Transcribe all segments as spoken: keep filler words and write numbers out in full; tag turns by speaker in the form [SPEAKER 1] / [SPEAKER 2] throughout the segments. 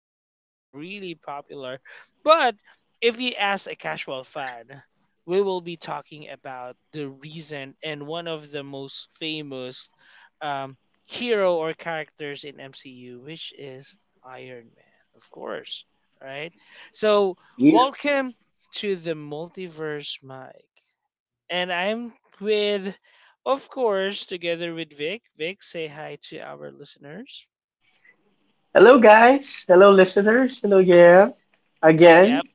[SPEAKER 1] So this is really popular. But if you ask a casual fan, we will be talking about the reason and one of the most famous um, hero or characters in M C U, which is Iron Man, of course, right? So,
[SPEAKER 2] Yeah.
[SPEAKER 1] welcome to the multiverse, Mike. And I'm with, of course, together with Vic. Vic, say hi to our listeners.
[SPEAKER 2] Hello, guys. Hello, listeners. Hello, yeah.
[SPEAKER 1] Yep,
[SPEAKER 2] Again,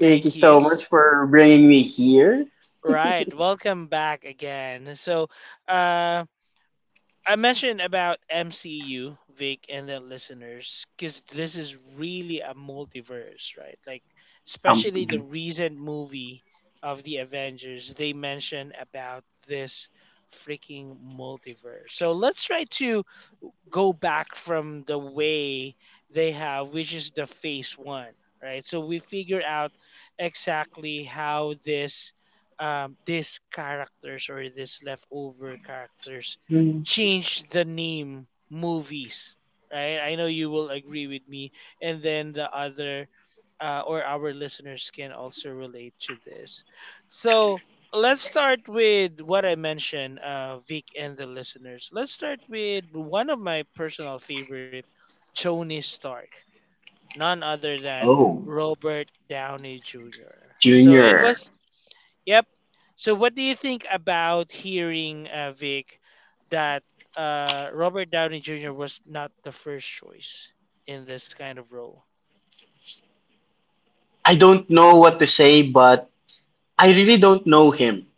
[SPEAKER 2] thank you so
[SPEAKER 1] yous.
[SPEAKER 2] much for bringing me here.
[SPEAKER 1] Right, welcome back again. So, uh, I mentioned about M C U, Vic, and the listeners, because this is really a multiverse, right? Like,
[SPEAKER 2] Um,
[SPEAKER 1] especially the recent movie of the Avengers, they mention about this freaking multiverse. So let's try to go back from the way they have, which is the phase one, right? So we figure out exactly how this um, these characters or these leftover characters
[SPEAKER 2] mhm.
[SPEAKER 1] change the name movies, right? I know you will agree with me, and then the other uh, or our listeners can also relate to this. So let's start with what I mentioned, uh, Vic and the listeners. Let's start with one of my personal favorite, Tony Stark, none other than
[SPEAKER 2] Oh,
[SPEAKER 1] Robert Downey Junior So it
[SPEAKER 2] Junior.
[SPEAKER 1] was, yep. So what do you think about hearing, uh, Vic, that uh, Robert Downey Junior was not the first choice in this kind of role?
[SPEAKER 2] I don't know what to say, but I really don't know him.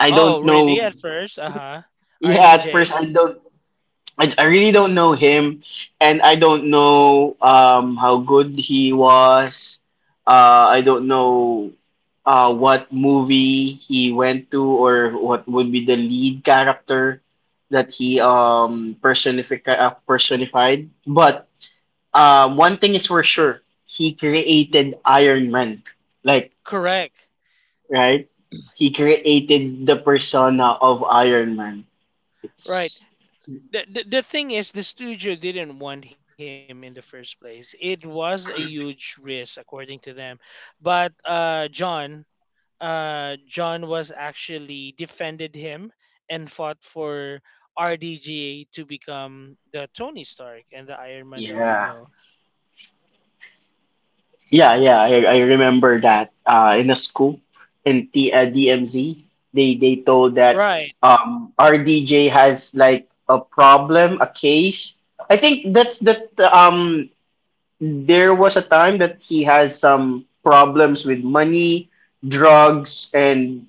[SPEAKER 2] I
[SPEAKER 1] Oh,
[SPEAKER 2] don't
[SPEAKER 1] really?
[SPEAKER 2] know.
[SPEAKER 1] At first, uh huh.
[SPEAKER 2] Yeah, at first
[SPEAKER 1] R D J,
[SPEAKER 2] I don't I, I really don't know him, and I don't know um, how good he was. Uh, I don't know uh, what movie he went to or what would be the lead character that he um, personific- uh, personified. But uh, one thing is for sure, he created Iron Man. Like,
[SPEAKER 1] correct.
[SPEAKER 2] right? He created the persona of Iron Man.
[SPEAKER 1] Right.
[SPEAKER 2] It's,
[SPEAKER 1] the, the the thing is, the studio didn't want him in the first place. It was a huge risk according to them, but uh john uh John was actually defended him and fought for RDGA to become the Tony Stark and the Iron Man that we
[SPEAKER 2] yeah.
[SPEAKER 1] know,
[SPEAKER 2] Yeah, yeah, I, I remember that uh, in a scoop in T, uh, D M Z, they they told that
[SPEAKER 1] right?
[SPEAKER 2] um, our D J has like a problem, a case. I think that's that um there was a time that he has some problems with money, drugs, and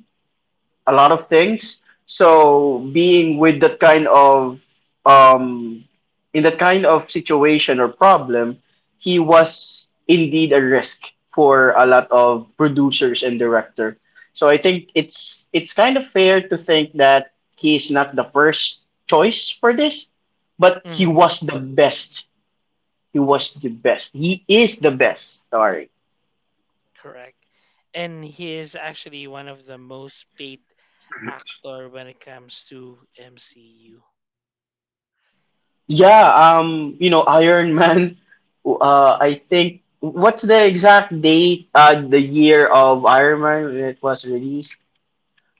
[SPEAKER 2] a lot of things. So being with that kind of um, in that kind of situation or problem, he was indeed a risk for a lot of producers and director. So I think it's it's kind of fair to think that he is not the first choice for this, but he
[SPEAKER 1] Hmm.
[SPEAKER 2] was the best. He was the best. He is the best. Sorry.
[SPEAKER 1] Correct. And he is actually one of the most paid actor when it comes to MCU.
[SPEAKER 2] Yeah, um, you know, Iron Man. Uh, I think what's the exact date? Uh, the year of Iron Man when it was released.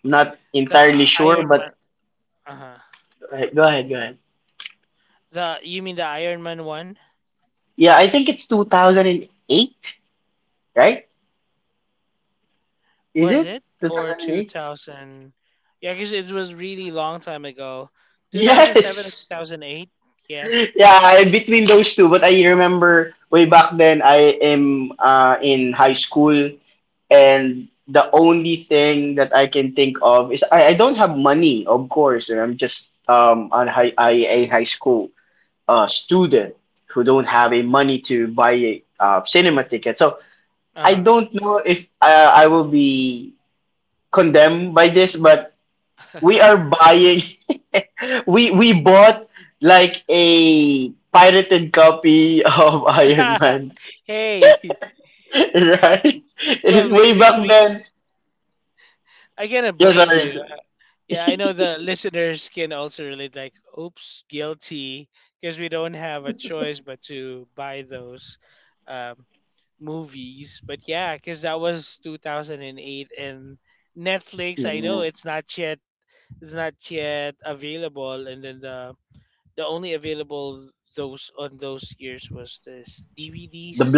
[SPEAKER 2] I'm not
[SPEAKER 1] the
[SPEAKER 2] entirely
[SPEAKER 1] uh,
[SPEAKER 2] sure,
[SPEAKER 1] Iron
[SPEAKER 2] but
[SPEAKER 1] Man. Uh-huh.
[SPEAKER 2] uh, go ahead, go ahead.
[SPEAKER 1] The You mean the Iron Man one?
[SPEAKER 2] Yeah, I think it's two thousand eight, right? Is
[SPEAKER 1] Was
[SPEAKER 2] it
[SPEAKER 1] it or two
[SPEAKER 2] two thousand eight?
[SPEAKER 1] thousand? Yeah, because it was really long time ago. Two thousand seven or two
[SPEAKER 2] Yes.
[SPEAKER 1] thousand eight? Yeah.
[SPEAKER 2] Yeah, I, between those two, but I remember way back then I am uh in high school, and the only thing that I can think of is I, I don't have money, of course. I'm just um on high I, a high school uh student who don't have a money to buy a uh, cinema ticket. So I
[SPEAKER 1] Uh
[SPEAKER 2] don't know if uh, I will be condemned by this, but
[SPEAKER 1] huh.
[SPEAKER 2] we are buying. we we bought like a pirated copy of Iron Man,
[SPEAKER 1] Hey.
[SPEAKER 2] right?
[SPEAKER 1] Well, we
[SPEAKER 2] Way
[SPEAKER 1] we
[SPEAKER 2] back
[SPEAKER 1] we.
[SPEAKER 2] then.
[SPEAKER 1] I cannot
[SPEAKER 2] Yes, sir.
[SPEAKER 1] blame
[SPEAKER 2] Yes,
[SPEAKER 1] you.
[SPEAKER 2] sir.
[SPEAKER 1] Yeah, I know the listeners can also relate. Like, oops, guilty, because we don't have a choice but to buy those. Um, Movies. But yeah, because that was twenty oh eight and Netflix. I know
[SPEAKER 2] Yeah.
[SPEAKER 1] it's not yet is not yet available, and then the the only available those on those years was this
[SPEAKER 2] The
[SPEAKER 1] D V Ds,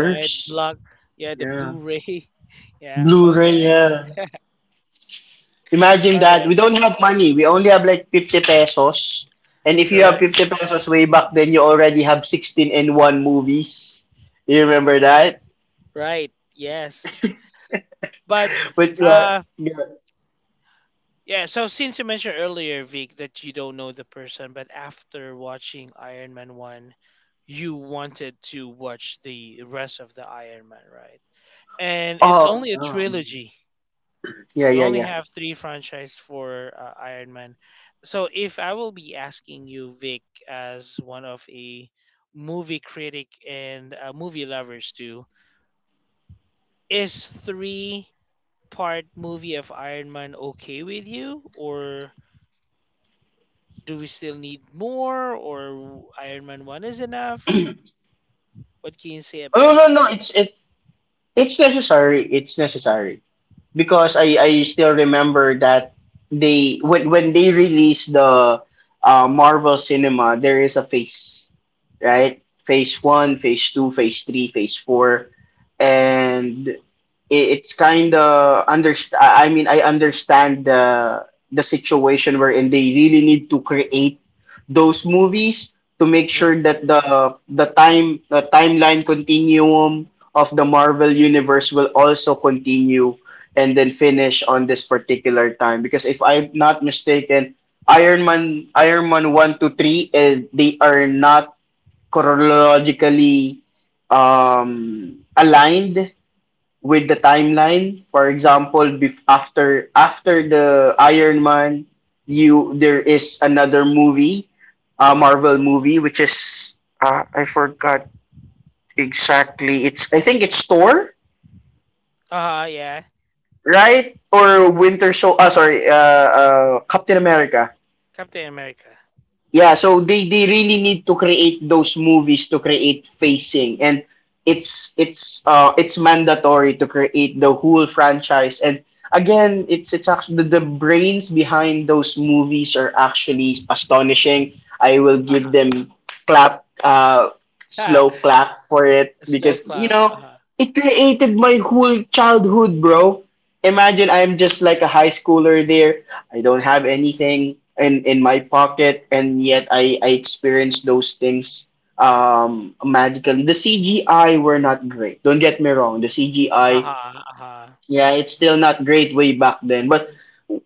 [SPEAKER 1] right? Block Yeah, the
[SPEAKER 2] Yeah.
[SPEAKER 1] Blu-ray. Yeah.
[SPEAKER 2] Blu-ray,
[SPEAKER 1] Okay.
[SPEAKER 2] yeah. Imagine
[SPEAKER 1] All
[SPEAKER 2] that.
[SPEAKER 1] right.
[SPEAKER 2] We don't have money. We only have like fifty pesos. And if you have
[SPEAKER 1] Correct.
[SPEAKER 2] fifty pesos way back then, you already have sixteen and one movies. You remember that?
[SPEAKER 1] Right. Yes. But
[SPEAKER 2] But yeah,
[SPEAKER 1] uh
[SPEAKER 2] yeah.
[SPEAKER 1] yeah, so since you mentioned earlier, Vic, that you don't know the person, but after watching Iron Man one, you wanted to watch the rest of the Iron Man, right? And it's
[SPEAKER 2] Oh,
[SPEAKER 1] only a
[SPEAKER 2] oh.
[SPEAKER 1] trilogy.
[SPEAKER 2] Yeah,
[SPEAKER 1] You
[SPEAKER 2] yeah,
[SPEAKER 1] only
[SPEAKER 2] yeah.
[SPEAKER 1] have three franchise for uh, Iron Man. So if I will be asking you, Vic, as one of a movie critic and uh, movie lovers too, is three part movie of Iron Man okay with you, or do we still need more, or Iron Man one is enough? What can you say
[SPEAKER 2] Oh,
[SPEAKER 1] about
[SPEAKER 2] no, no,
[SPEAKER 1] that?
[SPEAKER 2] no. It's, it, it's necessary. It's necessary. Because I I still remember that they when when they released the uh, Marvel Cinema, there is a phase, right? Phase one, phase two, phase three, phase four, and i- it's kind of underst- I I mean I understand the the situation wherein they really need to create those movies to make sure
[SPEAKER 1] Mm-hmm.
[SPEAKER 2] that the the time the timeline continuum of the Marvel universe will also continue and then finish on this particular time, because if I'm not mistaken, Iron Man Iron Man one to three is, they are not chronologically um aligned with the timeline. For example, bef- after after the Iron Man, you there is another movie, a uh, Marvel movie, which is uh, I forgot exactly. It's I think it's Thor,
[SPEAKER 1] Uh yeah,
[SPEAKER 2] right? Or Winter Soldier. Uh, sorry, uh, uh, Captain America.
[SPEAKER 1] Captain America.
[SPEAKER 2] Yeah, so they they really need to create those movies to create facing, and it's it's uh it's mandatory to create the whole franchise. And again, it's it's actually, the, the brains behind those movies are actually astonishing. I will give them clap uh
[SPEAKER 1] Uh-huh.
[SPEAKER 2] slow clap for it,
[SPEAKER 1] Slow
[SPEAKER 2] because you
[SPEAKER 1] clap.
[SPEAKER 2] know
[SPEAKER 1] Uh-huh.
[SPEAKER 2] it created my whole childhood, bro. Imagine I'm just like a high schooler there. I don't have anything in in my pocket, and yet I I experienced those things um magically. The C G I were not great. Don't get me wrong. The C G I,
[SPEAKER 1] Uh-huh.
[SPEAKER 2] yeah, it's still not great way back then, but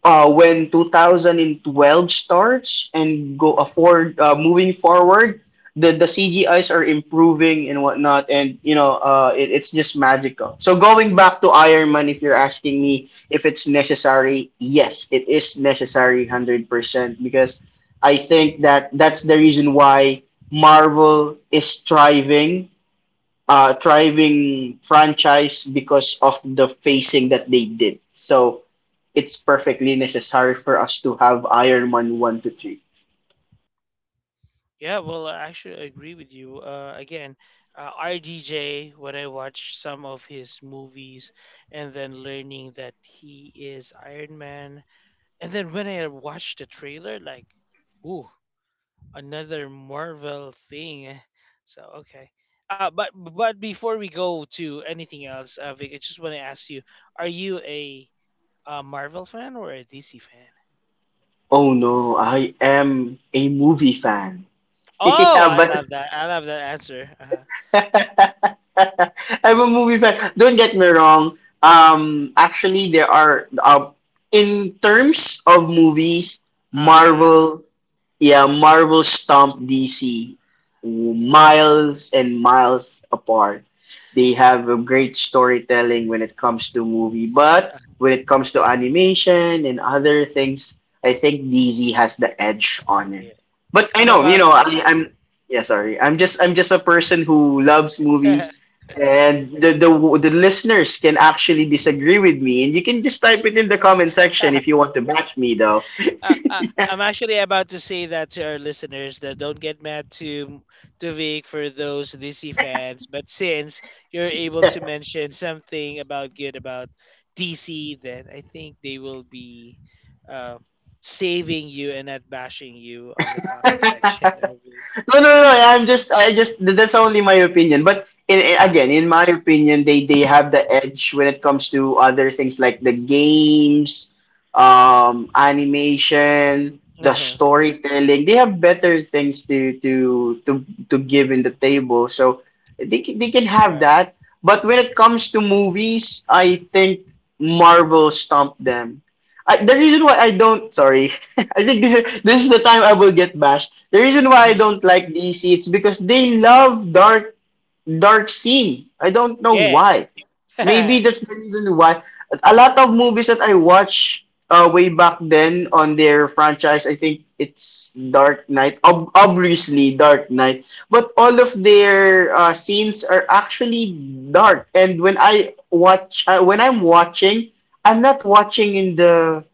[SPEAKER 2] uh, when twenty twelve starts and go afford uh, moving forward, the the C G Is are improving and whatnot, and you know, uh, it, it's just magical. So going back to Iron Man, if you're asking me if it's necessary, yes, it is necessary, hundred percent, because I think that that's the reason why Marvel is thriving, uh, thriving franchise because of the facing that they did. So it's perfectly necessary for us to have Iron Man one, to three.
[SPEAKER 1] Yeah, well, I actually agree with you. Uh, again, uh, R D J, when I watch some of his movies and then learning that he is Iron Man, and then when I watch the trailer, like, ooh, another Marvel thing. eh, So, okay. Uh, but but before we go to anything else, uh, Vic, I just want to ask you: Are you a, uh Marvel fan or a D C fan?
[SPEAKER 2] Oh no, I am a movie fan.
[SPEAKER 1] Oh,
[SPEAKER 2] Yeah,
[SPEAKER 1] I
[SPEAKER 2] but
[SPEAKER 1] love that! I love that answer. Uh huh.
[SPEAKER 2] I'm a movie fan. Don't get me wrong. Um, actually, there are uh, in terms of movies,
[SPEAKER 1] Uh huh.
[SPEAKER 2] Marvel Yeah, Marvel stomped D C
[SPEAKER 1] Yeah.
[SPEAKER 2] miles and miles apart. They have a great storytelling when it comes to movie, but
[SPEAKER 1] Uh,
[SPEAKER 2] when it comes to animation and other things, I think D C has the edge on it.
[SPEAKER 1] yeah.
[SPEAKER 2] But I
[SPEAKER 1] I'm
[SPEAKER 2] know, you
[SPEAKER 1] about.
[SPEAKER 2] know, I, I'm yeah, sorry, I'm just I'm just a person who loves movies, and the the the listeners can actually disagree with me, and you can just type it in the comment section if you want to bash me, though.
[SPEAKER 1] Uh, uh, I'm actually about to say that to our listeners that don't get mad to to Vic for those D C fans. But since you're able to mention something about good about D C, then I think they will be uh, saving you and not bashing you on the comment section of Vic.
[SPEAKER 2] No, no, no. No. I'm just, I just, That's only my opinion. But in, in-
[SPEAKER 1] uh
[SPEAKER 2] again, in my opinion, they they have the edge when it comes to other things like the games, um, animation, the
[SPEAKER 1] uh
[SPEAKER 2] storytelling. They have better things to to to to give in the table. So they can, they can have
[SPEAKER 1] Correct.
[SPEAKER 2] that. But when it comes to movies, I think Marvel stumped them. I, the reason why I don't, sorry, I think this is this is the time I will get bashed. The reason why I don't like D C it's because they love dark dark scene. I don't know
[SPEAKER 1] Yeah.
[SPEAKER 2] why. Maybe that's the reason why. A lot of movies that I watch uh, way back then on their franchise, I think it's Dark Knight. Ob- obviously, Dark Knight. But all of their uh, scenes are actually dark. And when I watch, uh, when I'm watching, I'm not watching in the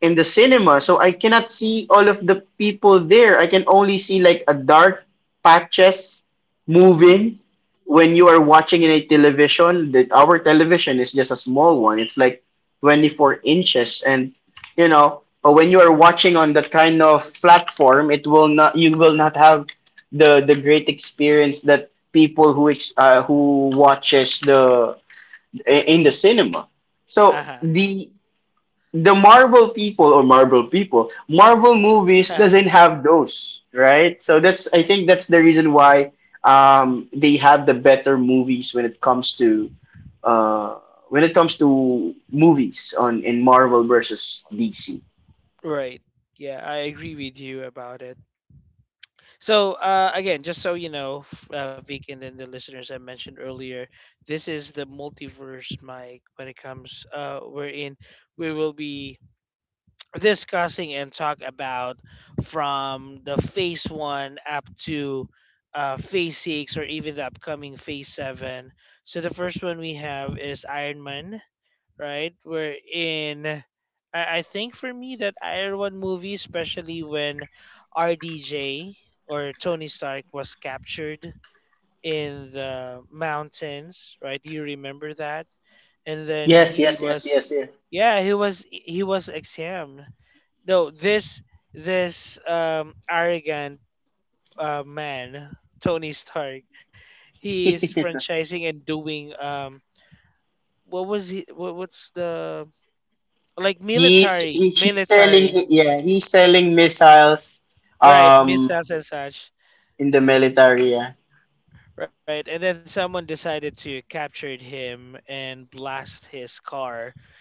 [SPEAKER 2] in the cinema, so I cannot see all of the people there. I can only see like a dark patches moving when you are watching in a television, that our television is just a small one. It's like twenty-four inches, and you know, but when you are watching on that kind of platform, it will not you will not have the the great experience that people who ex, uh, who watches the in the cinema. So
[SPEAKER 1] Uh-huh.
[SPEAKER 2] the the Marvel people, or Marvel people, Marvel movies doesn't have those, right? So that's I think that's the reason why um, they have the better movies when it comes to uh, when it comes to movies on in Marvel versus D C.
[SPEAKER 1] Right. Yeah, I agree with you about it. So uh, again, just so you know, f- uh, Vic and then the listeners I mentioned earlier, this is the multiverse mic when it comes. Uh, we're in. We will be discussing and talk about from the phase one up to uh, phase six or even the upcoming phase seven. So the first one we have is Iron Man, right? Wherein I, I think for me that Iron Man movie, especially when R D J or Tony Stark was captured in the mountains, right? Do you remember that? And then
[SPEAKER 2] Yes,
[SPEAKER 1] he
[SPEAKER 2] yes, yes,
[SPEAKER 1] was,
[SPEAKER 2] yes, yeah.
[SPEAKER 1] yeah, he was he was examined. No, this this um arrogant uh, man, Tony Stark, he is franchising and doing um. What was he? What, what's the, like,
[SPEAKER 2] he's
[SPEAKER 1] military,
[SPEAKER 2] he, he's selling,
[SPEAKER 1] military,
[SPEAKER 2] yeah, he's selling missiles,
[SPEAKER 1] right?
[SPEAKER 2] um
[SPEAKER 1] Missiles and such,
[SPEAKER 2] in the military, yeah.
[SPEAKER 1] right? And then someone decided to capture him and blast his car,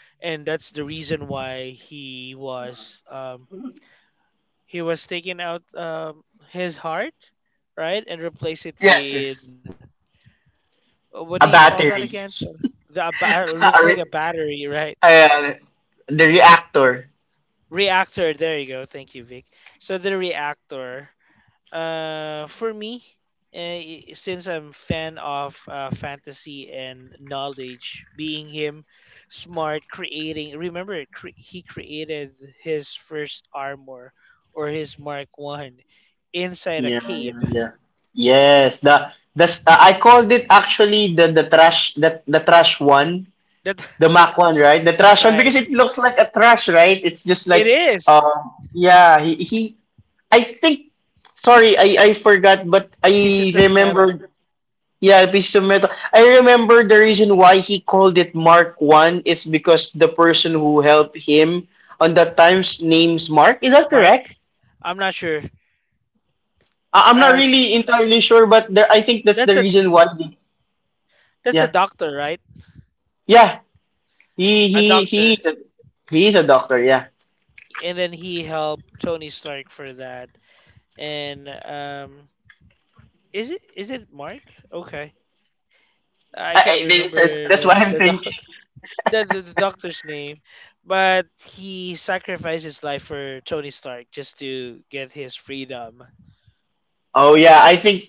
[SPEAKER 1] and that's the reason why he was um, he was taking out um, his heart, right, and replace it
[SPEAKER 2] Yes,
[SPEAKER 1] with
[SPEAKER 2] yes.
[SPEAKER 1] uh, what do you
[SPEAKER 2] A
[SPEAKER 1] call that again?
[SPEAKER 2] battery.
[SPEAKER 1] So the a ba- looks like a battery, right?
[SPEAKER 2] Uh, the reactor.
[SPEAKER 1] Reactor. There you go. Thank you, Vic. So the reactor. Uh, for me, uh, since I'm fan of uh, fantasy and knowledge, being him, smart, creating. Remember, cre- he created his first armor or his Mark One inside a
[SPEAKER 2] Yeah,
[SPEAKER 1] cave.
[SPEAKER 2] yeah, yeah. Yes, the the s- uh, I called it actually the the trash the the trash one,
[SPEAKER 1] That.
[SPEAKER 2] the Mac one, right? The trash one
[SPEAKER 1] Right?
[SPEAKER 2] because it looks like a trash, right? It's just
[SPEAKER 1] It
[SPEAKER 2] like
[SPEAKER 1] is
[SPEAKER 2] um yeah, he, he I think sorry, I I forgot, but I
[SPEAKER 1] pieces of metal.
[SPEAKER 2] remembered, yeah, piece of metal. I remember the reason why he called it Mark One is because the person who helped him on that time's name's Mark. Is that
[SPEAKER 1] Mark,
[SPEAKER 2] correct?
[SPEAKER 1] I'm not sure.
[SPEAKER 2] I- I'm not
[SPEAKER 1] Uh,
[SPEAKER 2] really entirely sure, but there, I think
[SPEAKER 1] that's
[SPEAKER 2] that's
[SPEAKER 1] a
[SPEAKER 2] the reason why. The,
[SPEAKER 1] that's a
[SPEAKER 2] yeah,
[SPEAKER 1] doctor, right?
[SPEAKER 2] yeah, he
[SPEAKER 1] A
[SPEAKER 2] he
[SPEAKER 1] doctor,
[SPEAKER 2] he is a, he is a doctor. Yeah,
[SPEAKER 1] and then he helped Tony Stark for that and um Is it is it Mark? Okay, I can't
[SPEAKER 2] I, I,
[SPEAKER 1] remember the
[SPEAKER 2] that's, that's
[SPEAKER 1] the
[SPEAKER 2] what
[SPEAKER 1] doc-
[SPEAKER 2] I'm thinking.
[SPEAKER 1] the, the, the doctor's name, but he sacrificed his life for Tony Stark just to get his freedom.
[SPEAKER 2] Oh yeah, I think.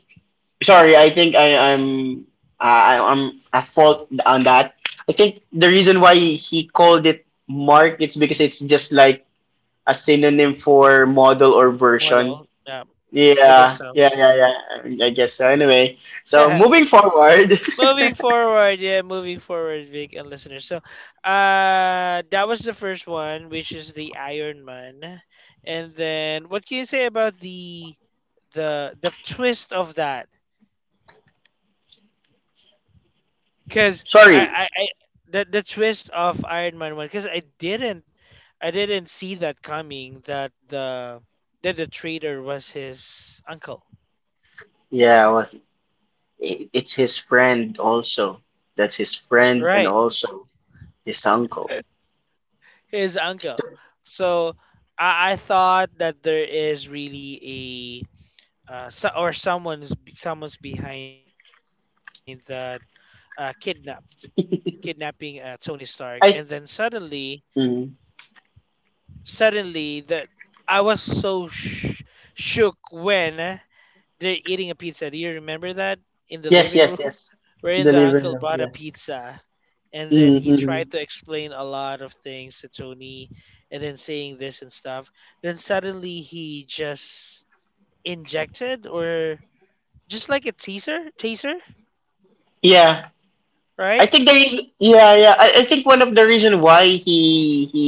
[SPEAKER 2] Sorry, I think I, I'm I, I'm at fault on that. I think the reason why he called it Mark it's because it's just like a synonym for model or version.
[SPEAKER 1] Model. Um, I
[SPEAKER 2] Yeah,
[SPEAKER 1] guess so.
[SPEAKER 2] yeah, yeah, yeah. I guess so. Anyway, so moving forward.
[SPEAKER 1] Moving forward, yeah, moving forward, Vic and listeners. So, uh, that was the first one, which is the Iron Man, and then what can you say about the the the twist of that? Because I,
[SPEAKER 2] Sorry.
[SPEAKER 1] I, I the the twist of Iron Man one, because I didn't I didn't see that coming, that the that the traitor was his uncle,
[SPEAKER 2] Yeah, well, i- it's his friend also. That's his friend and
[SPEAKER 1] right?
[SPEAKER 2] also his uncle.
[SPEAKER 1] His uncle. So I, I thought that there is really a uh, so, or someone's someone's behind that uh, kidnap kidnapping uh, Tony Stark, and then
[SPEAKER 2] I
[SPEAKER 1] suddenly
[SPEAKER 2] mm,
[SPEAKER 1] suddenly that I was so sh- shook when they're eating a pizza. Do you remember that? In the living
[SPEAKER 2] yes, yes,
[SPEAKER 1] room,
[SPEAKER 2] yes.
[SPEAKER 1] wherein the uncle
[SPEAKER 2] Delivery of,
[SPEAKER 1] brought a
[SPEAKER 2] yeah.
[SPEAKER 1] pizza, and then
[SPEAKER 2] Mm-hmm.
[SPEAKER 1] he
[SPEAKER 2] Mm-hmm.
[SPEAKER 1] tried to explain a lot of things to Tony, and then saying this and stuff. Then suddenly he just injected, or just like a teaser, teaser,
[SPEAKER 2] Yeah. I
[SPEAKER 1] right?
[SPEAKER 2] think the reason Yeah, yeah. I, I think one of the reason why he he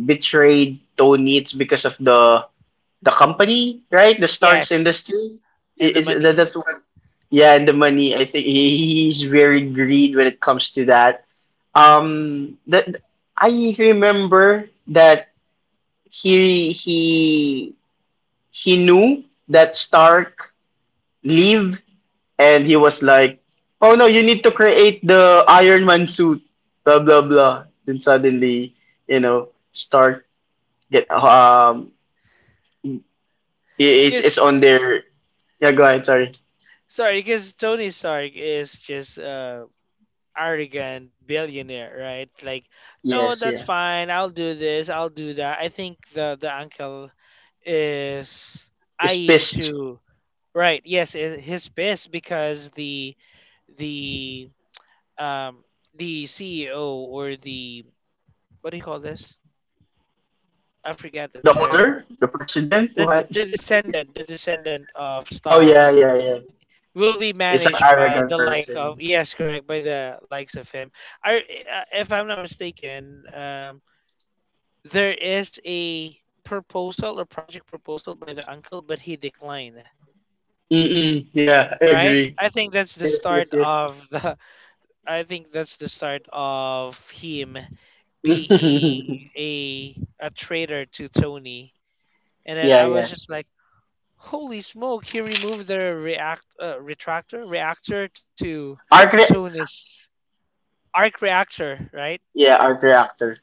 [SPEAKER 2] betrayed Tony it's because of the the company, right? The Starks
[SPEAKER 1] Yes,
[SPEAKER 2] industry.
[SPEAKER 1] and
[SPEAKER 2] I-
[SPEAKER 1] the
[SPEAKER 2] Is that
[SPEAKER 1] money.
[SPEAKER 2] that's what Yeah, and the money. I think he, he's very greed when it comes to that. Um, that I remember that he he he knew that Stark leave, and he was like, "Oh no, you need to create the Iron Man suit." Blah blah blah. Then suddenly, you know, Stark get, um, i- it's
[SPEAKER 1] Because,
[SPEAKER 2] it's on their, yeah. Go ahead. Sorry.
[SPEAKER 1] sorry, because Tony Stark is just uh arrogant billionaire, right? Like, no,
[SPEAKER 2] Yes,
[SPEAKER 1] that's
[SPEAKER 2] yeah.
[SPEAKER 1] fine. I'll do this. I'll do that. I think the the uncle is
[SPEAKER 2] Is
[SPEAKER 1] eyeing
[SPEAKER 2] pissed.
[SPEAKER 1] to, right. Yes, i- his piss, because the the um the C E O or the, what do you call this? I forget the
[SPEAKER 2] The
[SPEAKER 1] term.
[SPEAKER 2] owner, the president.
[SPEAKER 1] The
[SPEAKER 2] What?
[SPEAKER 1] the descendant, the descendant of
[SPEAKER 2] Oh yeah,
[SPEAKER 1] Starks
[SPEAKER 2] yeah, yeah.
[SPEAKER 1] will be
[SPEAKER 2] It's an
[SPEAKER 1] managed by
[SPEAKER 2] arrogant
[SPEAKER 1] the like of
[SPEAKER 2] person.
[SPEAKER 1] yes, correct, by the likes of him. I, uh, if I'm not mistaken, um, there is a proposal or project proposal by the uncle, but he declined.
[SPEAKER 2] Mm-mm, yeah, I
[SPEAKER 1] Right?
[SPEAKER 2] agree.
[SPEAKER 1] I think that's the
[SPEAKER 2] Yes,
[SPEAKER 1] start
[SPEAKER 2] yes, yes.
[SPEAKER 1] of the. I think that's the start of him being a a traitor to Tony. And then
[SPEAKER 2] Yeah,
[SPEAKER 1] I was
[SPEAKER 2] yeah.
[SPEAKER 1] just like, "Holy smoke! He removed the react uh, retractor reactor to
[SPEAKER 2] Arc re-
[SPEAKER 1] Tony's arc reactor, right?"
[SPEAKER 2] yeah, arc reactor.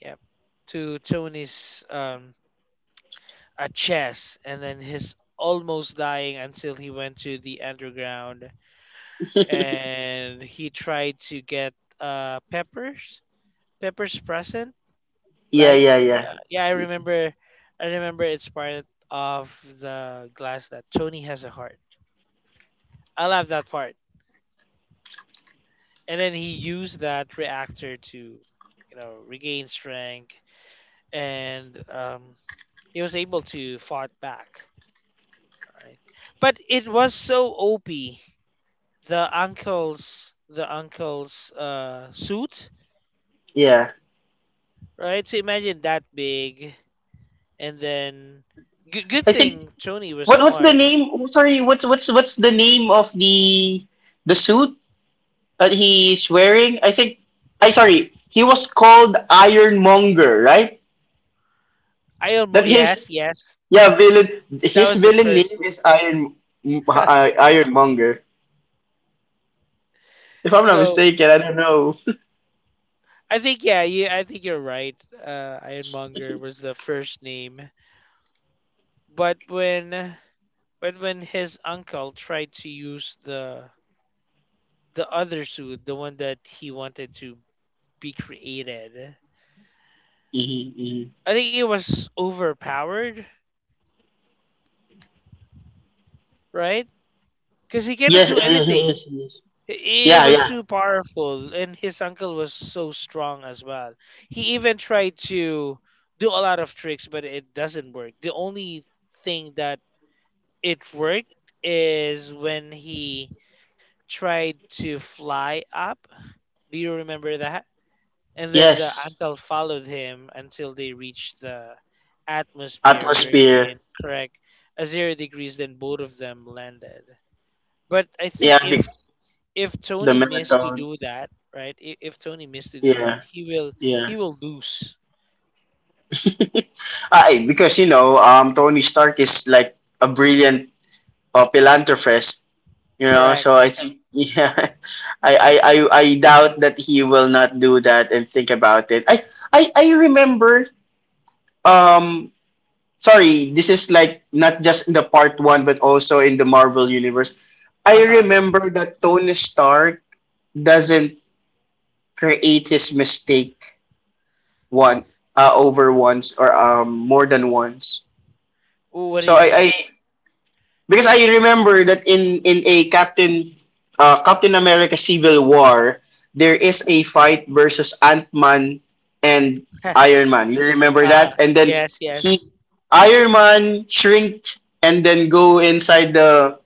[SPEAKER 1] Yeah, to Tony's um at chess, and then his almost dying until he went to the underground, and he tried to get uh peppers peppers present,
[SPEAKER 2] Yeah,
[SPEAKER 1] like,
[SPEAKER 2] yeah, yeah.
[SPEAKER 1] uh, yeah, i remember i remember it's part of the glass that Tony has a heart. I love that part, and then he used that reactor to you know regain strength, and um he was able to fought back, right? But it was so op, the uncle's the uncle's uh suit,
[SPEAKER 2] Yeah.
[SPEAKER 1] right? So imagine that big, and then good good
[SPEAKER 2] I think
[SPEAKER 1] thing Tony was
[SPEAKER 2] what what's the
[SPEAKER 1] smart.
[SPEAKER 2] name? Oh, sorry, what's what's what's the name of the the suit that he's wearing? I think I Sorry, he was called Ironmonger, right?
[SPEAKER 1] I
[SPEAKER 2] That
[SPEAKER 1] almost, yes,
[SPEAKER 2] his
[SPEAKER 1] yes,
[SPEAKER 2] Yeah, villain
[SPEAKER 1] that
[SPEAKER 2] his
[SPEAKER 1] was the
[SPEAKER 2] villain
[SPEAKER 1] first.
[SPEAKER 2] name is Iron m- I- Ironmonger. If I'm not
[SPEAKER 1] So
[SPEAKER 2] mistaken, I don't know.
[SPEAKER 1] I think, yeah, you I think you're right. Uh, Ironmonger was the first name, but when but when his uncle tried to use the the other suit, the one that he wanted to be created,
[SPEAKER 2] Mhm, mhm.
[SPEAKER 1] I think it was overpowered, right? Because he cannot
[SPEAKER 2] Yes,
[SPEAKER 1] do
[SPEAKER 2] it is, it
[SPEAKER 1] anything.
[SPEAKER 2] is, it is.
[SPEAKER 1] I- It
[SPEAKER 2] Yeah, yeah.
[SPEAKER 1] was too powerful, and his uncle was so strong as well. He even tried to do a lot of tricks, but it doesn't work. The only thing that it worked is when he tried to fly up. Do you remember that? And then the
[SPEAKER 2] Yes.
[SPEAKER 1] uncle followed him until they reached the atmosphere,
[SPEAKER 2] Atmosphere.
[SPEAKER 1] wherein, correct, a zero degrees, then both of them landed. But I
[SPEAKER 2] Yeah,
[SPEAKER 1] think if if
[SPEAKER 2] the
[SPEAKER 1] Tony missed to
[SPEAKER 2] method.
[SPEAKER 1] do that, right? If, if Tony missed to do
[SPEAKER 2] Yeah,
[SPEAKER 1] that, he will
[SPEAKER 2] yeah.
[SPEAKER 1] he will lose.
[SPEAKER 2] I Because you know, um, Tony Stark is like a brilliant uh, philanthropist. You know, so
[SPEAKER 1] Correct.
[SPEAKER 2] I think yeah, I, I I I doubt that he will not do that and think about it. I I I remember. Um, Sorry, this is like not just in the part one, but also in the Marvel universe.
[SPEAKER 1] Uh
[SPEAKER 2] I
[SPEAKER 1] huh.
[SPEAKER 2] remember that Tony Stark doesn't create his mistake one uh, over once or um more than once.
[SPEAKER 1] Ooh, what do
[SPEAKER 2] So
[SPEAKER 1] you
[SPEAKER 2] I,
[SPEAKER 1] mean?
[SPEAKER 2] I because I remember that in in a Captain uh, Captain America Civil War, there is a fight versus Ant Man and
[SPEAKER 1] uh
[SPEAKER 2] Iron Man. You remember
[SPEAKER 1] huh.
[SPEAKER 2] that? And then
[SPEAKER 1] Yes,
[SPEAKER 2] he
[SPEAKER 1] yes.
[SPEAKER 2] Iron Man shrinked and then go inside the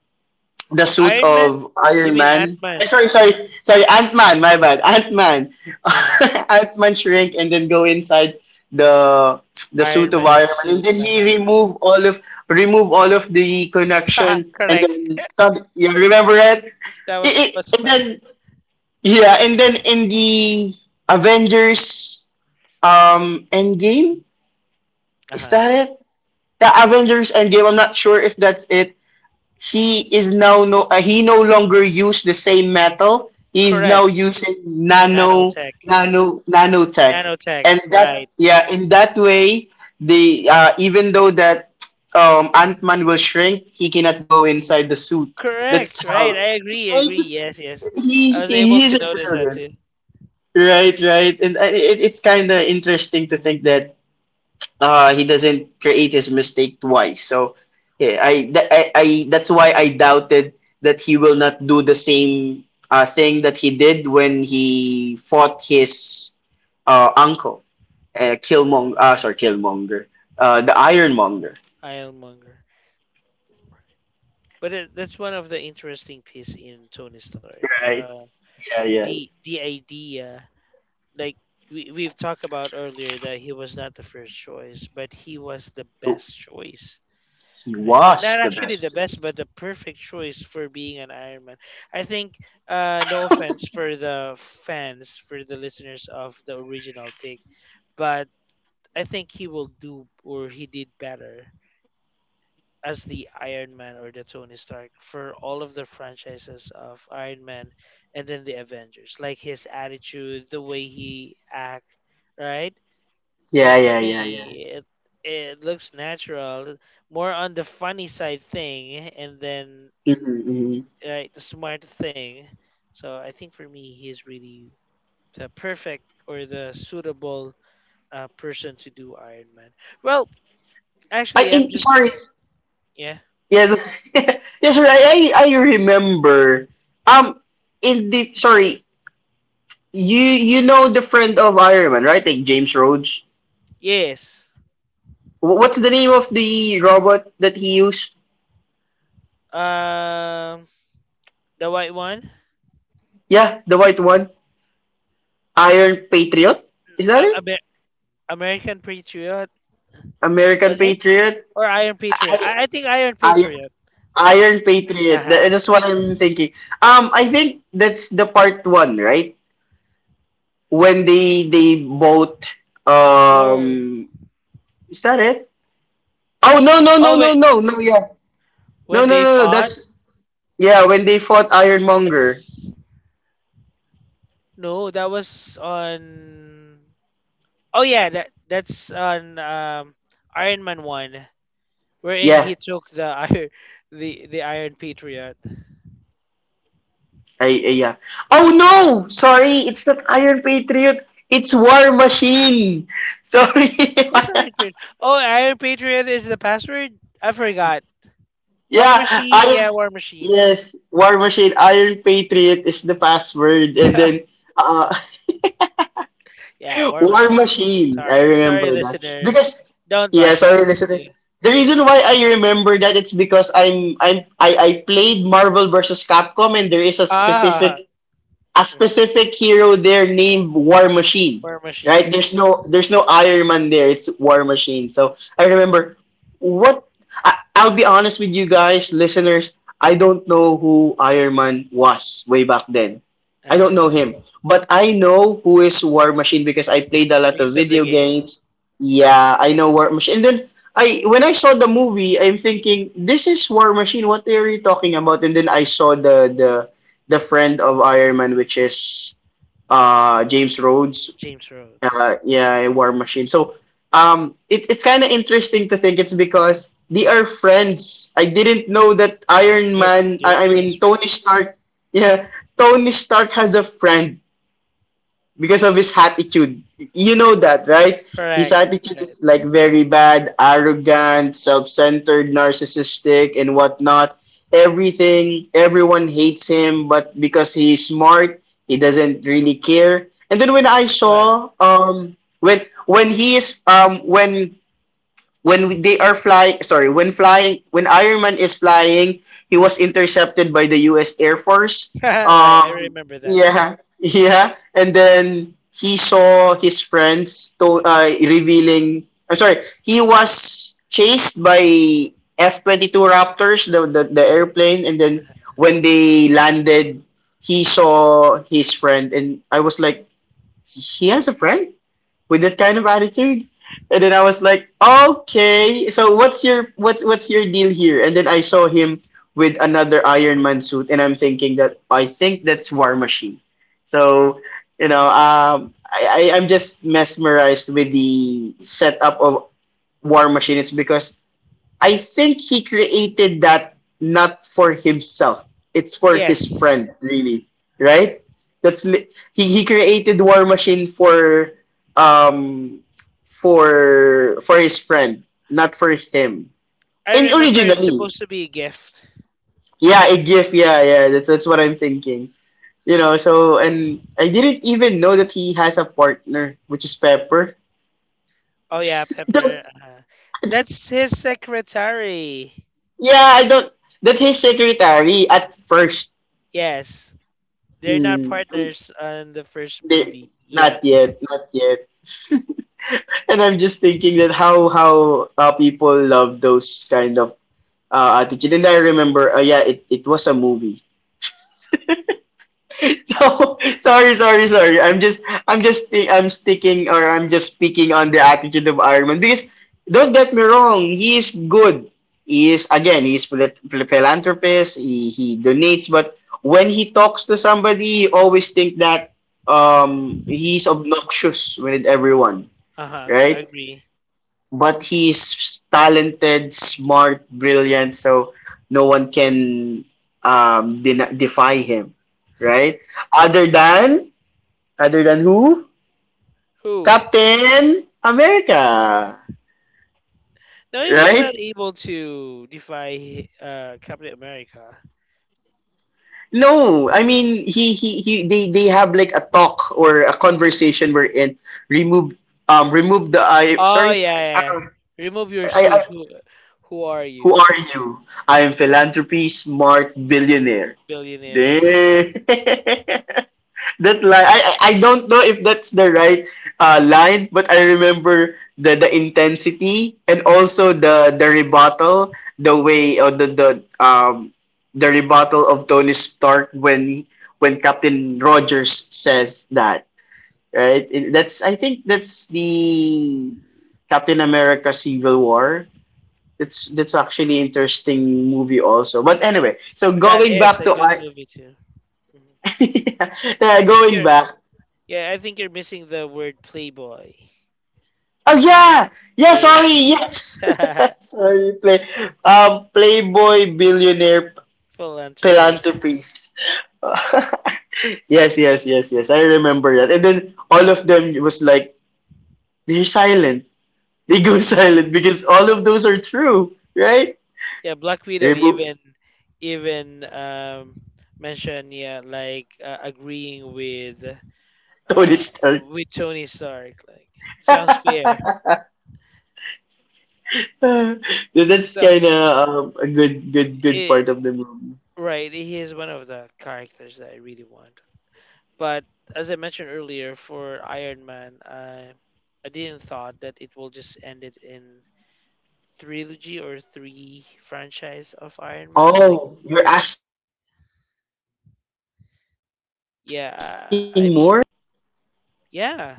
[SPEAKER 2] the suit
[SPEAKER 1] Iron Man.
[SPEAKER 2] of
[SPEAKER 1] You
[SPEAKER 2] Iron
[SPEAKER 1] mean Ant
[SPEAKER 2] Man.
[SPEAKER 1] Man?
[SPEAKER 2] Eh, sorry, sorry, sorry, Ant Man. My bad, Ant Man.
[SPEAKER 1] Yeah.
[SPEAKER 2] Ant Man shrink and then go inside the the
[SPEAKER 1] Iron
[SPEAKER 2] suit of
[SPEAKER 1] Man's
[SPEAKER 2] Iron Man,
[SPEAKER 1] suit.
[SPEAKER 2] and then he
[SPEAKER 1] Uh
[SPEAKER 2] remove all of remove all of the
[SPEAKER 1] huh.
[SPEAKER 2] connection, and
[SPEAKER 1] Correct.
[SPEAKER 2] then sud- yeah, remember it?
[SPEAKER 1] That
[SPEAKER 2] It,
[SPEAKER 1] was
[SPEAKER 2] it?
[SPEAKER 1] fun.
[SPEAKER 2] And then yeah, and then in the Avengers um Endgame,
[SPEAKER 1] Uh
[SPEAKER 2] is
[SPEAKER 1] huh.
[SPEAKER 2] that it? The Avengers Endgame. I'm not sure if that's it. He is now no uh, he no longer use the same metal. He's now
[SPEAKER 1] Correct.
[SPEAKER 2] using nano
[SPEAKER 1] Nanotech.
[SPEAKER 2] nano nanotech,
[SPEAKER 1] Nanotech.
[SPEAKER 2] and that
[SPEAKER 1] Right.
[SPEAKER 2] yeah, in that way, the uh, even though that um, Ant Man will shrink, he cannot go inside the suit.
[SPEAKER 1] Correct.
[SPEAKER 2] That's
[SPEAKER 1] Right.
[SPEAKER 2] how
[SPEAKER 1] I agree. I agree. Yes. Yes. I
[SPEAKER 2] he's
[SPEAKER 1] was able
[SPEAKER 2] he's
[SPEAKER 1] to
[SPEAKER 2] a
[SPEAKER 1] notice that
[SPEAKER 2] brilliant,
[SPEAKER 1] too.
[SPEAKER 2] right, right, and uh, it, it's kind of interesting to think that uh, he doesn't create his mistake twice. So yeah, I, th- I, I that's why I doubted that he will not do the same uh, thing that he did when he fought his uh, uncle, uh, Killmonger. Uh, sorry, Killmonger. Uh, the Ironmonger.
[SPEAKER 1] Ironmonger. But it, that's one of the interesting piece in Tony Stark.
[SPEAKER 2] Right.
[SPEAKER 1] Uh,
[SPEAKER 2] Yeah, yeah.
[SPEAKER 1] the the idea, like we we've talked about earlier, that he was not the first choice, but he was the best choice.
[SPEAKER 2] He
[SPEAKER 1] Right? Not, not
[SPEAKER 2] was the
[SPEAKER 1] actually the
[SPEAKER 2] best
[SPEAKER 1] best,
[SPEAKER 2] choice.
[SPEAKER 1] but the perfect choice for being an Iron Man, I think. Uh, no offense for the fans, for the listeners of the original pick, but I think he will do or he did better as the Iron Man or the Tony Stark for all of the franchises of Iron Man and then the Avengers. Like his attitude, the way he act, right? I
[SPEAKER 2] Yeah,
[SPEAKER 1] mean, for
[SPEAKER 2] yeah, yeah, yeah.
[SPEAKER 1] me, it it looks natural, more on the funny side thing, and then in
[SPEAKER 2] Mm-hmm, mm-hmm.
[SPEAKER 1] right the smart thing. So I think for me, he's really the perfect or the suitable uh, person to do Iron Man. Well,
[SPEAKER 2] I
[SPEAKER 1] actually, I'm
[SPEAKER 2] in, sorry.
[SPEAKER 1] just yeah,
[SPEAKER 2] Yes, yes, sir. I, I I remember. Um, in the Sorry, You you know the friend of Iron Man, right? Like James Rhodes.
[SPEAKER 1] yes.
[SPEAKER 2] Wh- What's the name of the robot that he used?
[SPEAKER 1] Um, the white one.
[SPEAKER 2] Yeah, the white one. Iron Patriot. Is that
[SPEAKER 1] A-
[SPEAKER 2] it?
[SPEAKER 1] Amer- American Patriot,
[SPEAKER 2] American
[SPEAKER 1] was it?
[SPEAKER 2] Patriot.
[SPEAKER 1] Or Iron Patriot?
[SPEAKER 2] I,
[SPEAKER 1] I, I think Iron
[SPEAKER 2] I,
[SPEAKER 1] Patriot. Uh,
[SPEAKER 2] Iron Patriot.
[SPEAKER 1] uh-huh.
[SPEAKER 2] Tha- That's what I'm thinking. Um, I think that's the part one, right? When they they both
[SPEAKER 1] No.
[SPEAKER 2] um is that it? Oh, no, no, no,
[SPEAKER 1] Oh
[SPEAKER 2] no,
[SPEAKER 1] wait,
[SPEAKER 2] no, no, yeah, no,
[SPEAKER 1] when
[SPEAKER 2] no,
[SPEAKER 1] they
[SPEAKER 2] no, no,
[SPEAKER 1] fought,
[SPEAKER 2] that's yeah when they fought Ironmonger.
[SPEAKER 1] that's no, that was on. Oh yeah, that that's on um Iron Man one, wherein
[SPEAKER 2] Yeah,
[SPEAKER 1] he took the iron, the the Iron Patriot.
[SPEAKER 2] ay, ay, yeah. Oh no! Sorry, it's not Iron Patriot. It's War Machine. Sorry.
[SPEAKER 1] Who's Iron Patriot? Oh, Iron Patriot is the password. I forgot. War
[SPEAKER 2] Yeah,
[SPEAKER 1] Machine,
[SPEAKER 2] Iron.
[SPEAKER 1] yeah, War Machine.
[SPEAKER 2] Yes, War Machine. Iron Patriot is the password, and then uh,
[SPEAKER 1] Yeah, War
[SPEAKER 2] War
[SPEAKER 1] Machine.
[SPEAKER 2] Machine. I
[SPEAKER 1] Sorry, sorry,
[SPEAKER 2] remember that
[SPEAKER 1] listeners.
[SPEAKER 2] because
[SPEAKER 1] Don't
[SPEAKER 2] yeah.
[SPEAKER 1] bash
[SPEAKER 2] Sorry,
[SPEAKER 1] us.
[SPEAKER 2] listen.
[SPEAKER 1] Yeah.
[SPEAKER 2] The reason why I remember that, it's because I'm I'm I, I played Marvel versus Capcom, and there is a
[SPEAKER 1] Ah,
[SPEAKER 2] specific a
[SPEAKER 1] mhm.
[SPEAKER 2] specific hero there named War Machine.
[SPEAKER 1] War
[SPEAKER 2] Right?
[SPEAKER 1] Machine.
[SPEAKER 2] There's no there's no Iron Man there. It's War Machine. So I remember what I, I'll be honest with you guys, listeners. I don't know who Iron Man was way back then.
[SPEAKER 1] Uh
[SPEAKER 2] I don't know
[SPEAKER 1] huh.
[SPEAKER 2] him, but I know who is War Machine because I played a lot
[SPEAKER 1] Because
[SPEAKER 2] of
[SPEAKER 1] of the
[SPEAKER 2] video
[SPEAKER 1] game,
[SPEAKER 2] games. Yeah, I know War Machine. And then I when I saw the movie, I'm thinking this is War Machine. What are you talking about? And then I saw the the the friend of Iron Man, which is uh, James Rhodes.
[SPEAKER 1] James Rhodes.
[SPEAKER 2] Uh, yeah, War Machine. So um, it, it's kind of interesting to think it's because they are friends. I didn't know that Iron
[SPEAKER 1] They
[SPEAKER 2] Man.
[SPEAKER 1] they
[SPEAKER 2] I,
[SPEAKER 1] were
[SPEAKER 2] I mean
[SPEAKER 1] best
[SPEAKER 2] Tony Stark. Yeah, Tony Stark has a friend because of his attitude. You know that, right?
[SPEAKER 1] friends.
[SPEAKER 2] His
[SPEAKER 1] Correct.
[SPEAKER 2] attitude is
[SPEAKER 1] Right.
[SPEAKER 2] like very bad, arrogant, self-centered, narcissistic, and whatnot. Everything, everyone hates him, but because he's smart, he doesn't really care. And then when I
[SPEAKER 1] Right.
[SPEAKER 2] saw, um, when when he is, um, when when we- they are flying, sorry when flying when Iron Man is flying, he was intercepted by the U S Air Force.
[SPEAKER 1] Right. I
[SPEAKER 2] um
[SPEAKER 1] remember that.
[SPEAKER 2] yeah, yeah, and then he saw his friends to uh, revealing I'm sorry he was chased by F twenty-two raptors, the, the the
[SPEAKER 1] Uh-huh.
[SPEAKER 2] airplane, and then
[SPEAKER 1] Uh-huh.
[SPEAKER 2] when they landed, he saw his friend, and I was like, he has a friend with that kind of attitude. And then I was like, okay, so what's your what's what's your deal here? And then I saw him with another Iron Man suit, and I'm thinking that, I think that's War Machine. So, you know, um, I, I I'm just mesmerized with the setup of War Machine. It's because I think he created that not for himself. It's for his
[SPEAKER 1] Yes,
[SPEAKER 2] friend, really, right? That's li- he he created War Machine for um for for his friend, not for him.
[SPEAKER 1] I
[SPEAKER 2] And
[SPEAKER 1] remember. It's
[SPEAKER 2] originally,
[SPEAKER 1] supposed to be a gift.
[SPEAKER 2] yeah, a gift, yeah, yeah. That's that's what I'm thinking. You know, so and I didn't even know that he has a partner, which is Pepper.
[SPEAKER 1] Oh yeah, Pepper.
[SPEAKER 2] Don't,
[SPEAKER 1] Uh-huh. That's his secretary.
[SPEAKER 2] yeah, I don't. That his secretary at first.
[SPEAKER 1] Yes, they're not
[SPEAKER 2] Mm,
[SPEAKER 1] partners on the first
[SPEAKER 2] they,
[SPEAKER 1] movie yet.
[SPEAKER 2] not yet, not yet. And I'm just thinking that how how uh, people love those kind of uh, attitude. And I remember, uh, yeah, it, it was a movie. So sorry, sorry, sorry. I'm just I'm just thi- I'm sticking or I'm just speaking on the attitude of Iron Man because don't get me wrong, he is good. He is, again, he is phil- phil- philanthropist. He he donates, but when he talks to somebody, you always think that um he's obnoxious with everyone,
[SPEAKER 1] Uh huh.
[SPEAKER 2] right?
[SPEAKER 1] Agree.
[SPEAKER 2] But he's talented, smart, brilliant, so no one can um den- defy him, right? Other than other than who?
[SPEAKER 1] Who?
[SPEAKER 2] Captain America,
[SPEAKER 1] No, he was not
[SPEAKER 2] right?
[SPEAKER 1] able to defy uh, Captain America.
[SPEAKER 2] No, I mean, he he, he they, they have like a talk or a conversation wherein remove, um remove the I sorry
[SPEAKER 1] Oh yeah,
[SPEAKER 2] uh,
[SPEAKER 1] yeah. Remove your
[SPEAKER 2] I, I
[SPEAKER 1] suit. Who, who are
[SPEAKER 2] who
[SPEAKER 1] you,
[SPEAKER 2] are you? I am philanthropy smart billionaire.
[SPEAKER 1] billionaire?
[SPEAKER 2] That line, I, I I don't know if that's the right uh line, but I remember the the intensity, and also the the rebuttal, the way or the the um the rebuttal of Tony Stark when he- when Captain Rogers says that, right. It- that's, I think, that's the Captain America Civil War. That's that's actually interesting movie also, but anyway, so
[SPEAKER 1] That
[SPEAKER 2] going
[SPEAKER 1] is
[SPEAKER 2] back
[SPEAKER 1] a
[SPEAKER 2] to
[SPEAKER 1] good
[SPEAKER 2] I
[SPEAKER 1] movie too. Mhm. I
[SPEAKER 2] yeah,
[SPEAKER 1] think
[SPEAKER 2] going
[SPEAKER 1] you're.
[SPEAKER 2] back.
[SPEAKER 1] Yeah, I think you're missing the word playboy.
[SPEAKER 2] Oh yeah, yeah. Sorry, yes.
[SPEAKER 1] Yeah,
[SPEAKER 2] Sorry, play. Um, Playboy billionaire
[SPEAKER 1] philanthropist.
[SPEAKER 2] philanthropist. Yes, yes, yes, yes. I remember that. And then all of them was like, they're silent. They go
[SPEAKER 1] Yeah,
[SPEAKER 2] silent because all of those are true, right?
[SPEAKER 1] yeah. Black Widow
[SPEAKER 2] Remove
[SPEAKER 1] even even um mentioned yeah like uh, agreeing with
[SPEAKER 2] Tony
[SPEAKER 1] uh
[SPEAKER 2] Stark.
[SPEAKER 1] with Tony Stark. Like sounds fair.
[SPEAKER 2] So that's
[SPEAKER 1] So
[SPEAKER 2] kind of um, a good, good, good
[SPEAKER 1] it,
[SPEAKER 2] part of the movie.
[SPEAKER 1] right, he is one of the characters that I really want. But as I mentioned earlier, for Iron Man, I I didn't thought that it will just end it in trilogy or three franchise of Iron Man. Like,
[SPEAKER 2] Oh, you're asking more?
[SPEAKER 1] yeah, I I mean, yeah,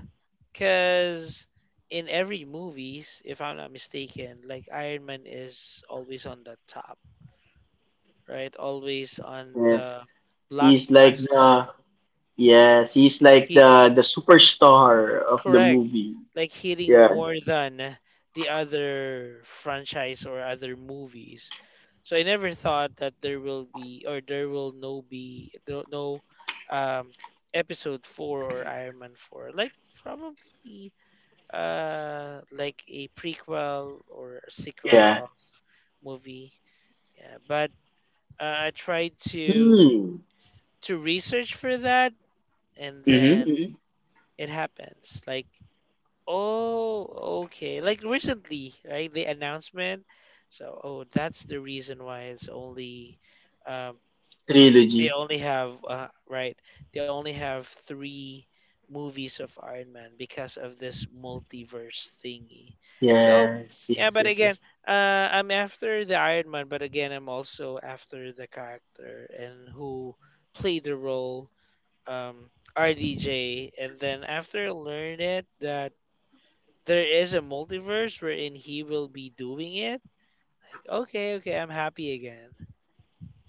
[SPEAKER 1] because in every movies, if I'm not mistaken, like Iron Man is always on the top, right? Always on
[SPEAKER 2] Yes.
[SPEAKER 1] the
[SPEAKER 2] He's like
[SPEAKER 1] blockbuster.
[SPEAKER 2] the Yes, he's like
[SPEAKER 1] He
[SPEAKER 2] the the superstar of the
[SPEAKER 1] correct
[SPEAKER 2] movie.
[SPEAKER 1] like hitting
[SPEAKER 2] Yeah,
[SPEAKER 1] more than the other franchise or other movies, so I never thought that there will be or there will no be no no, um episode four or Iron Man four, like probably uh like a prequel or a sequel
[SPEAKER 2] yeah.
[SPEAKER 1] of movie, yeah, but uh, I tried to
[SPEAKER 2] Hmm.
[SPEAKER 1] to research for that, and then
[SPEAKER 2] Mm-hmm. hmm
[SPEAKER 1] it happens like, oh, okay. Like recently, right? The announcement. So, oh, that's the reason why it's only, um, they
[SPEAKER 2] Trilogy.
[SPEAKER 1] only have, uh, right? They only have three movies of Iron Man because of this multiverse thingy. So,
[SPEAKER 2] Yes,
[SPEAKER 1] yeah,
[SPEAKER 2] yes,
[SPEAKER 1] but
[SPEAKER 2] yes,
[SPEAKER 1] again,
[SPEAKER 2] yes.
[SPEAKER 1] uh, I'm after the Iron Man, but again, I'm also after the character and who played the role, um, R D J. And then after I learned it that there is a multiverse wherein he will be doing it. Like, okay, okay, I'm happy again.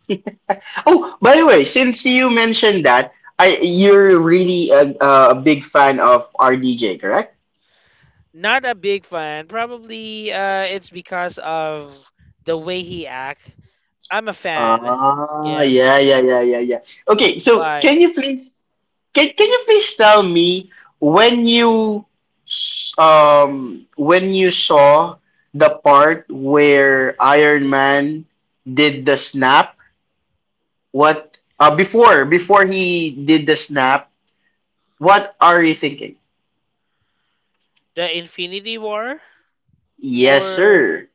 [SPEAKER 2] Oh, by the way, since you mentioned that, I you're really a, a big fan of R D J.
[SPEAKER 1] Not a big fan. Probably uh, it's because of the way he act. I'm a fan.
[SPEAKER 2] Ah,
[SPEAKER 1] Yeah.
[SPEAKER 2] yeah, yeah, yeah, yeah, yeah. Okay, so
[SPEAKER 1] Why?
[SPEAKER 2] can you please can can you please tell me, when you s- um when you saw the part where Iron Man did the snap? What uh Before before he did the snap, what are you thinking?
[SPEAKER 1] The Infinity War?
[SPEAKER 2] Yes,
[SPEAKER 1] Or
[SPEAKER 2] sir.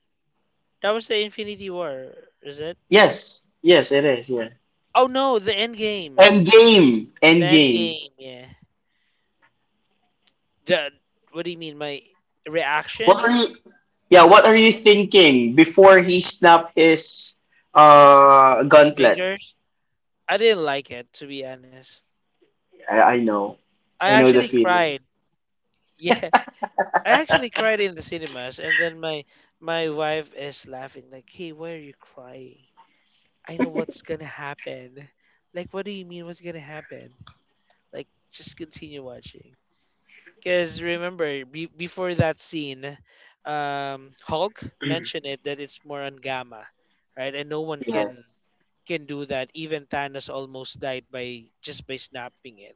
[SPEAKER 1] that was the Infinity War, is it?
[SPEAKER 2] Yes. Yes, it is, yeah.
[SPEAKER 1] Oh no, the end game.
[SPEAKER 2] End game.
[SPEAKER 1] The
[SPEAKER 2] End
[SPEAKER 1] end
[SPEAKER 2] game.
[SPEAKER 1] game, yeah. The what do you mean? My
[SPEAKER 2] What
[SPEAKER 1] reaction?
[SPEAKER 2] are you Yeah, what are you thinking before he snapped his uh gauntlet?
[SPEAKER 1] Fingers? I didn't like it, to be honest.
[SPEAKER 2] I, I know.
[SPEAKER 1] I
[SPEAKER 2] I know the
[SPEAKER 1] actually
[SPEAKER 2] feeling.
[SPEAKER 1] cried. Yeah. I actually cried in the cinemas, and then my my wife is laughing like, "Hey, why are you crying? I know what's gonna happen." Like, what do you mean? What's gonna happen? Like, just continue watching. Because remember, be- before that scene, um, Hulk mentioned it that it's more on gamma, right? And no one can
[SPEAKER 2] Yes.
[SPEAKER 1] can do that. Even Thanos almost died by just by snapping it.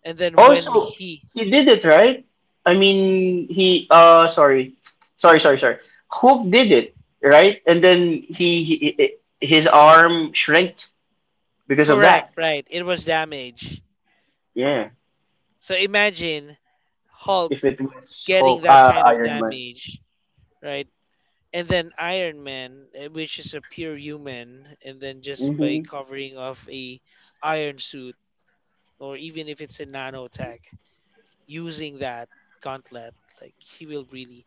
[SPEAKER 1] And then when
[SPEAKER 2] Also,
[SPEAKER 1] he
[SPEAKER 2] he did it, right? I mean, he uh sorry. Sorry, sorry, sorry. Hook did it, right? And then he, he his arm shrinked because of that.
[SPEAKER 1] correct, right? It was damage.
[SPEAKER 2] Yeah.
[SPEAKER 1] So imagine Hulk
[SPEAKER 2] If it was
[SPEAKER 1] getting
[SPEAKER 2] Hulk,
[SPEAKER 1] that
[SPEAKER 2] uh,
[SPEAKER 1] kind of
[SPEAKER 2] Iron Man.
[SPEAKER 1] damage, right? And then Iron Man, eh, which is a pure human, and then just by
[SPEAKER 2] Mm-hmm.
[SPEAKER 1] covering off a iron suit, or even if it's a nanotech, using that gauntlet, like he will really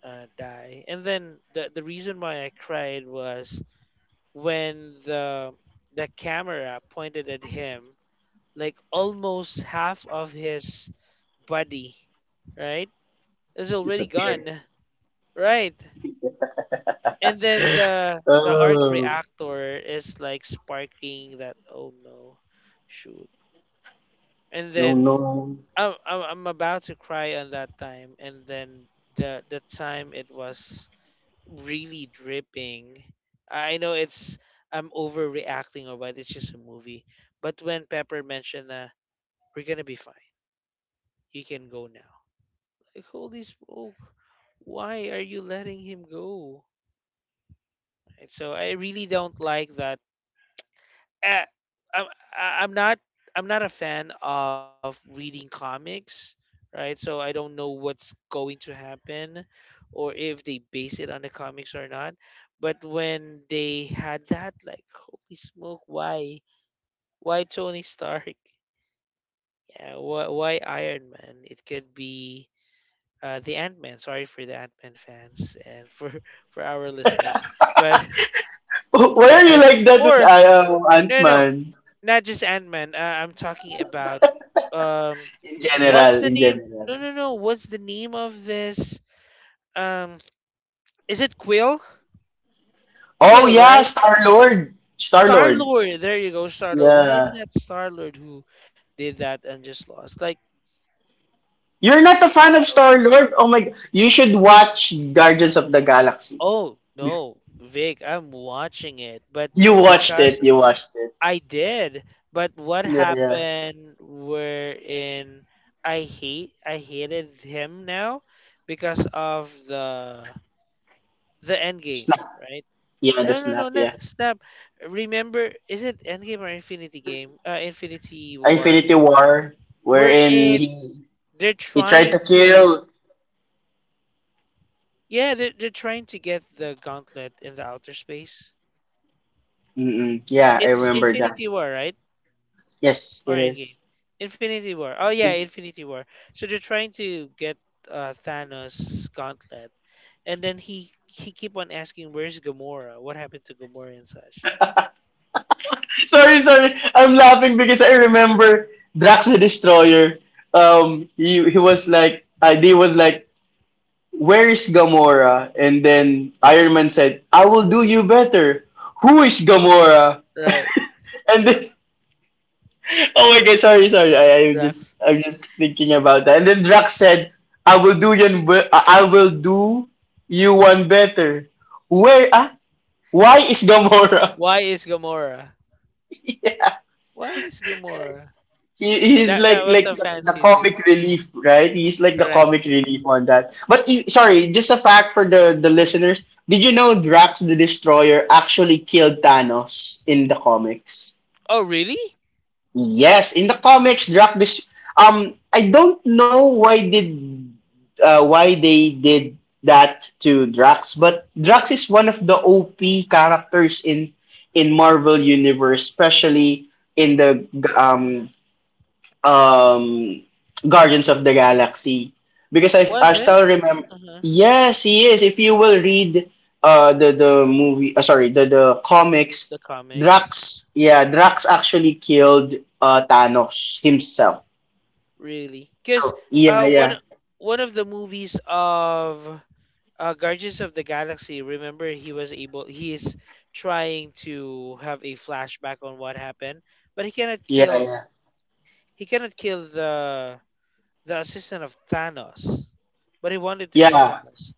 [SPEAKER 1] uh, die. And then the the reason why I cried was when the the camera pointed at him, like almost half of his body, right? Is already gone,
[SPEAKER 2] Disappeared.
[SPEAKER 1] right? And then the the arc
[SPEAKER 2] Oh,
[SPEAKER 1] reactor is like sparking that oh no, shoot. And
[SPEAKER 2] no,
[SPEAKER 1] then
[SPEAKER 2] no.
[SPEAKER 1] I'm I'm, I'm about to cry on that time, and then the the time it was really dripping. I know it's I'm overreacting or what. It's just a movie. But when Pepper mentioned, uh, "We're gonna be fine. You can go now," like holy smoke, why are you letting him go? And so I really don't like that. Eh, I'm I- I'm not I'm not a fan of reading comics, right? So I don't know what's going to happen, or if they base it on the comics or not. But when they had that, like, holy smoke, why why Tony Stark? Yeah, why, why Iron Man? It could be uh, the Ant Man. Sorry for the Ant Man fans and for for our listeners, but
[SPEAKER 2] Why are you
[SPEAKER 1] right
[SPEAKER 2] like that with
[SPEAKER 1] or
[SPEAKER 2] I um,
[SPEAKER 1] no no no.
[SPEAKER 2] Ant-Man?
[SPEAKER 1] Not just Ant-Man. Uh, I'm talking about um
[SPEAKER 2] In
[SPEAKER 1] what's
[SPEAKER 2] general,
[SPEAKER 1] the
[SPEAKER 2] in
[SPEAKER 1] name?
[SPEAKER 2] general.
[SPEAKER 1] No, no, no. What's the name of this? Um is it Quill?
[SPEAKER 2] Oh
[SPEAKER 1] Quill,
[SPEAKER 2] yeah,
[SPEAKER 1] right?
[SPEAKER 2] Star-Lord. Star-Lord.
[SPEAKER 1] Star-Lord. There you go, Star-Lord. Why is
[SPEAKER 2] Yeah.
[SPEAKER 1] it not Star-Lord who did that and just lost? Like
[SPEAKER 2] You're not a fan
[SPEAKER 1] I
[SPEAKER 2] of
[SPEAKER 1] don't-
[SPEAKER 2] Star-Lord? Oh my god. You should watch Guardians of the Galaxy.
[SPEAKER 1] Oh, no. Vic, I'm watching it, but
[SPEAKER 2] You watched
[SPEAKER 1] because
[SPEAKER 2] it, you watched it.
[SPEAKER 1] I did, but what
[SPEAKER 2] Yeah, yeah.
[SPEAKER 1] happened wherein I hate I hated him now because of the the end game,
[SPEAKER 2] Snap.
[SPEAKER 1] right?
[SPEAKER 2] Yeah, the
[SPEAKER 1] No, no, no,
[SPEAKER 2] snap,
[SPEAKER 1] not
[SPEAKER 2] yeah.
[SPEAKER 1] the snap. Remember, is it Endgame or Infinity Game? Uh, Infinity War.
[SPEAKER 2] Infinity War,
[SPEAKER 1] We're
[SPEAKER 2] wherein
[SPEAKER 1] in.
[SPEAKER 2] he
[SPEAKER 1] They're
[SPEAKER 2] he tried
[SPEAKER 1] trying
[SPEAKER 2] to
[SPEAKER 1] to.
[SPEAKER 2] kill.
[SPEAKER 1] Yeah, they're, they're trying to get the gauntlet in the outer space.
[SPEAKER 2] Mm-mm. Yeah, I
[SPEAKER 1] It's
[SPEAKER 2] remember that.
[SPEAKER 1] Infinity War, right?
[SPEAKER 2] Yes,
[SPEAKER 1] Or
[SPEAKER 2] it is.
[SPEAKER 1] Endgame? Infinity War. Oh yeah, Infinity War. So they're trying to get uh, Thanos' gauntlet, and then he he keep on asking, "Where's Gamora? What happened to Gamora and such?"
[SPEAKER 2] Sorry, sorry. I'm laughing because I remember Drax the Destroyer. Um, he he was like, uh, they was like, where is Gamora? And then Iron Man said, I will do you better. Who is Gamora?
[SPEAKER 1] Right,
[SPEAKER 2] And then, oh my god, sorry, sorry. I, I'm just
[SPEAKER 1] Drax.
[SPEAKER 2] I'm just thinking about that. And then Drax said, I will do you be- I I will do you one better. Where ah? Why is Gamora?
[SPEAKER 1] Why is Gamora?
[SPEAKER 2] Yeah.
[SPEAKER 1] Why is Gamora?
[SPEAKER 2] He
[SPEAKER 1] Yeah,
[SPEAKER 2] he's
[SPEAKER 1] that that
[SPEAKER 2] like
[SPEAKER 1] was
[SPEAKER 2] like
[SPEAKER 1] a
[SPEAKER 2] the, the
[SPEAKER 1] fancy too.
[SPEAKER 2] comic relief, right? He's like the
[SPEAKER 1] Correct.
[SPEAKER 2] comic relief on that. But you, sorry, just a fact for the the listeners. Did you know Drax the Destroyer actually killed Thanos in the comics?
[SPEAKER 1] Oh, really?
[SPEAKER 2] Yes, in the comics, Drax. Dis- um, I don't know why did uh, why they did that to Drax, but Drax is one of the O P characters in in Marvel Universe, especially in
[SPEAKER 1] Uh-huh.
[SPEAKER 2] the um um Guardians of the Galaxy because I I
[SPEAKER 1] Was it?
[SPEAKER 2] still remember.
[SPEAKER 1] Uh-huh.
[SPEAKER 2] Yes, he is, if you will read uh the the movie uh, sorry, the the comics.
[SPEAKER 1] The comics,
[SPEAKER 2] Drax, yeah, Drax actually killed uh Thanos himself.
[SPEAKER 1] really? Because
[SPEAKER 2] So yeah,
[SPEAKER 1] uh, one
[SPEAKER 2] yeah,
[SPEAKER 1] one of the movies of uh, Guardians of the Galaxy. Remember, he was able. He is trying to have a flashback on what happened, but he cannot
[SPEAKER 2] yeah.
[SPEAKER 1] kill.
[SPEAKER 2] Yeah,
[SPEAKER 1] He cannot kill the the assistant of Thanos, but he wanted to kill
[SPEAKER 2] yeah.
[SPEAKER 1] Thanos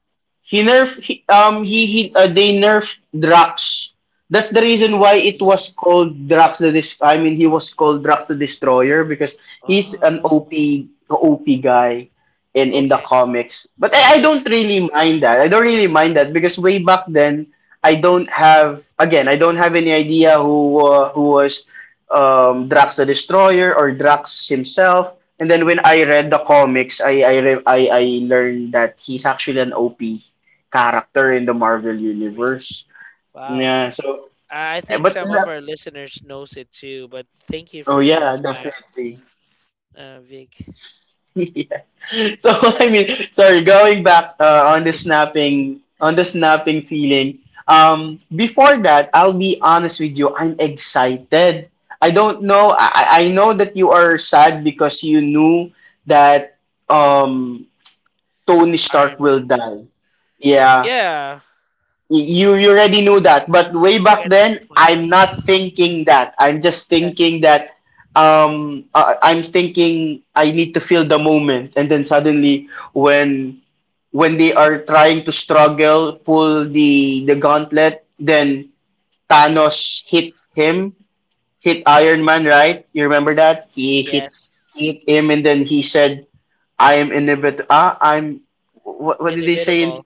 [SPEAKER 2] He nerfed he, um he, he uh, They nerfed Drax. That's the reason
[SPEAKER 1] and
[SPEAKER 2] why
[SPEAKER 1] the
[SPEAKER 2] it was
[SPEAKER 1] moon.
[SPEAKER 2] called Drax the Dis- I mean he was called Drax the Destroyer, because he's an
[SPEAKER 1] Oh,
[SPEAKER 2] O P O P guy in in the
[SPEAKER 1] okay.
[SPEAKER 2] comics. But I, I don't
[SPEAKER 1] That's
[SPEAKER 2] really mind that. I don't really mind
[SPEAKER 1] uh,
[SPEAKER 2] that because way back then I don't have again I don't have any idea who uh, who was, um, Drax the Destroyer or Drax himself. And
[SPEAKER 1] uh,
[SPEAKER 2] then when I read the comics, I I re- I, I learned that he's actually an O P character in the Marvel
[SPEAKER 1] really
[SPEAKER 2] universe.
[SPEAKER 1] wow.
[SPEAKER 2] Yeah, so
[SPEAKER 1] I
[SPEAKER 2] eh,
[SPEAKER 1] think
[SPEAKER 2] but
[SPEAKER 1] some of our
[SPEAKER 2] that
[SPEAKER 1] listeners knows it too, but thank you
[SPEAKER 2] oh
[SPEAKER 1] for that
[SPEAKER 2] yeah,
[SPEAKER 1] fact,
[SPEAKER 2] definitely.
[SPEAKER 1] uh, Vic.
[SPEAKER 2] So I mean, sorry, going back uh, on the snapping on the snapping feeling. Um, before that, I'll be honest with you. I'm excited. I don't know. I I know that you are sad because you knew that, um Tony Stark
[SPEAKER 1] Iron Man.
[SPEAKER 2] will die. Yeah,
[SPEAKER 1] Yeah,
[SPEAKER 2] you you already knew that, but way
[SPEAKER 1] I
[SPEAKER 2] back
[SPEAKER 1] got
[SPEAKER 2] then I'm
[SPEAKER 1] disappointed.
[SPEAKER 2] not thinking that I'm just
[SPEAKER 1] Heh,
[SPEAKER 2] thinking that, um uh, I'm thinking I need to feel the moment, and then suddenly when when they are trying to struggle pull the the gauntlet, then Thanos hit him hit Iron Man, right? You remember that he hit
[SPEAKER 1] yes,
[SPEAKER 2] he hit him, and then he said, I am inevitable. Ah I'm what, what did they say in,
[SPEAKER 1] inevitable.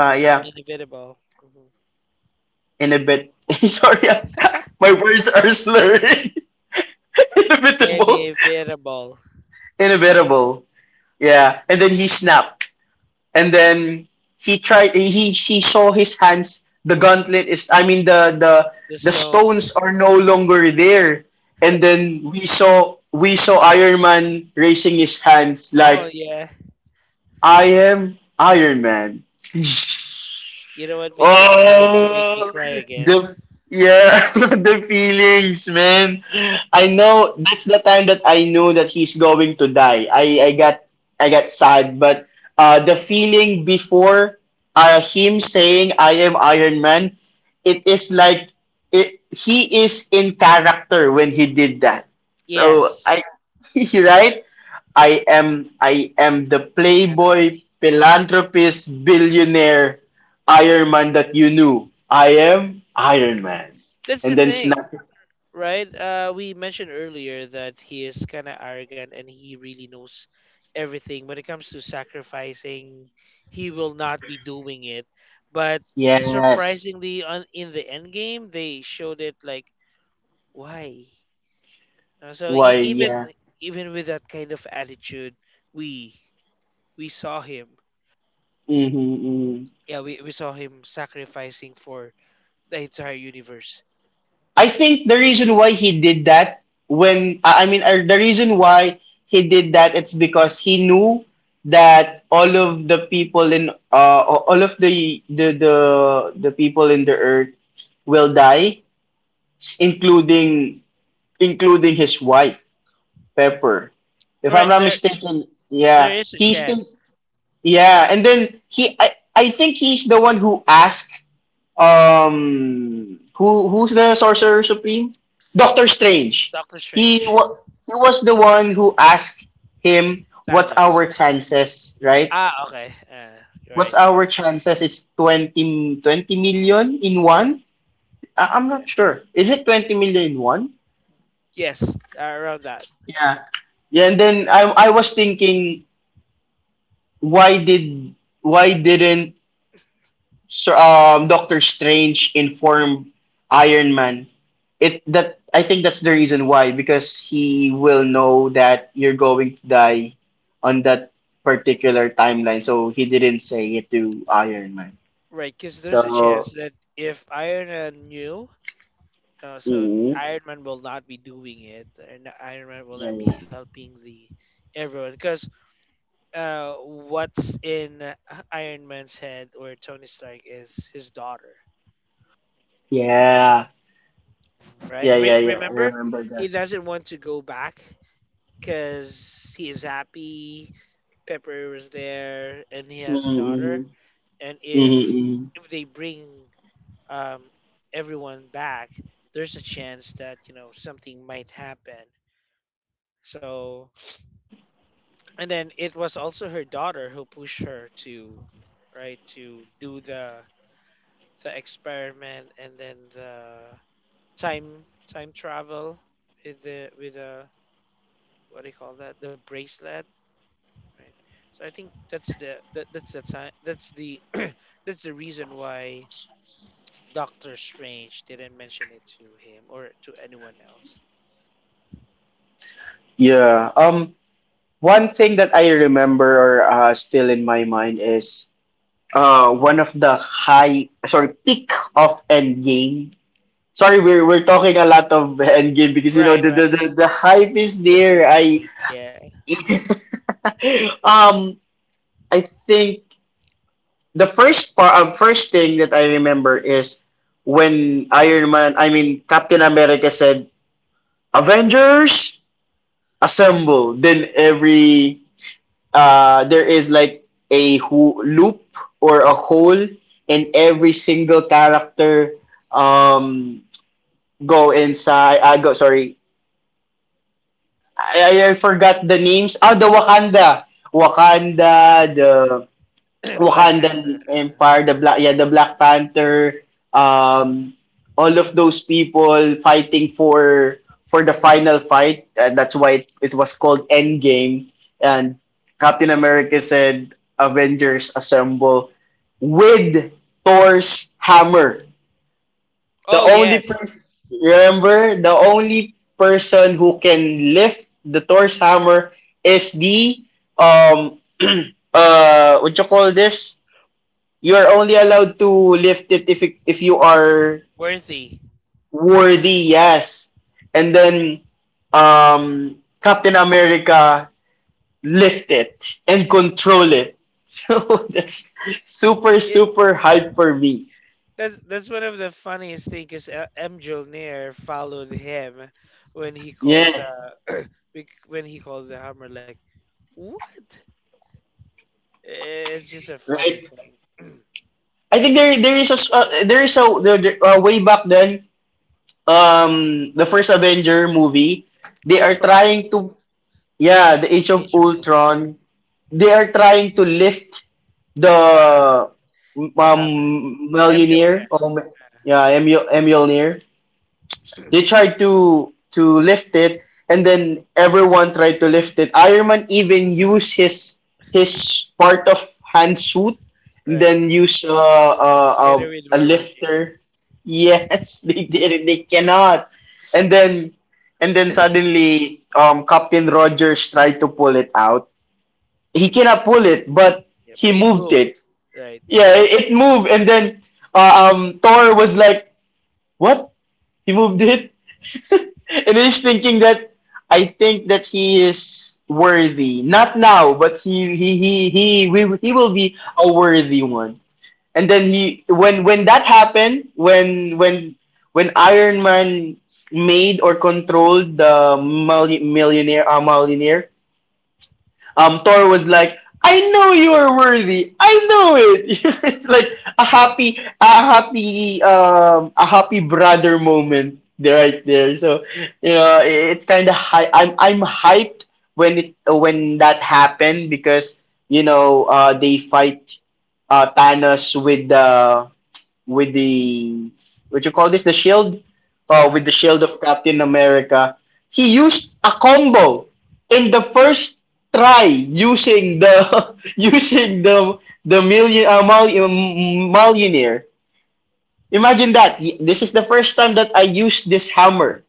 [SPEAKER 2] uh,
[SPEAKER 1] I'm
[SPEAKER 2] yeah,
[SPEAKER 1] inevitable. Hmm.
[SPEAKER 2] inhibit. Sorry, my words are slurred. Inevitable,
[SPEAKER 1] Inevitable.
[SPEAKER 2] inevitable. Yeah, and then
[SPEAKER 1] Yes,
[SPEAKER 2] he snapped, and then he tried. He She saw his hands. The gauntlet is, I mean, the the
[SPEAKER 1] the
[SPEAKER 2] the stones
[SPEAKER 1] Stones.
[SPEAKER 2] are no longer there. And then we saw we saw Iron Man raising his hands
[SPEAKER 1] Oh
[SPEAKER 2] like,
[SPEAKER 1] yeah.
[SPEAKER 2] I am Iron Man.
[SPEAKER 1] You know what, Vic? You're trying to make me
[SPEAKER 2] Oh,
[SPEAKER 1] cry again.
[SPEAKER 2] the yeah, the feelings, man.
[SPEAKER 1] 'Cause
[SPEAKER 2] I
[SPEAKER 1] I'm trying
[SPEAKER 2] know that's
[SPEAKER 1] to.
[SPEAKER 2] the time that I knew that he's going to die. I I got I got sad, but uh, the feeling before, uh, him saying, I am Iron Man, it is like, it, he is in character when he did that. So I
[SPEAKER 1] Yes,
[SPEAKER 2] right? I am I am the
[SPEAKER 1] and I.
[SPEAKER 2] playboy, philanthropist, billionaire, Iron Man that you knew. I am Iron Man.
[SPEAKER 1] That's the
[SPEAKER 2] And then
[SPEAKER 1] thing.
[SPEAKER 2] snap.
[SPEAKER 1] Right? Uh, we mentioned earlier that he is kind of arrogant and he really knows everything. When it comes to sacrificing, he will not be doing it. But
[SPEAKER 2] Yes.
[SPEAKER 1] surprisingly, on in the end game, they showed it like why. Uh, So e-
[SPEAKER 2] Why?
[SPEAKER 1] even
[SPEAKER 2] Yeah.
[SPEAKER 1] even with that kind of attitude, we we saw him.
[SPEAKER 2] Mm-hmm, mm-hmm.
[SPEAKER 1] Yeah, we, we saw him sacrificing for the entire universe.
[SPEAKER 2] I think the reason why he did that, when I I mean uh, the reason why he did that, it's because he knew that all of the people in uh all of the the the, the people in the earth will die, including including his wife, Pepper. If I'm
[SPEAKER 1] Correct.
[SPEAKER 2] not
[SPEAKER 1] There
[SPEAKER 2] mistaken,
[SPEAKER 1] there
[SPEAKER 2] yeah,
[SPEAKER 1] is a
[SPEAKER 2] he's
[SPEAKER 1] chance.
[SPEAKER 2] the yeah, and then he I, I think he's the one who asked, um who who's the sorcerer supreme? Doctor Strange.
[SPEAKER 1] Doctor
[SPEAKER 2] He
[SPEAKER 1] Strange,
[SPEAKER 2] wa- he was the one who asked him, what's
[SPEAKER 1] Thanos.
[SPEAKER 2] our chances, right?
[SPEAKER 1] Ah, okay. Uh,
[SPEAKER 2] What's
[SPEAKER 1] right.
[SPEAKER 2] our chances? It's twenty twenty million in one. I, I'm
[SPEAKER 1] Yeah.
[SPEAKER 2] not sure. Is it 20 million in one?
[SPEAKER 1] Yes, uh, around that.
[SPEAKER 2] Yeah, and then I I was thinking, why did why didn't Sir- um, Doctor Strange inform Iron Man? It that I think that's the reason why, because he will know that you're going to die on that particular timeline. So he didn't say it to Iron Man.
[SPEAKER 1] Right, because there's a
[SPEAKER 2] So,
[SPEAKER 1] chance that if Iron Man knew, uh, so
[SPEAKER 2] mm,
[SPEAKER 1] Iron Man will not be doing it, and Iron Man will not be
[SPEAKER 2] yeah,
[SPEAKER 1] helping the everyone. Because uh, what's in uh, Iron Man's head or Tony Stark is his daughter,
[SPEAKER 2] yeah,
[SPEAKER 1] right?
[SPEAKER 2] yeah,
[SPEAKER 1] Re-
[SPEAKER 2] yeah, yeah, yeah. I
[SPEAKER 1] remember,
[SPEAKER 2] remember
[SPEAKER 1] he
[SPEAKER 2] that.
[SPEAKER 1] doesn't want to go back because he is happy. Pepper was there, and he has a
[SPEAKER 2] Mm-hmm.
[SPEAKER 1] daughter, and if
[SPEAKER 2] Mm-hmm.
[SPEAKER 1] if they bring um, everyone back, there's a chance that you know something might happen. So, and then it was also her daughter who pushed her to right to do the the experiment, and then the time time travel with the with the what do you call that, the bracelet, right? So I think that's the that, that's the time, that's the that's the reason why Doctor Strange didn't mention it to him or to anyone else.
[SPEAKER 2] Yeah. Um. One thing that I remember, or uh, still in my mind, is uh, one of the high, sorry, peak of Endgame. Sorry, we're we're talking a lot of Endgame because, you know,
[SPEAKER 1] Right,
[SPEAKER 2] the
[SPEAKER 1] right.
[SPEAKER 2] the, the, the hype is
[SPEAKER 1] That's the
[SPEAKER 2] there. I
[SPEAKER 1] reason. Yeah.
[SPEAKER 2] um I think the first part, um, first thing that I remember is when Iron Man, I mean, Captain America said, Avengers, assemble! Then every uh, there is like a ho- loop or a hole in every single character, um go inside. I go sorry I, I I forgot the names. Oh, the Wakanda Wakanda, the
[SPEAKER 1] Black Panther.
[SPEAKER 2] Wakandan
[SPEAKER 1] Uh,
[SPEAKER 2] Empire, the Black, yeah, the Black Panther, um, all of those people fighting for for the final fight. And that's why it, it was called Endgame. And Captain America said, Avengers assemble with Thor's hammer. The
[SPEAKER 1] oh
[SPEAKER 2] only
[SPEAKER 1] yes,
[SPEAKER 2] person, remember, the only person who can lift the Thor's hammer is the um uh what you call this. You're only allowed to lift it if if you are
[SPEAKER 1] worthy.
[SPEAKER 2] worthy, yes. And then, um Captain America lift it and control it. So that's super
[SPEAKER 1] It
[SPEAKER 2] super hype for me.
[SPEAKER 1] that's that's one of the funniest things is uh, M. Jolnir followed him when he called
[SPEAKER 2] Yeah,
[SPEAKER 1] the bec- when he called the hammer like what? I- It's just a funny
[SPEAKER 2] right.
[SPEAKER 1] thing.
[SPEAKER 2] I think there there is a uh, there is a there, there- uh, way back then, um the first Avenger movie, they are
[SPEAKER 1] Ultron,
[SPEAKER 2] trying to, yeah, the Age of
[SPEAKER 1] Age of Ultron,
[SPEAKER 2] Ultron, they are trying to lift
[SPEAKER 1] uh,
[SPEAKER 2] the,
[SPEAKER 1] the
[SPEAKER 2] um
[SPEAKER 1] hammer. M.
[SPEAKER 2] millionaire,
[SPEAKER 1] Jolnir,
[SPEAKER 2] or Mi-
[SPEAKER 1] uh,
[SPEAKER 2] yeah, Emil Emilionaire. They tried to to lift it, and then everyone tried to lift it. Iron Man even used his his part of hand suit, and
[SPEAKER 1] right?
[SPEAKER 2] then use uh,
[SPEAKER 1] s-
[SPEAKER 2] uh, a
[SPEAKER 1] Together with
[SPEAKER 2] a
[SPEAKER 1] War Machine.
[SPEAKER 2] lifter. Yes, they did it. They cannot, and then and then suddenly, um Captain Rogers tried to pull it out. He cannot pull it, but
[SPEAKER 1] Yeah,
[SPEAKER 2] he
[SPEAKER 1] but it
[SPEAKER 2] moved it.
[SPEAKER 1] moved. Right.
[SPEAKER 2] Yeah, it, it moved, and then uh, um Thor was like, What? He moved it? And he's thinking that, I think that he is worthy, not now, but he he he he we, he will be a worthy one. And then he, when when that happened, when when when Iron Man made or controlled the multi- millionaire uh, millionaire, um, Thor was like, I know you are worthy. I know it. It's like a happy, a happy, um, a happy brother moment there, right there. So you know, it's kind of high. I'm I'm hyped when it when that happened, because you know, uh, they fight, uh, Thanos with the, with the what you call this, the shield, uh, with
[SPEAKER 1] Uh-huh.
[SPEAKER 2] the shield of Captain America. He used a combo in the first try using the using the the million uh, mul- millionaire. Imagine that. This is the first time that I used this hammer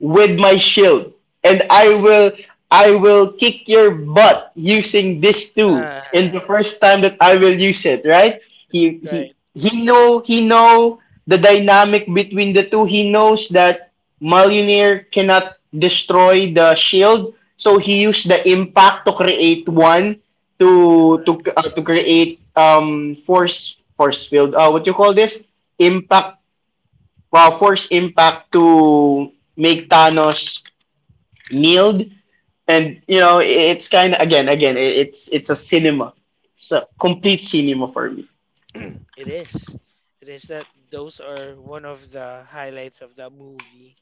[SPEAKER 2] with my shield, and I will I will kick your butt using this too. In the
[SPEAKER 1] Uh-huh.
[SPEAKER 2] first time that I will use it, right? He he
[SPEAKER 1] Right.
[SPEAKER 2] he know he know the dynamic between the two. He knows that Malunier cannot destroy the shield, so he used the impact to create one to to
[SPEAKER 1] Correct.
[SPEAKER 2] uh, to create um force force field. Uh, what you call this? Impact, uh, force Impact to make Thanos kneeled, and you know, it's kind of again, again, it's it's a cinema, it's a complete cinema for me.
[SPEAKER 1] It is. It is that those are one of the highlights of that movie.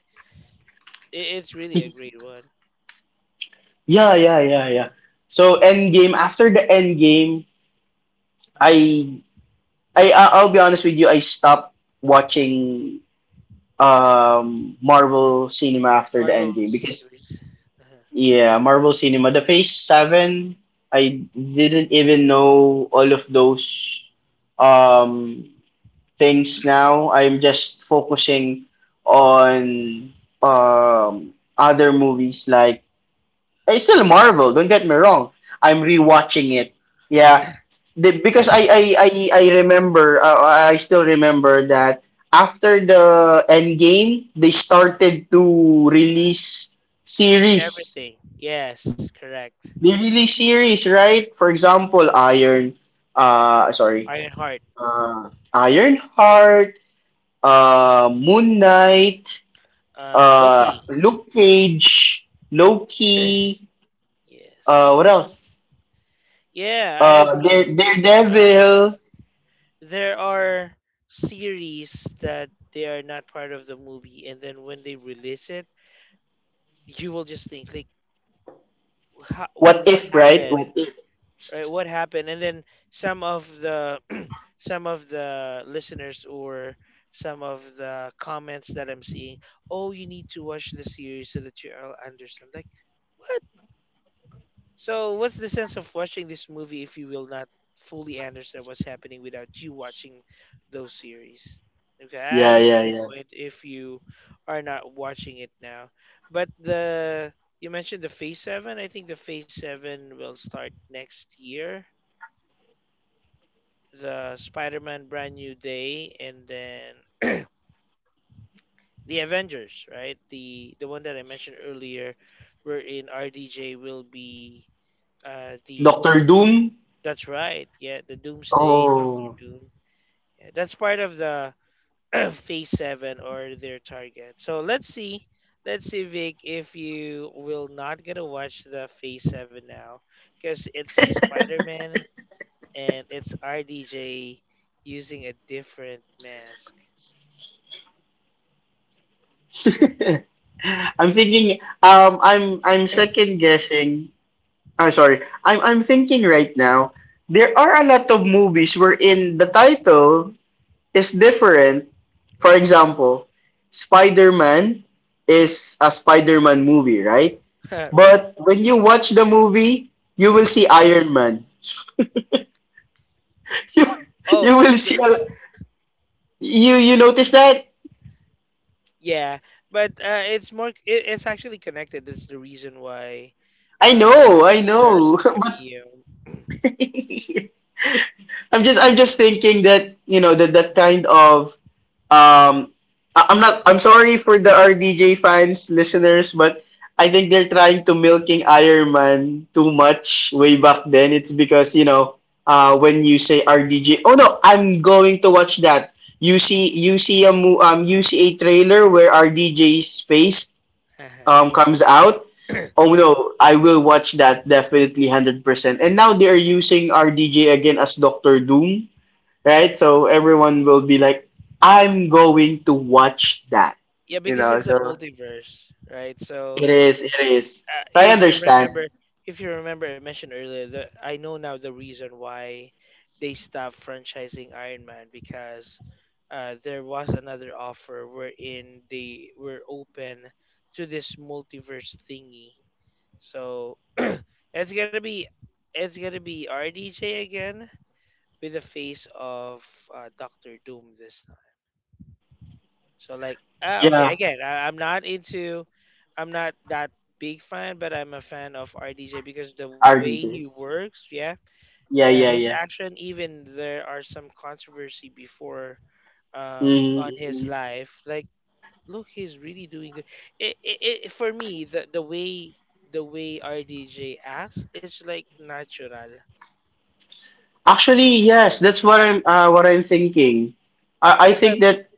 [SPEAKER 1] It, it's really a great one.
[SPEAKER 2] Yeah, yeah, yeah, yeah. So, Endgame. After the Endgame, I I I- I'll be honest with you. I stopped watching, um Marvel cinema after the
[SPEAKER 1] Marvel
[SPEAKER 2] Endgame, because,
[SPEAKER 1] series. Uh-huh.
[SPEAKER 2] yeah, Marvel cinema. The Phase Seven. I didn't even know all of those, um things now. I'm just focusing on, um, other movies like, eh, it's still Marvel. Don't get me wrong. I'm
[SPEAKER 1] Uh,
[SPEAKER 2] rewatching it. Yeah, the, because I I I, I remember, uh, I still remember that after the end game they
[SPEAKER 1] uh-huh.
[SPEAKER 2] started to release
[SPEAKER 1] Change
[SPEAKER 2] series.
[SPEAKER 1] everything. Yes, correct.
[SPEAKER 2] They release series, right? For example, Iron. Uh, sorry.
[SPEAKER 1] Ironheart.
[SPEAKER 2] Uh, Iron Heart, uh, Moon Knight,
[SPEAKER 1] Uh,
[SPEAKER 2] uh,
[SPEAKER 1] Loki.
[SPEAKER 2] Luke Cage, Loki,
[SPEAKER 1] Yes.
[SPEAKER 2] uh, what else?
[SPEAKER 1] Yeah, I
[SPEAKER 2] Uh,
[SPEAKER 1] agree.
[SPEAKER 2] Dare-
[SPEAKER 1] Uh,
[SPEAKER 2] Daredevil,
[SPEAKER 1] there are series that they are not part of the movie, and then when they release it, you will just think like ha-
[SPEAKER 2] What
[SPEAKER 1] what
[SPEAKER 2] If,
[SPEAKER 1] happened,
[SPEAKER 2] right? What If.
[SPEAKER 1] right, what happened? And then some of the some of the listeners or some of the comments that I'm seeing, oh, you need to watch the series so that you'll understand like what. So, what's the sense of watching this movie if you will not fully understand what's happening without you watching those series? Okay, I
[SPEAKER 2] Yeah,
[SPEAKER 1] understand
[SPEAKER 2] yeah,
[SPEAKER 1] your
[SPEAKER 2] yeah.
[SPEAKER 1] point if you are not watching it now. But the you mentioned the Phase seven. I think the Phase seven will start next year. The Spider-Man Brand New Day and then the Avengers, right? The the one that I mentioned earlier wherein R D J will be uh the.
[SPEAKER 2] Doctor Doom.
[SPEAKER 1] That's right. Yeah, the Doomsday, Doctor
[SPEAKER 2] Oh.
[SPEAKER 1] Doom. Yeah, that's part of the Phase Seven or their target. So let's see, let's see, Vic, if you will not gonna watch the Phase Seven now, because it's Spider Man and it's R D J using a different mask.
[SPEAKER 2] I'm thinking um I'm I'm second guessing. I'm sorry. I'm I'm thinking right now. There are a lot of movies wherein the title is different. For example, Spider Man is a Spider Man movie, right?
[SPEAKER 1] Right.
[SPEAKER 2] But when you watch the movie, you will see Iron Man. You,
[SPEAKER 1] Oh,
[SPEAKER 2] you will
[SPEAKER 1] th-
[SPEAKER 2] see a, you you notice that?
[SPEAKER 1] yeah, but uh, it's more. It, it's actually connected. That's the reason why
[SPEAKER 2] I
[SPEAKER 1] uh,
[SPEAKER 2] know, I
[SPEAKER 1] there are some
[SPEAKER 2] know. But
[SPEAKER 1] cameo.
[SPEAKER 2] I'm just I'm just thinking that, you know, that that kind of, um I'm not I'm sorry for the R D J fans listeners, but I think they're trying to milking Iron Man too much way back then. It's because, you know, uh when you say R D J, oh no, I'm going to watch that. You see you see a mo- um you see a trailer where R D J's face, um comes out. Oh
[SPEAKER 1] Mhm.
[SPEAKER 2] no, I will watch that, definitely, one hundred percent. And now they are using R D J again as Doctor Doom, right? So everyone will be like, I'm going to watch that.
[SPEAKER 1] Yeah,
[SPEAKER 2] You
[SPEAKER 1] because
[SPEAKER 2] know,
[SPEAKER 1] it's a
[SPEAKER 2] so
[SPEAKER 1] multiverse, right? So
[SPEAKER 2] it is, it is.
[SPEAKER 1] uh,
[SPEAKER 2] So I
[SPEAKER 1] if you
[SPEAKER 2] understand.
[SPEAKER 1] remember, if you remember, I mentioned earlier that I know now the reason why they stopped franchising Iron Man because uh, there was another offer wherein they were open to this multiverse thingy. So it's gonna be it's gonna be R D J again with the face of uh, Doctor Doom this time. So like, ah, okay.
[SPEAKER 2] Yeah,
[SPEAKER 1] Again, I, I'm not into, I'm not that big fan, but I'm a fan of R D J because the way he
[SPEAKER 2] R D J.
[SPEAKER 1] works, yeah,
[SPEAKER 2] Yeah,
[SPEAKER 1] uh,
[SPEAKER 2] yeah,
[SPEAKER 1] his
[SPEAKER 2] yeah.
[SPEAKER 1] action. Even there are some controversy before, um, on
[SPEAKER 2] mm
[SPEAKER 1] his life. Like, look, he's really doing good. It, it, it for me the the way the way R D J acts, it's like natural.
[SPEAKER 2] Actually, yes, that's what I'm uh, what I'm thinking. I, I
[SPEAKER 1] Because um,
[SPEAKER 2] think that,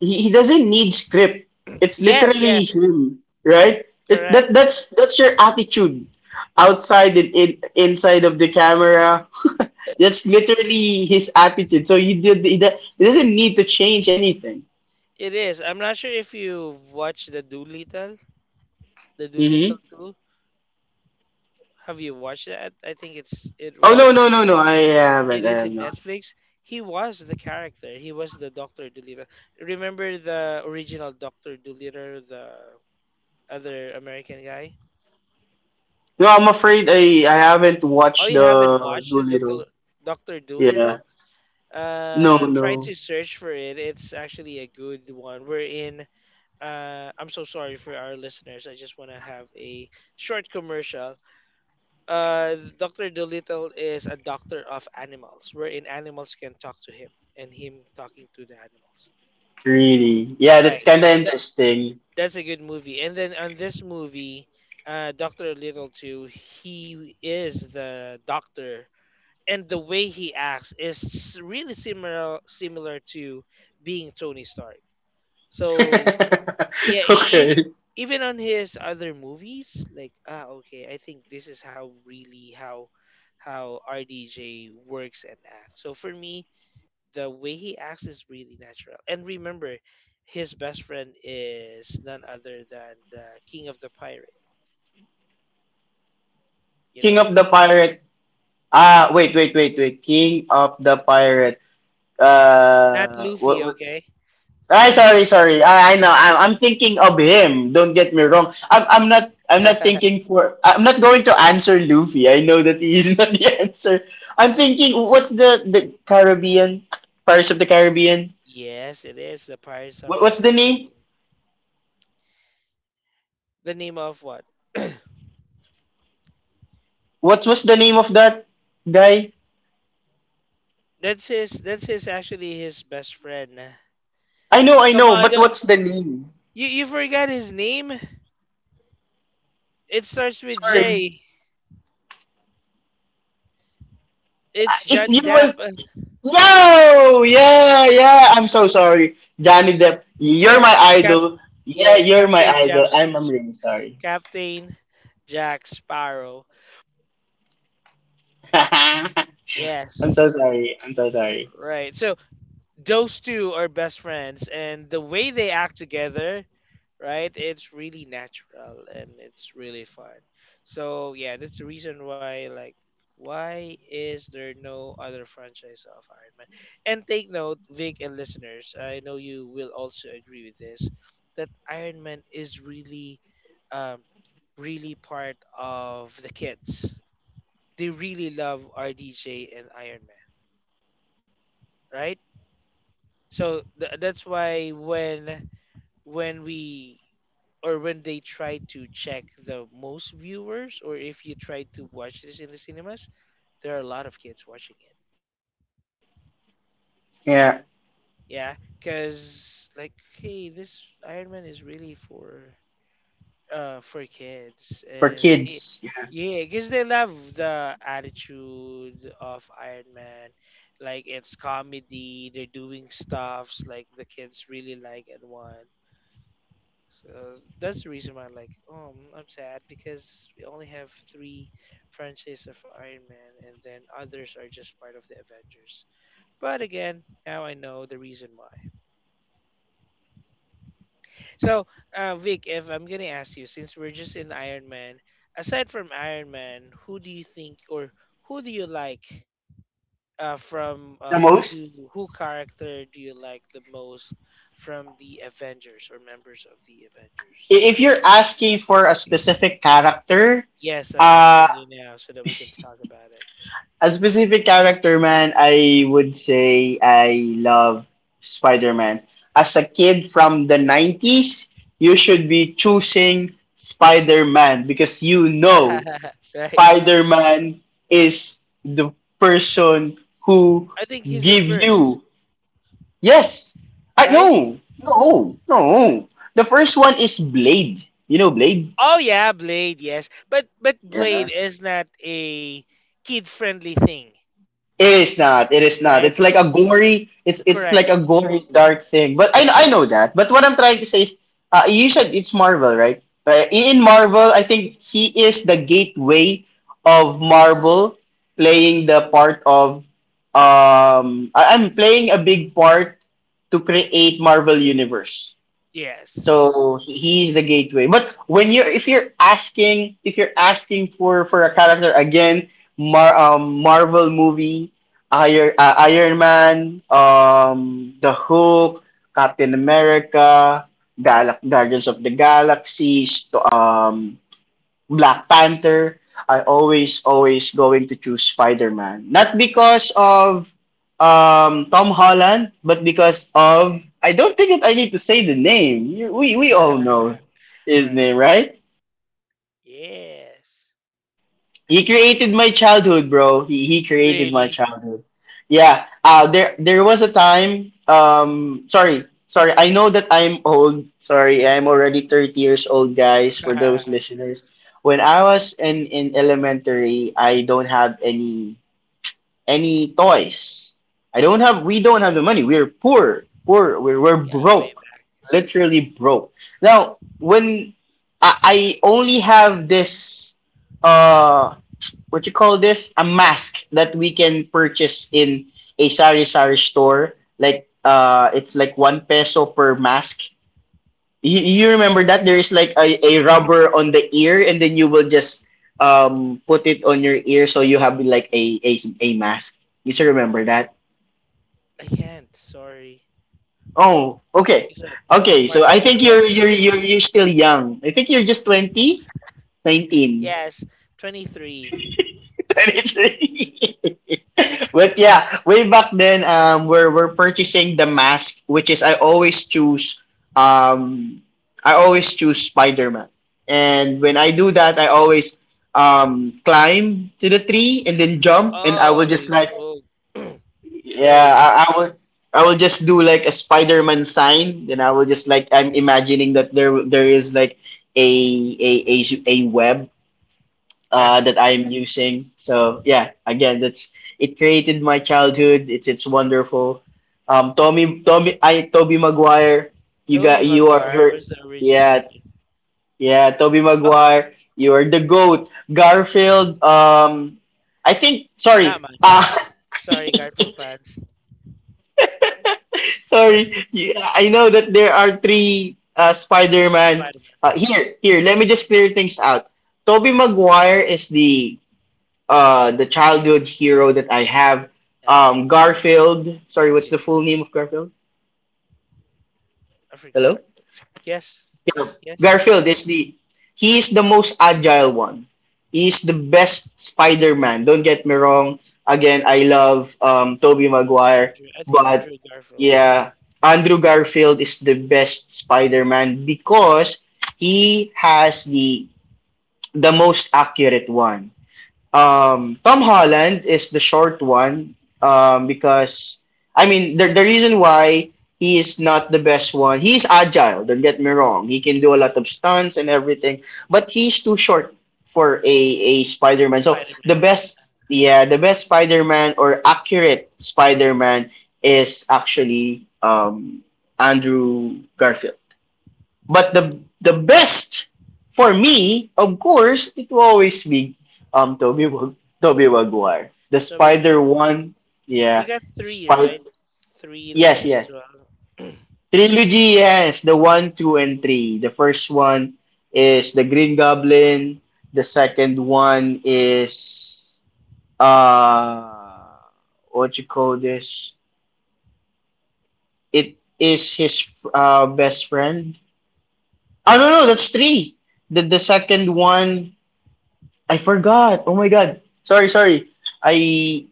[SPEAKER 2] he, he doesn't need script. It's
[SPEAKER 1] yes,
[SPEAKER 2] literally
[SPEAKER 1] yes,
[SPEAKER 2] him, right? It's that
[SPEAKER 1] correct.
[SPEAKER 2] that's That's your attitude outside and in, inside of the camera. That's literally his attitude. So you did he, do- he doesn't need to change anything.
[SPEAKER 1] It is. I'm not sure if you watched the Doolittle, the Doolittle
[SPEAKER 2] hmm
[SPEAKER 1] two. Have you watched that? I think it's it
[SPEAKER 2] Oh, no, no, no,
[SPEAKER 1] was
[SPEAKER 2] no! I
[SPEAKER 1] it
[SPEAKER 2] haven't. I
[SPEAKER 1] is
[SPEAKER 2] have
[SPEAKER 1] in
[SPEAKER 2] not.
[SPEAKER 1] Netflix. He was the character. He was the Doctor Dolittle. Remember the original Doctor Dolittle, the other American guy?
[SPEAKER 2] No, I'm afraid I I haven't
[SPEAKER 1] Oh, you
[SPEAKER 2] watched
[SPEAKER 1] haven't
[SPEAKER 2] the
[SPEAKER 1] watched the Doctor
[SPEAKER 2] Doolittle.
[SPEAKER 1] Doctor
[SPEAKER 2] Yeah.
[SPEAKER 1] Dolittle?
[SPEAKER 2] No,
[SPEAKER 1] Uh,
[SPEAKER 2] no.
[SPEAKER 1] try to search for it. It's actually a good one. We're in. Uh, I'm so sorry for our listeners. I just want to have a short commercial uh, Doctor Dolittle is a doctor of animals, wherein animals can talk to him and him talking to the animals.
[SPEAKER 2] Really? Yeah, that's
[SPEAKER 1] Right.
[SPEAKER 2] kind of
[SPEAKER 1] That
[SPEAKER 2] interesting.
[SPEAKER 1] that's a good movie. And then on this movie, uh, Doctor Little too, he is the doctor, and the way he acts is s- really similar similar to being Tony Stark. So yeah, e- e-
[SPEAKER 2] Okay.
[SPEAKER 1] even on his other movies like ah okay, I think this is how really how how RDJ works and acts. So for me the way he acts is really natural. And remember, his best friend is none other than the king of the pirate. You know
[SPEAKER 2] King
[SPEAKER 1] him?
[SPEAKER 2] of the Pirate. Ah, wait, wait, wait, wait. King of the Pirate.
[SPEAKER 1] Not
[SPEAKER 2] Uh,
[SPEAKER 1] Luffy.
[SPEAKER 2] what, what?
[SPEAKER 1] Okay.
[SPEAKER 2] Ay, sorry, sorry. I, I know. I'm, I'm thinking of him. Don't get me wrong. I'm, I'm not. I'm not thinking for. I'm not going to answer Luffy. I know that he is not the answer. I'm thinking. What's the the Caribbean? Pirates of the Caribbean.
[SPEAKER 1] Yes, it is the Pirates of
[SPEAKER 2] What,
[SPEAKER 1] the
[SPEAKER 2] what's the name?
[SPEAKER 1] Caribbean. The name of what?
[SPEAKER 2] What was the name of that guy?
[SPEAKER 1] That's his that's his actually his best friend.
[SPEAKER 2] I know, I
[SPEAKER 1] Come
[SPEAKER 2] know.
[SPEAKER 1] on,
[SPEAKER 2] But
[SPEAKER 1] don't,
[SPEAKER 2] what's the name?
[SPEAKER 1] you you forgot his name. It starts with
[SPEAKER 2] Sorry.
[SPEAKER 1] J. It's
[SPEAKER 2] Ah, if
[SPEAKER 1] Johnny
[SPEAKER 2] you
[SPEAKER 1] Depp.
[SPEAKER 2] will.
[SPEAKER 1] Uh,
[SPEAKER 2] Yo, yeah, yeah. I'm so sorry, Johnny Depp. You're my
[SPEAKER 1] Yes, Cap.
[SPEAKER 2] idol. Yeah,
[SPEAKER 1] Yeah,
[SPEAKER 2] you're my
[SPEAKER 1] Captain Jack.
[SPEAKER 2] idol. I'm, I'm really sorry.
[SPEAKER 1] Captain Jack Sparrow. Yes,
[SPEAKER 2] I'm so sorry. I'm so sorry.
[SPEAKER 1] right. So those two are best friends and the way they act together, right, it's really natural and it's really fun. So yeah, that's the reason why like why is there no other franchise of Iron Man. And take note, Vic and listeners, I know you will also agree with this, that Iron Man is really um really part of the kids. They really love RDJ and Iron Man, right? So th- that's why when when we or when they try to check the most viewers or if you try to watch this in the cinemas, there are a lot of kids watching it.
[SPEAKER 2] Yeah,
[SPEAKER 1] Yeah, because like hey, this Iron Man is really for uh for kids,
[SPEAKER 2] for
[SPEAKER 1] and it
[SPEAKER 2] kids, yeah.
[SPEAKER 1] yeah because they love the attitude of Iron Man, like it's comedy, they're doing stuffs like the kids really like and want. So that's the reason why, like, oh, I'm I'm sad because we only have three franchises of Iron Man, and then others are just part of the Avengers. But again, now I know the reason why. So, uh, Vic, if I'm gonna ask you, since we're just in Iron Man, aside from Iron Man, who do you think or who do you like? Uh, from
[SPEAKER 2] The
[SPEAKER 1] uh, who
[SPEAKER 2] most.
[SPEAKER 1] do who character do you like the most from the Avengers or members of the
[SPEAKER 2] i-
[SPEAKER 1] Avengers?
[SPEAKER 2] If you're asking for a specific character,
[SPEAKER 1] Yes, I'm
[SPEAKER 2] uh,
[SPEAKER 1] asking you now so that we can talk about
[SPEAKER 2] a specific character, man, I would say I love Spider-Man. As a kid from the nineties, you should be choosing Spider-Man because you know
[SPEAKER 1] it. Right.
[SPEAKER 2] Spider-Man is the person who
[SPEAKER 1] I think he's the
[SPEAKER 2] give
[SPEAKER 1] first,
[SPEAKER 2] you. Yes. I
[SPEAKER 1] right?
[SPEAKER 2] no. No. No. The first one is Blade. You know Blade?
[SPEAKER 1] Oh yeah, Blade, yes. But but Blade
[SPEAKER 2] Yeah.
[SPEAKER 1] is not a kid-friendly thing,
[SPEAKER 2] It is not. It is not.
[SPEAKER 1] right?
[SPEAKER 2] It's like a gory. It's it's
[SPEAKER 1] Correct.
[SPEAKER 2] like a gory dark thing. But I I know that. But what I'm trying to say is, uh, you said it's Marvel, right? Uh, in Marvel, I think he is the gateway of Marvel, playing the part of um. I, I'm playing a big part to create Marvel universe.
[SPEAKER 1] Yes.
[SPEAKER 2] So he, he's the gateway. But when you're if you're asking if you're asking for for a character again, Mar um Marvel movie, uh, Iron uh, Iron Man, um The Hulk, Captain America, Gal- Guardians of the Galaxy, st- um Black Panther, I always, always going to choose Spider Man. Not because of um, Tom Holland, but because of I don't think that I need to say the name. We we all know his
[SPEAKER 1] Right.
[SPEAKER 2] name, right?
[SPEAKER 1] Yes.
[SPEAKER 2] He created my childhood, bro. He he created my
[SPEAKER 1] Really?
[SPEAKER 2] childhood. Yeah. Uh, there there was a time um sorry, sorry. I know that I'm old. Sorry. I'm already thirty years old, guys, for
[SPEAKER 1] Yeah,
[SPEAKER 2] those listeners. When I was in in elementary, I don't have any any toys. I don't have we don't have the money. We're poor. Poor. We're, we're
[SPEAKER 1] way
[SPEAKER 2] broke.
[SPEAKER 1] back.
[SPEAKER 2] Literally broke. Now, when I, I only have this uh what you call this, a mask that we can purchase in a sari sari store like uh it's like one peso per mask. You, you remember that there is like a, a rubber on the ear and then you will just um put it on your ear, so you have like a a, a mask. You still remember that?
[SPEAKER 1] I can't. Sorry.
[SPEAKER 2] Oh, okay.
[SPEAKER 1] Cuz I'm, I'm
[SPEAKER 2] Okay, so
[SPEAKER 1] part
[SPEAKER 2] I
[SPEAKER 1] of the
[SPEAKER 2] think
[SPEAKER 1] Gen
[SPEAKER 2] you're you're
[SPEAKER 1] Z.
[SPEAKER 2] you're, you're still young. I think you're just twenty nineteen.
[SPEAKER 1] Yes, twenty-three.
[SPEAKER 2] twenty-three. But yeah, way back then, um, we're we're purchasing the mask, which is I always choose, um, I always choose Spider Man, and when I do that, I always um climb to the tree and then jump, and I will
[SPEAKER 1] Holy
[SPEAKER 2] just like
[SPEAKER 1] smoke.
[SPEAKER 2] yeah,
[SPEAKER 1] Right.
[SPEAKER 2] I, I will. I will just do like a Spider-Man sign, then I will just like I'm imagining that there there is like a a a, a web uh, that I am using. So yeah, again, that's it created my childhood. It's it's wonderful. Um, Tommy Tommy I Toby Maguire, you
[SPEAKER 1] Toby
[SPEAKER 2] got you are
[SPEAKER 1] Maguire
[SPEAKER 2] you're
[SPEAKER 1] was the original.
[SPEAKER 2] yeah. Yeah, Toby
[SPEAKER 1] Oh,
[SPEAKER 2] Maguire, you are the goat. Garfield, um, I think
[SPEAKER 1] not
[SPEAKER 2] sorry
[SPEAKER 1] much.
[SPEAKER 2] uh,
[SPEAKER 1] Sorry, Garfield fans.
[SPEAKER 2] sorry you, I know that there are three uh, Spider Man.
[SPEAKER 1] Spider Man.
[SPEAKER 2] Uh, here here let me just clear things out. Toby Maguire is the uh the childhood hero that I have.
[SPEAKER 1] Uh-huh.
[SPEAKER 2] Um Garfield.
[SPEAKER 1] Me
[SPEAKER 2] Sorry, what's
[SPEAKER 1] too.
[SPEAKER 2] the full name of Garfield?
[SPEAKER 1] I
[SPEAKER 2] Hello?
[SPEAKER 1] forgot. Yes.
[SPEAKER 2] Yeah.
[SPEAKER 1] Yes.
[SPEAKER 2] Garfield is the he is the most agile one. He is the best Spider-Man. Don't get me wrong. Again, I love um Tobey Maguire,
[SPEAKER 1] Andrew. I think
[SPEAKER 2] but
[SPEAKER 1] Andrew Garfield. Mm.
[SPEAKER 2] yeah, Andrew Garfield is the best Spider-Man because he has the the most accurate one. Um, Tom Holland is the short one um, because I mean the the reason why he is not the best one. He's agile. Don't get me wrong. He can do a lot of stunts and everything, but he's too short for a a Spider Man. So
[SPEAKER 1] Spider
[SPEAKER 2] the
[SPEAKER 1] Man.
[SPEAKER 2] best,
[SPEAKER 1] Uh,
[SPEAKER 2] yeah, the best Spider Man or accurate Spider Man is actually um, Andrew Garfield. But the the best for me, of course, it will always be um Toby Wa- Toby Maguire. The
[SPEAKER 1] Toby
[SPEAKER 2] Spider
[SPEAKER 1] Maguire.
[SPEAKER 2] one,
[SPEAKER 1] He
[SPEAKER 2] yeah.
[SPEAKER 1] got three,
[SPEAKER 2] Spider
[SPEAKER 1] right? Three
[SPEAKER 2] yes,
[SPEAKER 1] legit as
[SPEAKER 2] yes.
[SPEAKER 1] well.
[SPEAKER 2] Trilogy, yes, the one, two, and three. The first one is the Green Goblin. The second one is uh what you call this? It is his uh best friend. I don't know that's three. The the second one I forgot. Oh my god. Sorry, sorry. I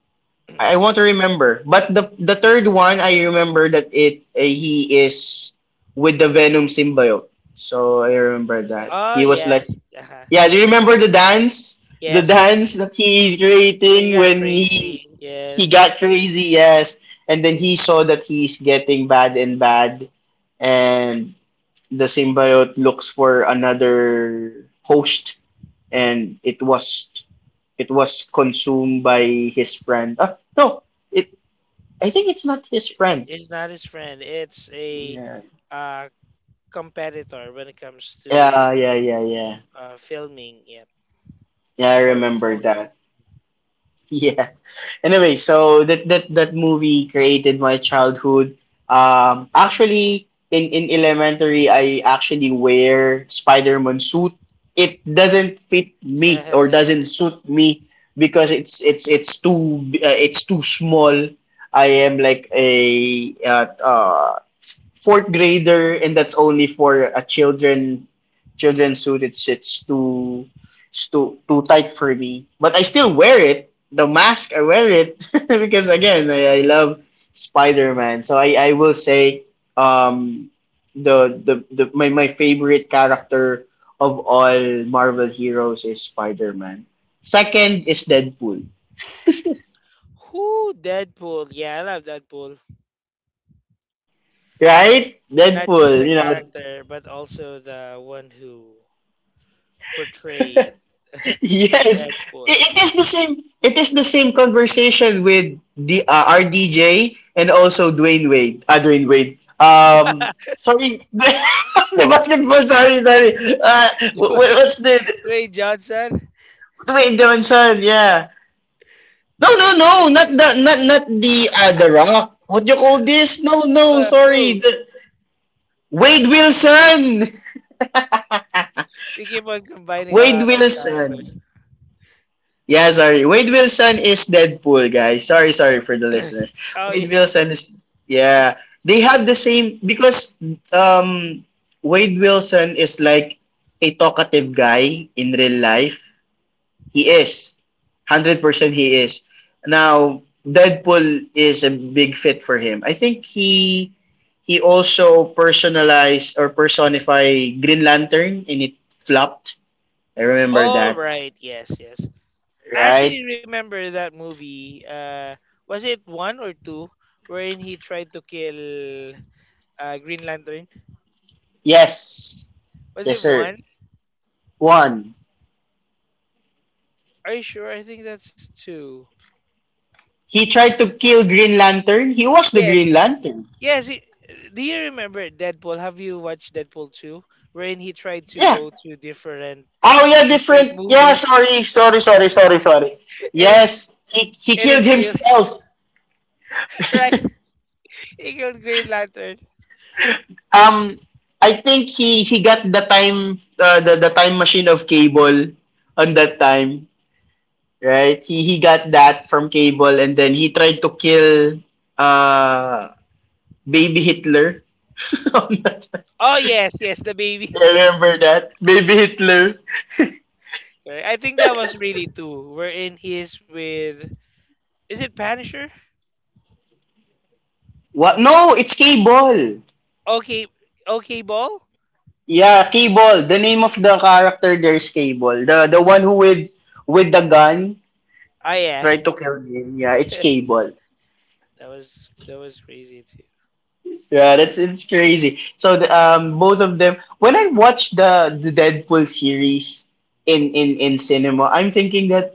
[SPEAKER 2] I want to remember. But the the third one, I remember that it uh, he is with the Venom symbiote. So I remember that
[SPEAKER 1] Oh,
[SPEAKER 2] he was like,
[SPEAKER 1] yes. Uh-huh.
[SPEAKER 2] yeah. Do you remember the dance? The
[SPEAKER 1] Yes.
[SPEAKER 2] dance that he's
[SPEAKER 1] He
[SPEAKER 2] creating
[SPEAKER 1] got
[SPEAKER 2] when
[SPEAKER 1] crazy.
[SPEAKER 2] he he
[SPEAKER 1] Yes.
[SPEAKER 2] got crazy, yes. And then he saw that he's getting bad and bad, and the symbiote looks for another host, and it was it was consumed by his friend. Ah, no, it. I think it's not his
[SPEAKER 1] I-
[SPEAKER 2] friend.
[SPEAKER 1] It's not his friend. It's a
[SPEAKER 2] Yeah.
[SPEAKER 1] uh, competitor when it comes to
[SPEAKER 2] Yeah, yeah, yeah, yeah.
[SPEAKER 1] uh, filming it
[SPEAKER 2] Yeah, I
[SPEAKER 1] or
[SPEAKER 2] remember
[SPEAKER 1] photo.
[SPEAKER 2] that. Yeah. Anyway, so that that that movie created my childhood. Um, actually, in in elementary, I actually wear Spider-Man suit. It doesn't fit me or doesn't suit me because it's it's it's too uh, it's too small. I am like a uh, uh fourth grader, and that's only for a children children suit. It's it's too it's too too tight for me. But I still wear it. The mask, I wear it because again, I, I love Spider Man. So I, I will say um the the, the my, my favorite character of all Marvel heroes is Spider Man. Second is Deadpool.
[SPEAKER 1] Who Deadpool? Yeah, I love Deadpool.
[SPEAKER 2] Right?
[SPEAKER 1] Not just
[SPEAKER 2] Deadpool,
[SPEAKER 1] the
[SPEAKER 2] you know,
[SPEAKER 1] character, but also the one who portrayed
[SPEAKER 2] yes, it,
[SPEAKER 1] Deadpool.
[SPEAKER 2] it is the same. It is the same conversation with the uh, R D J and also Dwayne Wade. Ah, Dwayne Wade. Um, sorry, the basketball. Sorry, sorry. Uh, wh- wh-
[SPEAKER 1] Dwayne,
[SPEAKER 2] what's the
[SPEAKER 1] Dwayne Johnson.
[SPEAKER 2] Dwayne Johnson? Yeah. No, no, no.
[SPEAKER 1] It's
[SPEAKER 2] Not the not not the uh, the Rock. What do you call this? No, no.
[SPEAKER 1] uh, who
[SPEAKER 2] Sorry, the Wade Wilson.
[SPEAKER 1] we keep on
[SPEAKER 2] Wade
[SPEAKER 1] combining a lot of
[SPEAKER 2] Wilson.
[SPEAKER 1] characters.
[SPEAKER 2] Yeah, sorry. Wade Wilson is Deadpool, guys. Sorry, sorry for the listeners.
[SPEAKER 1] Oh
[SPEAKER 2] Wade
[SPEAKER 1] yeah.
[SPEAKER 2] Wilson is yeah. They have the same because um Wade Wilson is like a talkative guy in real life. He is. one hundred percent he is. Now, Deadpool is a big fit for him. I think he he also personalized or personified Green Lantern and it flopped. I remember
[SPEAKER 1] All
[SPEAKER 2] that,
[SPEAKER 1] right. Yes. Yes. I actually
[SPEAKER 2] right?
[SPEAKER 1] remember that movie. Uh, was it one or two? Wherein he tried to kill uh, Green Lantern.
[SPEAKER 2] Yes.
[SPEAKER 1] Was
[SPEAKER 2] Yes,
[SPEAKER 1] it
[SPEAKER 2] sir.
[SPEAKER 1] one?
[SPEAKER 2] One.
[SPEAKER 1] Are you sure? I think that's two.
[SPEAKER 2] He tried to kill Green Lantern. He was the
[SPEAKER 1] Yes.
[SPEAKER 2] Green Lantern.
[SPEAKER 1] Yes. It, do you remember Deadpool? Have you watched Deadpool two? Wherein he tried to
[SPEAKER 2] Yeah.
[SPEAKER 1] go to different
[SPEAKER 2] Oh yeah,
[SPEAKER 1] different
[SPEAKER 2] different. Yeah,
[SPEAKER 1] movies
[SPEAKER 2] sorry, sorry, sorry, sorry, sorry.
[SPEAKER 1] and it
[SPEAKER 2] Yes,
[SPEAKER 1] and
[SPEAKER 2] he
[SPEAKER 1] he
[SPEAKER 2] he
[SPEAKER 1] killed
[SPEAKER 2] killed himself.
[SPEAKER 1] right. He killed Green Lantern.
[SPEAKER 2] um, I think he he got the time uh, the the time machine of Cable on that time, right? He he got that from Cable, and then he tried to kill uh baby Hitler. On that time.
[SPEAKER 1] Oh yes, yes, the baby.
[SPEAKER 2] I remember that baby Hitler.
[SPEAKER 1] Sorry, I think that was really two. Wherein he is with is it Punisher?
[SPEAKER 2] What? No, it's Cable.
[SPEAKER 1] Okay, okay ball?
[SPEAKER 2] Yeah, Cable. The name of the character there is Cable. The the one who with with the gun
[SPEAKER 1] Oh yeah.
[SPEAKER 2] tried to kill him. Yeah, it's Cable.
[SPEAKER 1] That was that was crazy too.
[SPEAKER 2] Yeah, that's it's crazy. So the, um, both of them. When I watched the the Deadpool series in in in cinema, I'm thinking that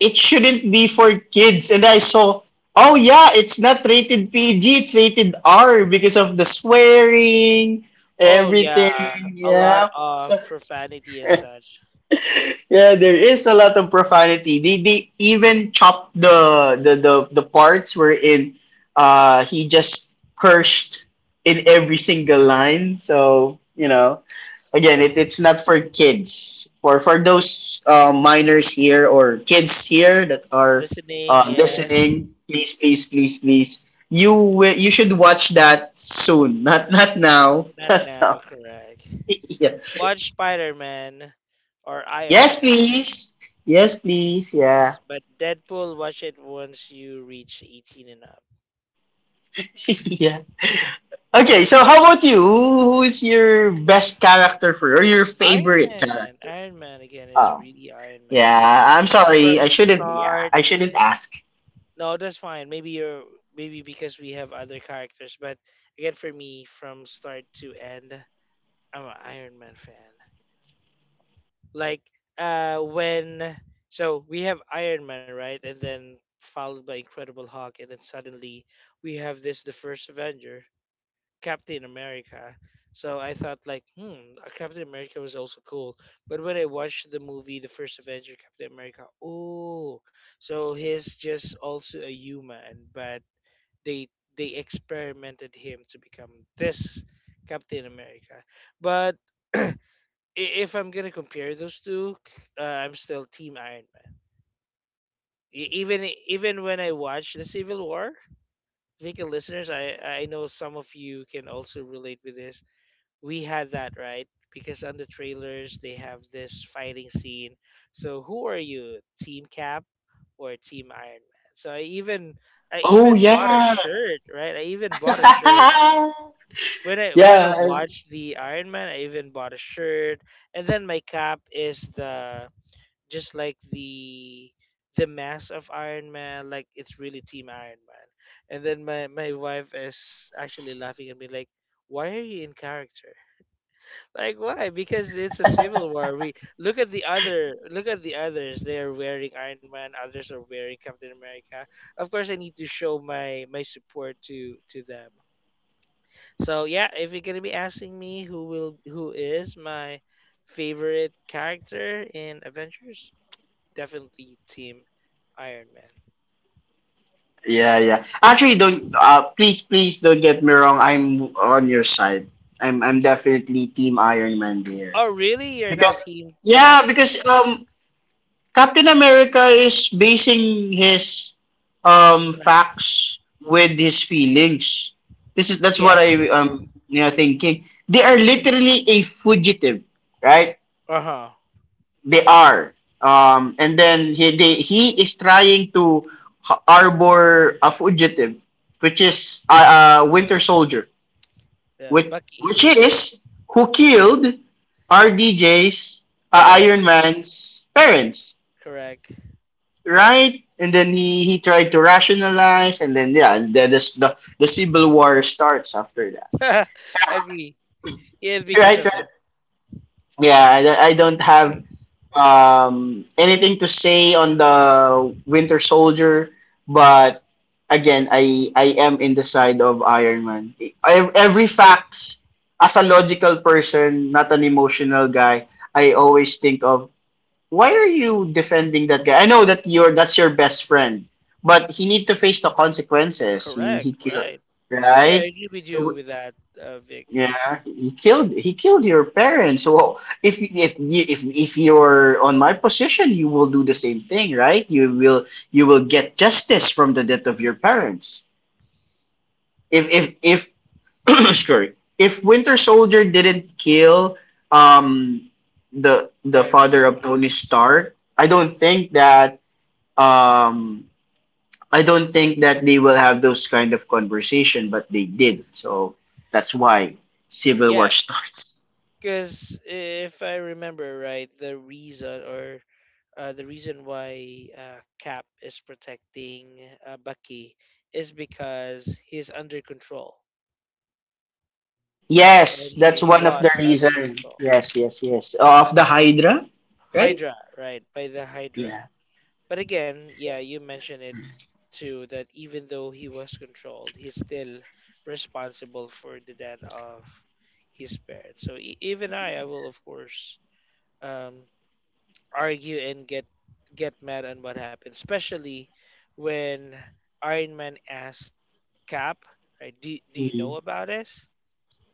[SPEAKER 2] it shouldn't be for kids, and I saw. Oh yeah, it's not rated P G, it's rated R because of the swearing,
[SPEAKER 1] Oh
[SPEAKER 2] everything.
[SPEAKER 1] yeah, a lot
[SPEAKER 2] Yeah.
[SPEAKER 1] of
[SPEAKER 2] So
[SPEAKER 1] profanity and such.
[SPEAKER 2] yeah, there is a lot of profanity. They they even chop the the the, the parts wherein uh he just cursed in every single line. So, you know, again, it, it's not for kids. For for those uh, minors here or kids here that are
[SPEAKER 1] Listening,
[SPEAKER 2] uh,
[SPEAKER 1] yes.
[SPEAKER 2] listening, please please please please you will, you should watch that soon. Not not now.
[SPEAKER 1] Not
[SPEAKER 2] Not
[SPEAKER 1] now,
[SPEAKER 2] now.
[SPEAKER 1] correct.
[SPEAKER 2] Yeah.
[SPEAKER 1] Watch Spider-Man or Iron
[SPEAKER 2] Yes,
[SPEAKER 1] Man.
[SPEAKER 2] please. Yes, please. Yeah.
[SPEAKER 1] Yes, but Deadpool, watch it once you reach eighteen and up.
[SPEAKER 2] Yeah. Okay, so how about you? Who, who is your best character for or your
[SPEAKER 1] Iron
[SPEAKER 2] favorite
[SPEAKER 1] Man,
[SPEAKER 2] character?
[SPEAKER 1] Iron Man again is
[SPEAKER 2] Oh,
[SPEAKER 1] really Iron Man from
[SPEAKER 2] yeah. I'm sorry.
[SPEAKER 1] from
[SPEAKER 2] I shouldn't. Yeah,
[SPEAKER 1] start.
[SPEAKER 2] I shouldn't ask.
[SPEAKER 1] No, that's fine. Maybe you're maybe because we have other characters, but again for me from start to end, I'm an Iron Man fan. Like uh when so we have Iron Man right and then followed by Incredible Hulk and then suddenly we have this the first Avenger Captain America. So I thought like hmm uh, Captain America was also cool, but when I watched the movie the first Avenger Captain America, oh so he's just also a human but they they experimented him to become this Captain America. But I- if I'm gonna compare those two, uh, I'm still Team Iron Man. E- Even even when I watch the Civil War, Vika listeners, I I know some of you can also relate with this. We had that right because on the trailers they have this fighting scene. So who are you, Team Cap or Team Iron Man? So I even I
[SPEAKER 2] Oh
[SPEAKER 1] even bought a
[SPEAKER 2] yeah.
[SPEAKER 1] shirt, right? I even bought a shirt
[SPEAKER 2] yeah.
[SPEAKER 1] when I when I
[SPEAKER 2] I-
[SPEAKER 1] watched the Iron Man. I even bought a shirt, and then my cap is the just like the the mass of Iron Man, like it's really Team Iron Man. And then my my wife is actually laughing at me like, why are you in character? Like why? Because it's a civil war. We look at the other look at the others. They are wearing Iron Man, others are wearing Captain America. Of course I need to show my my support to to them. So yeah, if you're gonna be asking me who will who is my favorite character in Avengers, definitely Team Iron Man.
[SPEAKER 2] Yeah, yeah. Actually, don't. Uh, please, please don't get me wrong. I'm on your side. I'm, I'm definitely Team Iron Man there
[SPEAKER 1] Oh, really? You're not
[SPEAKER 2] because
[SPEAKER 1] Team Cap?
[SPEAKER 2] yeah, because um, Captain America is basing his um
[SPEAKER 1] Strength.
[SPEAKER 2] facts with his feelings. This is that's what I
[SPEAKER 1] Yes.
[SPEAKER 2] um you know thinking. They are literally a fugitive, right?
[SPEAKER 1] Uh huh.
[SPEAKER 2] They are. Um and then he they, he is trying to h- harbor a fugitive, which is a, a Winter Soldier,
[SPEAKER 1] Yeah,
[SPEAKER 2] which
[SPEAKER 1] Bucky.
[SPEAKER 2] which is who
[SPEAKER 1] Yeah.
[SPEAKER 2] killed R D J's uh, Iron
[SPEAKER 1] Parents.
[SPEAKER 2] Man's parents
[SPEAKER 1] Correct.
[SPEAKER 2] right? And then he he tried to rationalize, and then yeah, and then this, the the civil war starts after that,
[SPEAKER 1] Agree. Yeah, because
[SPEAKER 2] right?
[SPEAKER 1] of
[SPEAKER 2] Right.
[SPEAKER 1] that.
[SPEAKER 2] Yeah, I, don't- I don't have um anything to say on the Winter Soldier, but again, I I am in the side of Iron Man. I, every facts as a logical person, not an emotional guy. I always think of why are you defending that guy? I know that you're that's your best friend, but he need to face the consequences. He
[SPEAKER 1] Correct.
[SPEAKER 2] he killed
[SPEAKER 1] Right. Yeah, I
[SPEAKER 2] right.
[SPEAKER 1] agree with you with that, uh, Vic.
[SPEAKER 2] Yeah, he killed he killed your parents. So if if if if you're on my position, you will do the same thing, right? You will you will get justice from the death of your parents. If if if sorry, if Winter Soldier didn't kill um the the
[SPEAKER 1] Iron Man's
[SPEAKER 2] father of Tony
[SPEAKER 1] parents.
[SPEAKER 2] Stark, I don't
[SPEAKER 1] Hmm.
[SPEAKER 2] think that um I don't think that they will have those kind of conversation, but they did. So that's why civil
[SPEAKER 1] Yeah,
[SPEAKER 2] war starts.
[SPEAKER 1] because if I remember right, the reason or uh, the reason why uh, Cap is protecting uh, Bucky is because he's under control,
[SPEAKER 2] Yes,
[SPEAKER 1] right?
[SPEAKER 2] that's
[SPEAKER 1] He he
[SPEAKER 2] one of the
[SPEAKER 1] was under
[SPEAKER 2] reasons.
[SPEAKER 1] control.
[SPEAKER 2] Yes, yes, yes. Oh, of the Hydra, right?
[SPEAKER 1] Hydra, right? By the
[SPEAKER 2] Yeah.
[SPEAKER 1] Hydra. But again, yeah, you mentioned it too that even though he was controlled, he's still responsible for the death of his parents. So e- even I, I will of course um, argue and get get mad on what happened, especially when Iron Man asked Cap, right? Do, do you know
[SPEAKER 2] Mhm.
[SPEAKER 1] about this?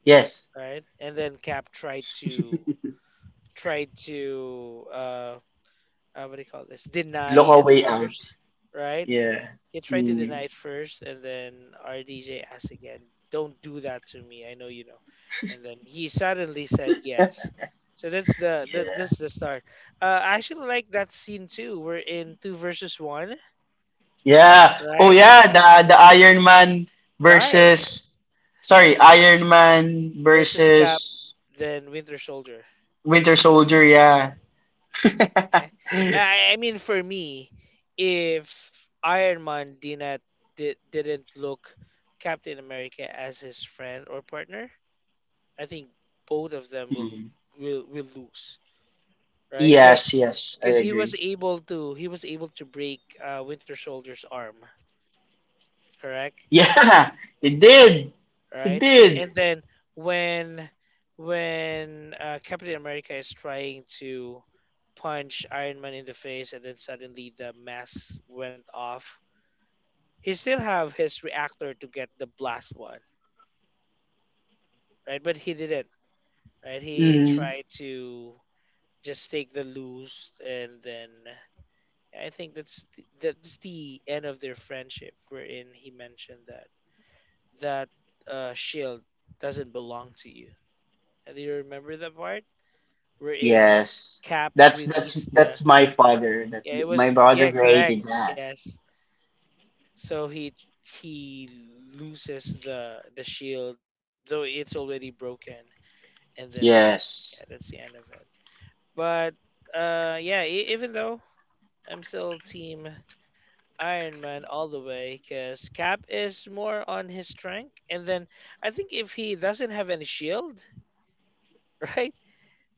[SPEAKER 2] Yes.
[SPEAKER 1] Right? And then Cap tried to tried to uh, uh what do you call this?
[SPEAKER 2] Look
[SPEAKER 1] Deny
[SPEAKER 2] a
[SPEAKER 1] at
[SPEAKER 2] way
[SPEAKER 1] first,
[SPEAKER 2] out.
[SPEAKER 1] right?
[SPEAKER 2] Yeah.
[SPEAKER 1] He tried to
[SPEAKER 2] Mm.
[SPEAKER 1] deny it first, and then our D J asked again, "Don't do that to me. I know you know." And then he suddenly said yes. So that's the that, that's the start. Uh, I actually like that scene too. We're in two versus one,
[SPEAKER 2] Yeah. Oh
[SPEAKER 1] right?
[SPEAKER 2] yeah, the the Iron Man
[SPEAKER 1] Right.
[SPEAKER 2] versus sorry, Iron Man
[SPEAKER 1] Versus Cap,
[SPEAKER 2] versus
[SPEAKER 1] then Winter Soldier.
[SPEAKER 2] Winter Soldier, yeah.
[SPEAKER 1] Yeah. I, I mean, for me, if Iron Man did not did, didn't look Captain America as his friend or partner, I think both of them will
[SPEAKER 2] Mm.
[SPEAKER 1] will will lose, right? Because
[SPEAKER 2] Yes, yes, I
[SPEAKER 1] because he was
[SPEAKER 2] agree.
[SPEAKER 1] able to he was able to break uh, Winter Soldier's arm, correct?
[SPEAKER 2] Yeah, it did. It
[SPEAKER 1] Right?
[SPEAKER 2] did.
[SPEAKER 1] And then when when uh, Captain America is trying to punch Iron Man in the face, and then suddenly the mask went off. He still have his reactor to get the blast one, right? But he didn't, right? He
[SPEAKER 2] Mm.
[SPEAKER 1] tried to just take the loose and then I think that's th- that's the end of their friendship, wherein he mentioned that that uh, shield doesn't belong to you. And do you remember that part? Wherein
[SPEAKER 2] Yes.
[SPEAKER 1] Cap
[SPEAKER 2] That's that's
[SPEAKER 1] released the
[SPEAKER 2] that's my father. That
[SPEAKER 1] yeah, it
[SPEAKER 2] my
[SPEAKER 1] was
[SPEAKER 2] brother
[SPEAKER 1] yeah, correct,
[SPEAKER 2] created that.
[SPEAKER 1] yes. So he he loses the the shield, though it's already broken, and then
[SPEAKER 2] Yes.
[SPEAKER 1] yeah, that's the end of it. But uh, yeah, e- even though I'm still team Iron Man all the way because Cap is more on his strength. And then I think if he doesn't have any shield, right,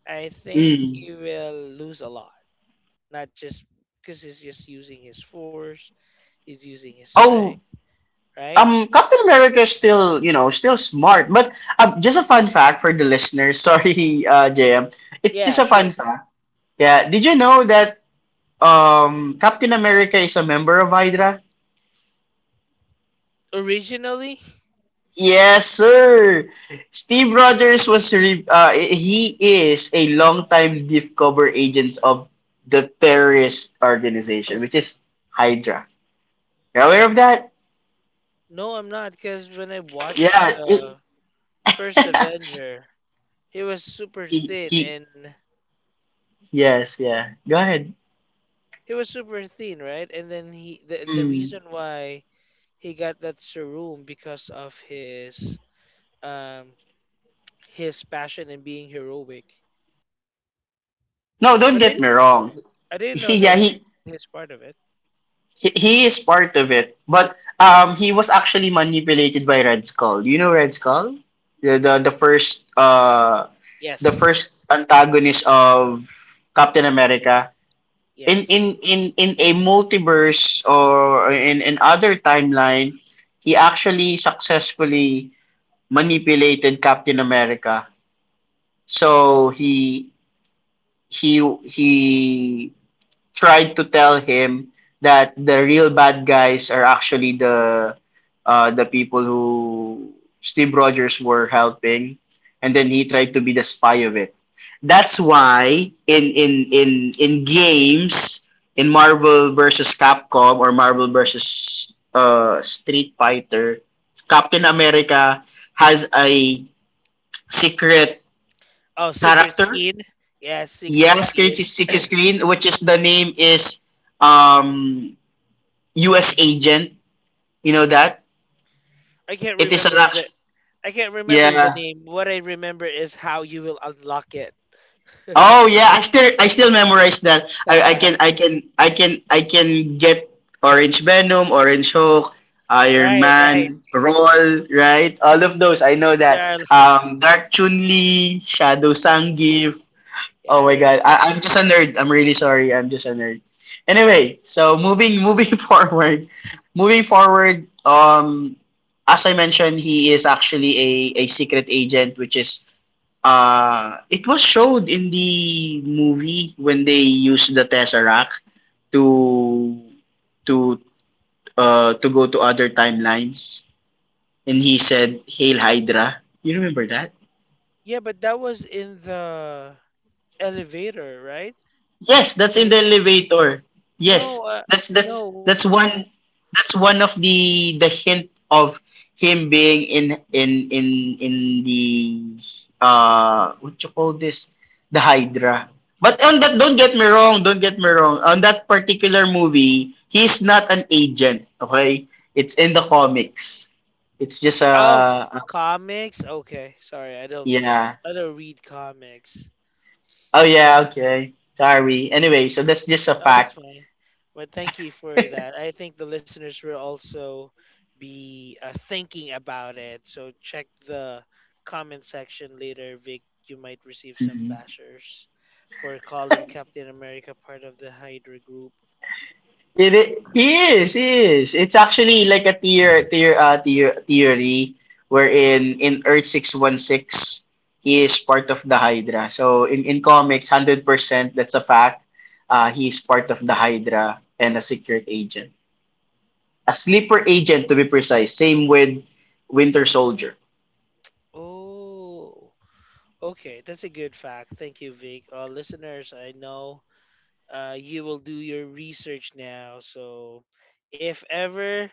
[SPEAKER 1] I think
[SPEAKER 2] Mm.
[SPEAKER 1] he will lose a lot. Not just because he's just using his force, he's using his strength,
[SPEAKER 2] Oh,
[SPEAKER 1] right?
[SPEAKER 2] um, Captain America is still, you know, still smart. But um, just a fun fact for the listeners. Sorry, uh, J M. It's
[SPEAKER 1] Yeah,
[SPEAKER 2] just a
[SPEAKER 1] sure.
[SPEAKER 2] fun fact. Yeah. Did you know that um Captain America is a member of Hydra?
[SPEAKER 1] Originally,
[SPEAKER 2] Yes, sir. Steve Rogers was re- uh, he is a longtime diff cover agent of the terrorist organization, which is Hydra. You're aware of that?
[SPEAKER 1] no, I'm not because when I watched
[SPEAKER 2] Yeah, it-
[SPEAKER 1] the first Avenger, he was super
[SPEAKER 2] he
[SPEAKER 1] thin
[SPEAKER 2] he.
[SPEAKER 1] and
[SPEAKER 2] Yes. Yeah. Go ahead.
[SPEAKER 1] he was super thin, right? And then he the, the reason
[SPEAKER 2] Mm.
[SPEAKER 1] why he got that serum because of his um his passion and being heroic.
[SPEAKER 2] No, don't
[SPEAKER 1] But I
[SPEAKER 2] get me
[SPEAKER 1] didn't
[SPEAKER 2] wrong.
[SPEAKER 1] I didn't
[SPEAKER 2] He,
[SPEAKER 1] know
[SPEAKER 2] yeah,
[SPEAKER 1] that he's
[SPEAKER 2] he,
[SPEAKER 1] part of it.
[SPEAKER 2] he he is part of it, but um, he was actually manipulated by Red Skull. Do you know Red Skull? The the, the first uh the first
[SPEAKER 1] Yes.
[SPEAKER 2] antagonist of Captain America in in
[SPEAKER 1] Yes.
[SPEAKER 2] in in a multiverse or in in other timeline he actually successfully manipulated Captain America so he he he tried to tell him that the real bad guys are actually the uh, the people who Steve Rogers were helping, and then he tried to be the spy of it. That's why in in in in games in Marvel versus Capcom or Marvel versus uh, Street Fighter, Captain America has a secret
[SPEAKER 1] Oh, secret
[SPEAKER 2] character.
[SPEAKER 1] skin. Yes, secret
[SPEAKER 2] Yes, creates a
[SPEAKER 1] skin.
[SPEAKER 2] secret screen, which is the name is um U S agent. You know that
[SPEAKER 1] I can't
[SPEAKER 2] it is an
[SPEAKER 1] remember the
[SPEAKER 2] action.
[SPEAKER 1] I can't remember the
[SPEAKER 2] Yeah.
[SPEAKER 1] name. What I remember is how you will unlock it.
[SPEAKER 2] Oh yeah, I still I still memorize that. I, I
[SPEAKER 1] right,
[SPEAKER 2] can I can I can I can get Orange Venom, Orange Hulk, Iron
[SPEAKER 1] right.
[SPEAKER 2] Man, Roll, right? All of those I know that.
[SPEAKER 1] There are,
[SPEAKER 2] Um, Dark Chun Li, Shadow Sangief,
[SPEAKER 1] yeah,
[SPEAKER 2] oh
[SPEAKER 1] I
[SPEAKER 2] my god,
[SPEAKER 1] remember
[SPEAKER 2] I, I'm just
[SPEAKER 1] those
[SPEAKER 2] a nerd.
[SPEAKER 1] games.
[SPEAKER 2] I'm really sorry. I'm just a nerd. Anyway, so moving moving forward, moving forward. Um, as I mentioned, he is actually a a secret agent, which is uh, it was showed in the movie when they used the tesseract to to uh to go to other timelines, and he said "Hail Hydra." You remember that?
[SPEAKER 1] Yeah, but that was in the elevator, right?
[SPEAKER 2] Yes, that's in
[SPEAKER 1] Ele-
[SPEAKER 2] the elevator. Yes,
[SPEAKER 1] no, uh,
[SPEAKER 2] that's that's
[SPEAKER 1] no.
[SPEAKER 2] that's one that's one of the the hint of him being in in in in the uh what you call this the Hydra. But on that, don't get me wrong. Don't get me wrong. On that particular movie, he's not an agent. Okay, it's in the comics. It's just
[SPEAKER 1] Oh,
[SPEAKER 2] a, a
[SPEAKER 1] comics. Okay, sorry, I don't,
[SPEAKER 2] yeah.
[SPEAKER 1] I don't read comics.
[SPEAKER 2] Oh yeah. Okay. Sorry. Anyway, so that's just a
[SPEAKER 1] No, that's
[SPEAKER 2] fact.
[SPEAKER 1] fine. But thank you for that. I think the listeners will also be uh, thinking about it. So check the comment section later, Vic. You might receive some
[SPEAKER 2] Mm-hmm.
[SPEAKER 1] bashers for calling Captain America part of the Hydra group.
[SPEAKER 2] It, it is, is. It's actually like a tier tier uh tier theory wherein in Earth six one six he is part of the Hydra. So in in comics one hundred percent that's a fact. Uh he's part of the Hydra and a secret agent. A sleeper agent to be precise. Same with Winter Soldier.
[SPEAKER 1] Oh, okay, that's a good fact. Thank you, Vic. Uh, listeners, I know uh, you will do your research now. So if ever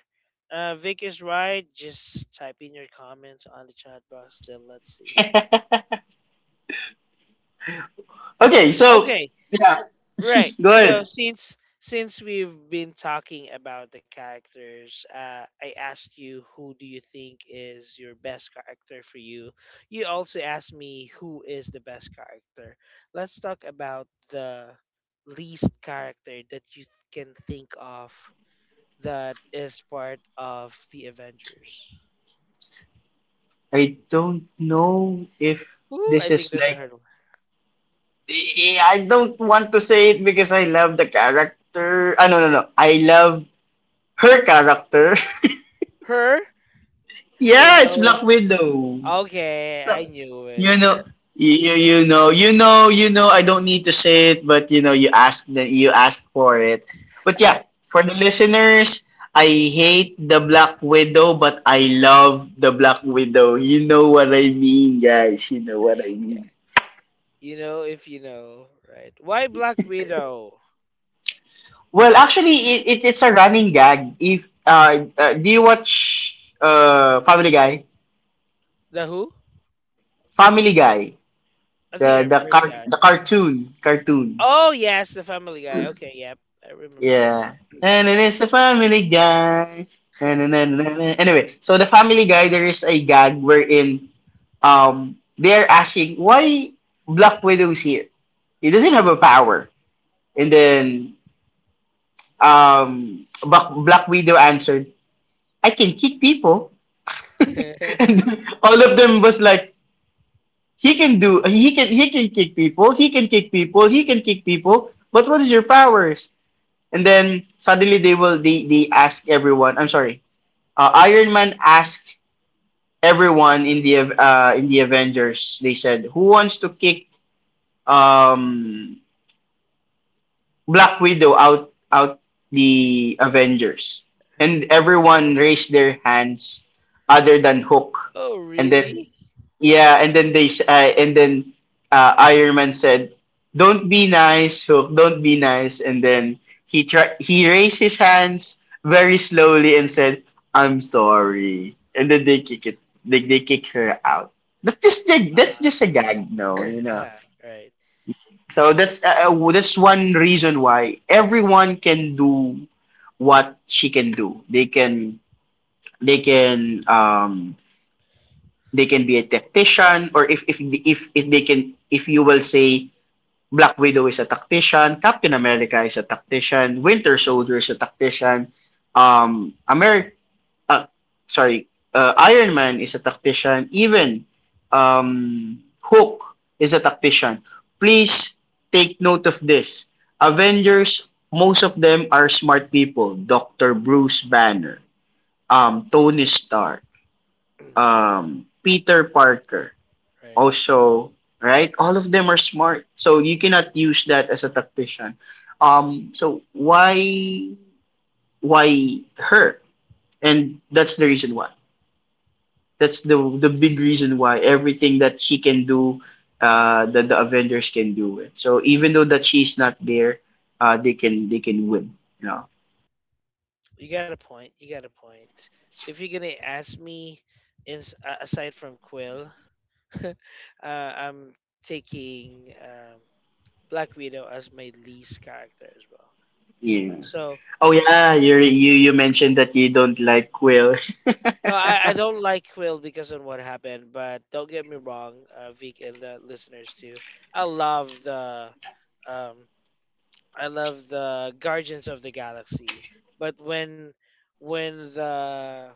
[SPEAKER 1] uh, Vic is right, just type in your comments on the chat box. Then let's see.
[SPEAKER 2] Okay, so
[SPEAKER 1] Okay,
[SPEAKER 2] yeah,
[SPEAKER 1] right.
[SPEAKER 2] go
[SPEAKER 1] So
[SPEAKER 2] ahead.
[SPEAKER 1] since since we've been talking about the characters, uh, I asked you who do you think is your best character for you. You also asked me who is the best character. Let's talk about the least character that you can think of that is part of the Avengers.
[SPEAKER 2] I don't know if
[SPEAKER 1] Ooh, I
[SPEAKER 2] this
[SPEAKER 1] think
[SPEAKER 2] is
[SPEAKER 1] there's a
[SPEAKER 2] like
[SPEAKER 1] hurdle.
[SPEAKER 2] eh, I don't want to say it because I love the character. Ah, no, no, no. I love her character.
[SPEAKER 1] Her? I think I
[SPEAKER 2] Yeah, it's
[SPEAKER 1] know.
[SPEAKER 2] Black Widow.
[SPEAKER 1] Okay,
[SPEAKER 2] So,
[SPEAKER 1] I knew it.
[SPEAKER 2] you know, you, you know, you know, you know. I don't need to say it, but you know, you asked that you asked for it. But yeah, for the listeners, I hate the Black Widow, but I love the Black Widow. You know what I mean, guys. You know what I
[SPEAKER 1] Yeah,
[SPEAKER 2] mean.
[SPEAKER 1] you know if you know, right? Why Black Widow?
[SPEAKER 2] Well, actually, it, it it's a running gag. If uh, uh do you watch uh Family Guy?
[SPEAKER 1] The who?
[SPEAKER 2] Family Guy,
[SPEAKER 1] I think
[SPEAKER 2] the
[SPEAKER 1] I've
[SPEAKER 2] the
[SPEAKER 1] heard of
[SPEAKER 2] car
[SPEAKER 1] that.
[SPEAKER 2] the cartoon cartoon.
[SPEAKER 1] Oh yes, the Family Guy. Okay, yep, I remember.
[SPEAKER 2] Yeah, and it is a Family Guy. And, and, and, and, and. Anyway, so the Family Guy, there is a gag wherein um they're asking why Black Widow is here. He doesn't have a power, and then um Black Black Widow answered, "I can kick people." and all of them was like he can do he can he can kick people he can kick people he can kick people but what is your powers and then suddenly they will they, they ask everyone I'm sorry uh, iron man asked everyone in the Av- uh, in the avengers they said who wants to kick um black widow out out the avengers and everyone raised their hands other than hook
[SPEAKER 1] oh
[SPEAKER 2] and then
[SPEAKER 1] really?
[SPEAKER 2] yeah, and then they s- uh, and then uh, Iron Man said, "Don't be nice, Hulk. Don't be nice." And then he tri- he raised his hands very slowly and said, "I'm sorry." And then they kick it. They they kick her out. That's just a,
[SPEAKER 1] Uh,
[SPEAKER 2] that's just a gag, no, you know.
[SPEAKER 1] uh, right,
[SPEAKER 2] So that's uh, uh, that's one reason why everyone can do what she can do. They can they can um they can be a tactician or if if if if they can if you will say Black Widow is a tactician, Captain America is a tactician, Winter Soldier is a tactician, um Amer uh, sorry, uh, Iron Man is a tactician, even um Hook is a tactician. Please take note of this. Avengers, most of them are smart people. Doctor Bruce Banner, um, Tony Stark, um, Peter Parker,
[SPEAKER 1] right.
[SPEAKER 2] also, right? All of them are smart. So you cannot use that as a tactician. Um, so why why her? And that's the reason why. That's the the
[SPEAKER 1] Let's
[SPEAKER 2] big
[SPEAKER 1] see.
[SPEAKER 2] reason why everything that she can do, uh, that the Avengers can do it. So even though that she's not there, uh, they can they can win. You know.
[SPEAKER 1] You got a point. You got a point. If you're gonna ask me, in, uh, aside from Quill, uh, I'm taking um, Black Widow as my least character as well.
[SPEAKER 2] Yeah.
[SPEAKER 1] So
[SPEAKER 2] Oh yeah, you you you mentioned that you don't like Quill.
[SPEAKER 1] no, I, I don't like Quill because of what happened. But don't get me wrong, uh, Vic and the listeners too. I love the um, I love the Guardians of the Galaxy. But when when the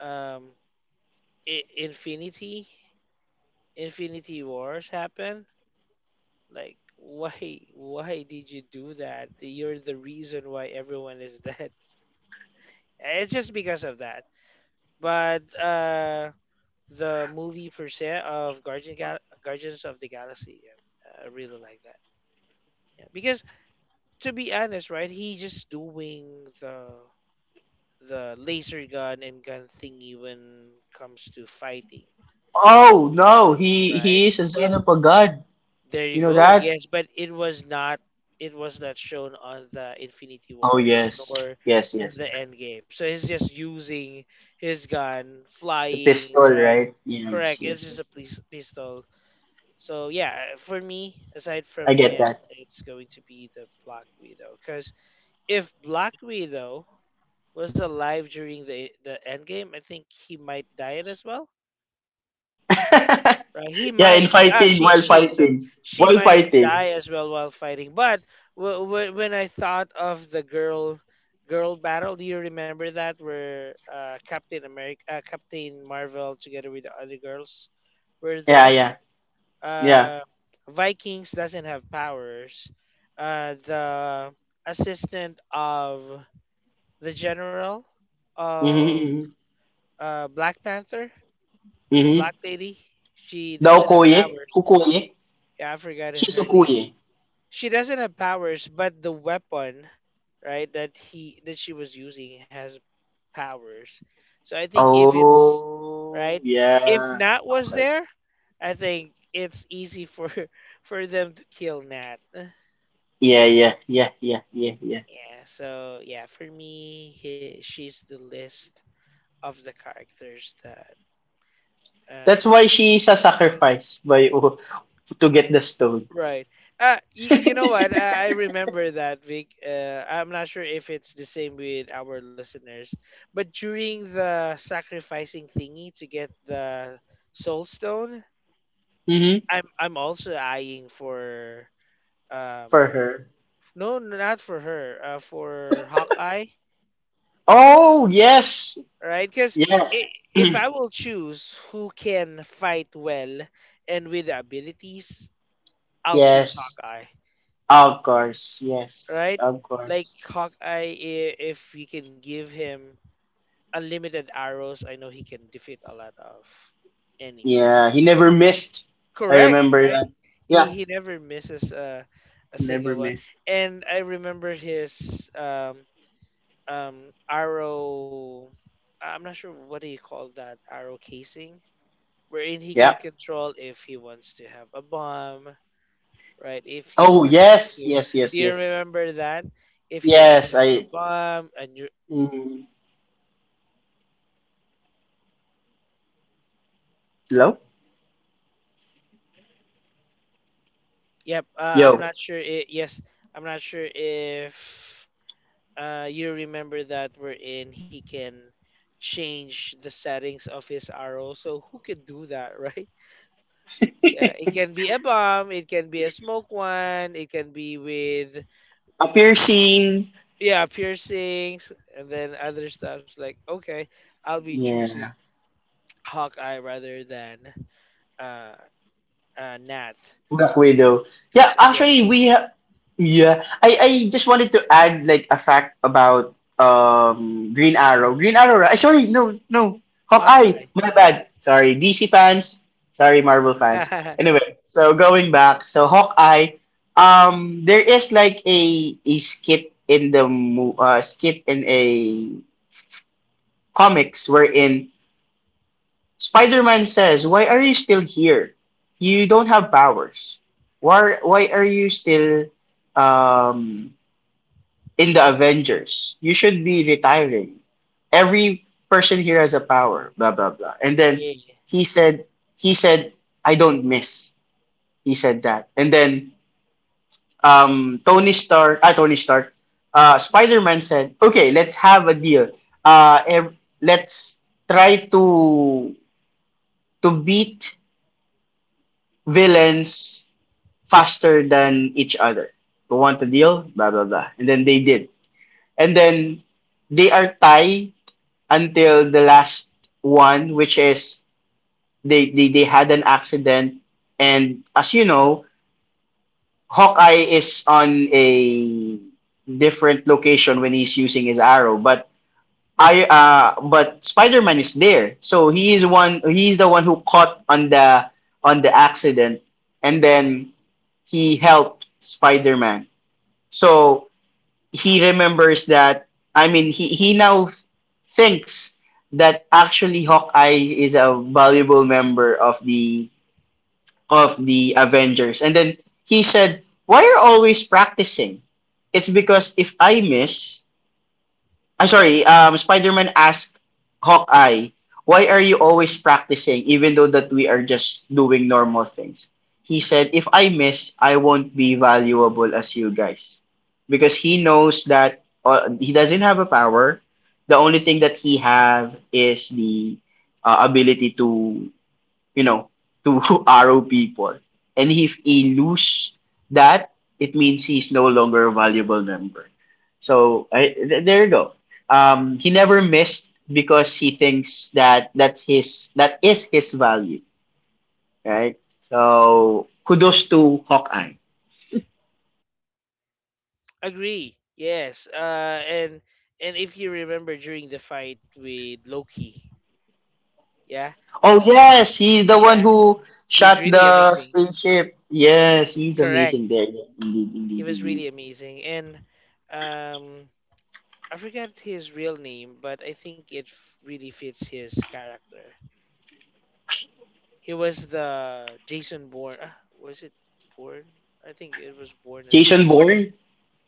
[SPEAKER 1] um, I- Infinity Infinity Wars happen? Like, why, why did you do that? You're the reason why everyone is dead. It's just because of that. But uh, the movie per se of Guardian Gal- Guardians of the Galaxy, yeah, I really like that. Yeah, because to be honest, right, he just doing the the laser gun and gun thingy when comes to fighting,
[SPEAKER 2] Oh no, he
[SPEAKER 1] right?
[SPEAKER 2] he is a son
[SPEAKER 1] His
[SPEAKER 2] of a god.
[SPEAKER 1] there you
[SPEAKER 2] You know
[SPEAKER 1] go.
[SPEAKER 2] that?
[SPEAKER 1] Yes, but it was not it was not shown on the Infinity
[SPEAKER 2] Oh
[SPEAKER 1] Wars
[SPEAKER 2] yes,
[SPEAKER 1] nor
[SPEAKER 2] yes,
[SPEAKER 1] in
[SPEAKER 2] yes.
[SPEAKER 1] the Endgame. So he's just using his gun,
[SPEAKER 2] The
[SPEAKER 1] flying,
[SPEAKER 2] pistol,
[SPEAKER 1] right?
[SPEAKER 2] right? Yes,
[SPEAKER 1] Correct. It's
[SPEAKER 2] yes,
[SPEAKER 1] just a
[SPEAKER 2] yes, yes.
[SPEAKER 1] police pistol. So yeah, for me, aside
[SPEAKER 2] I
[SPEAKER 1] from
[SPEAKER 2] get
[SPEAKER 1] him,
[SPEAKER 2] that.
[SPEAKER 1] it's going to be the Black Widow. Because if Black Widow was alive during the the Endgame, I think he might die it as well. Right? He
[SPEAKER 2] Yeah, in
[SPEAKER 1] might, ah,
[SPEAKER 2] fighting
[SPEAKER 1] she,
[SPEAKER 2] while
[SPEAKER 1] she, so
[SPEAKER 2] fighting,
[SPEAKER 1] she
[SPEAKER 2] while
[SPEAKER 1] might
[SPEAKER 2] fighting.
[SPEAKER 1] die as well while fighting. But w- w- when I thought of the girl, girl battle, do you remember that where uh, Captain America, uh, Captain Marvel, together with the other girls, were
[SPEAKER 2] Yeah,
[SPEAKER 1] there?
[SPEAKER 2] yeah, yeah.
[SPEAKER 1] Uh, Vikings doesn't have powers. Uh, the assistant of the general of
[SPEAKER 2] Mm-hmm,
[SPEAKER 1] uh, Black Panther, the
[SPEAKER 2] mm-hmm.
[SPEAKER 1] Black Lady, she
[SPEAKER 2] The
[SPEAKER 1] doesn't have
[SPEAKER 2] okoye,
[SPEAKER 1] powers
[SPEAKER 2] ukoye,
[SPEAKER 1] yeah, I forgot
[SPEAKER 2] she's
[SPEAKER 1] her name.
[SPEAKER 2] okoye.
[SPEAKER 1] She doesn't have powers, but the weapon, right, that he that she was using has powers. So I think if it's
[SPEAKER 2] Oh,
[SPEAKER 1] right, if
[SPEAKER 2] yeah.
[SPEAKER 1] Nat was
[SPEAKER 2] Okay.
[SPEAKER 1] there, I think it's easy for for them to kill Nat.
[SPEAKER 2] Yeah, yeah, yeah, yeah, yeah, yeah.
[SPEAKER 1] Yeah, so yeah, for me, he, she's the list of the characters that
[SPEAKER 2] That's
[SPEAKER 1] um
[SPEAKER 2] why she is a sacrifice by oh, to get the stone.
[SPEAKER 1] right. Uh, y- you know what? I, I remember that, Vic. Uh, I'm not sure if it's the same with our listeners, but during the sacrificing thingy to get the soul stone,
[SPEAKER 2] Mm-hmm.
[SPEAKER 1] I'm I'm also eyeing for um
[SPEAKER 2] For her.
[SPEAKER 1] no, not for her, uh, for Hawkeye,
[SPEAKER 2] Oh yes,
[SPEAKER 1] right? Because
[SPEAKER 2] yeah.
[SPEAKER 1] if I will choose who can fight well and with the abilities, I'll choose
[SPEAKER 2] Yes.
[SPEAKER 1] Hawkeye.
[SPEAKER 2] Of course. Yes.
[SPEAKER 1] Right?
[SPEAKER 2] Of
[SPEAKER 1] Like
[SPEAKER 2] course.
[SPEAKER 1] Hawkeye, i- if you can give him unlimited arrows, I know he can defeat a lot of
[SPEAKER 2] Yeah.
[SPEAKER 1] enemies.
[SPEAKER 2] He never missed. I
[SPEAKER 1] Correct,
[SPEAKER 2] remember
[SPEAKER 1] right?
[SPEAKER 2] that.
[SPEAKER 1] He,
[SPEAKER 2] Yeah.
[SPEAKER 1] he never misses a, a
[SPEAKER 2] Never
[SPEAKER 1] single one.
[SPEAKER 2] missed.
[SPEAKER 1] And I remember his um, um, arrow. I'm not sure what do you call that arrow casing, wherein he can
[SPEAKER 2] Yeah.
[SPEAKER 1] control if he wants to have a bomb, right? If he
[SPEAKER 2] Oh
[SPEAKER 1] wants it
[SPEAKER 2] yes.
[SPEAKER 1] to,
[SPEAKER 2] Yes.
[SPEAKER 1] do
[SPEAKER 2] Yes.
[SPEAKER 1] you
[SPEAKER 2] Yes.
[SPEAKER 1] remember that? If he wants to
[SPEAKER 2] Yes.
[SPEAKER 1] have a
[SPEAKER 2] I.
[SPEAKER 1] bomb, and you,
[SPEAKER 2] Mm, hello.
[SPEAKER 1] yep, uh, I'm
[SPEAKER 2] Yo.
[SPEAKER 1] not sure. It, yes, I'm not sure if uh, you remember that wherein he can change the settings of his arrow. So who could do that, right? Yeah, it
[SPEAKER 2] A
[SPEAKER 1] can be a bomb, it can be a smoke one, it can be with
[SPEAKER 2] piercing.
[SPEAKER 1] yeah piercings, and then other stuffs like okay, I'll be choosing
[SPEAKER 2] Yeah.
[SPEAKER 1] Hawkeye rather than uh uh, Nat
[SPEAKER 2] Black
[SPEAKER 1] to
[SPEAKER 2] Widow.
[SPEAKER 1] to
[SPEAKER 2] Yeah.
[SPEAKER 1] s-
[SPEAKER 2] Actually,
[SPEAKER 1] yes
[SPEAKER 2] we ha- yeah, I I just wanted to add like a fact about um Green Arrow. Green Arrow, right? Sorry, no, no, Hawkeye.
[SPEAKER 1] Hawkeye.
[SPEAKER 2] My bad. Sorry, D C fans. Sorry, Marvel fans.
[SPEAKER 1] yeah,
[SPEAKER 2] Anyway, so going back, so Hawkeye, um, there is like a a skit in the mo- uh, skit in a comics wherein Spider-Man says, "Why are you still here? You don't have powers. Why why are you still um in the Avengers. You should be retiring. Every person here has a power, blah blah blah." And then
[SPEAKER 1] yeah.
[SPEAKER 2] he said he said I don't miss. He said that. And then um Tony Stark, ah Tony Stark, uh Spider-Man said, "Okay, let's have a deal. Uh ev- let's try to to beat villains faster than each other. You want a deal? Blah blah blah." And then they did. And then they are tied until the last one, which is they, they, they had an accident. And as you know, Hawkeye is on a different location when he's using his arrow, but I uh, but Spider Man is there, so he is one. He's the one who caught on the on the accident, and then he helped Spider Man. So he remembers that I mean he he now thinks that actually Hawkeye is a valuable member of the of the Avengers. And then he said, "Why are you always practicing? It's because if I miss, I'm sorry, um, Spider-Man asked Hawkeye, why are you always practicing even though that we are just doing normal things?" He said, if I miss, I won't be valuable as you guys. Because he knows that uh, he doesn't have a power. The only thing that he have is the uh, ability to you know, to RO people. And if he lose that, it means he's no longer a valuable member. So I, th- there you go. Um, he never missed because he thinks that that's his that is his value, right? So kudos to Hawkeye.
[SPEAKER 1] Agree. Yes, uh, and and if you remember during the fight with Loki, yeah,
[SPEAKER 2] Oh yes, he's the one
[SPEAKER 1] yeah,
[SPEAKER 2] who
[SPEAKER 1] he's
[SPEAKER 2] shot
[SPEAKER 1] really
[SPEAKER 2] the
[SPEAKER 1] amazing.
[SPEAKER 2] spaceship. Yes, he's
[SPEAKER 1] Correct,
[SPEAKER 2] amazing there. Indeed,
[SPEAKER 1] he
[SPEAKER 2] indeed,
[SPEAKER 1] was
[SPEAKER 2] indeed.
[SPEAKER 1] really amazing, and um, I forgot his real name, but I think it f- really fits his character. He was the Jason Bourne. Uh, was it Bourne? I think it was Bourne as
[SPEAKER 2] Jason
[SPEAKER 1] well.
[SPEAKER 2] Bourne,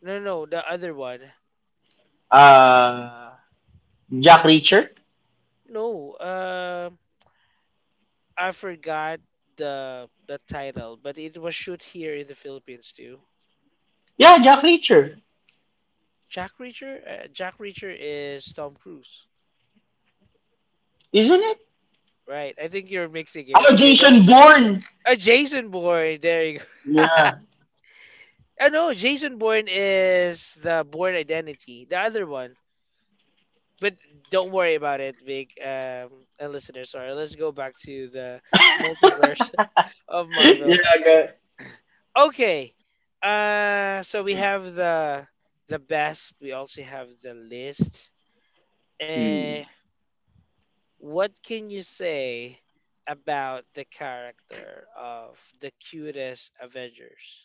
[SPEAKER 1] No, no, no, the other one.
[SPEAKER 2] uh, Jack Reacher.
[SPEAKER 1] No, uh, I forgot the the title, but it was shoot here in the Philippines too.
[SPEAKER 2] Yeah, Jack Reacher,
[SPEAKER 1] Jack Reacher, uh, Jack Reacher is Tom Cruise,
[SPEAKER 2] isn't it?
[SPEAKER 1] right? I think you're mixing it.
[SPEAKER 2] Oh,
[SPEAKER 1] Okay,
[SPEAKER 2] Jason
[SPEAKER 1] don't.
[SPEAKER 2] Bourne.
[SPEAKER 1] Uh, Jason Bourne. There you go.
[SPEAKER 2] Yeah.
[SPEAKER 1] I know Jason Bourne is the Bourne Identity, the other one. But don't worry about it, Vic, um, and listeners. Sorry, let's go back to the multiverse of
[SPEAKER 2] Yeah,
[SPEAKER 1] Marvel.
[SPEAKER 2] I got.
[SPEAKER 1] Okay. Uh so we have the the best, we also have the list. Uh
[SPEAKER 2] Hmm.
[SPEAKER 1] what can you say about the character of the cutest Avengers?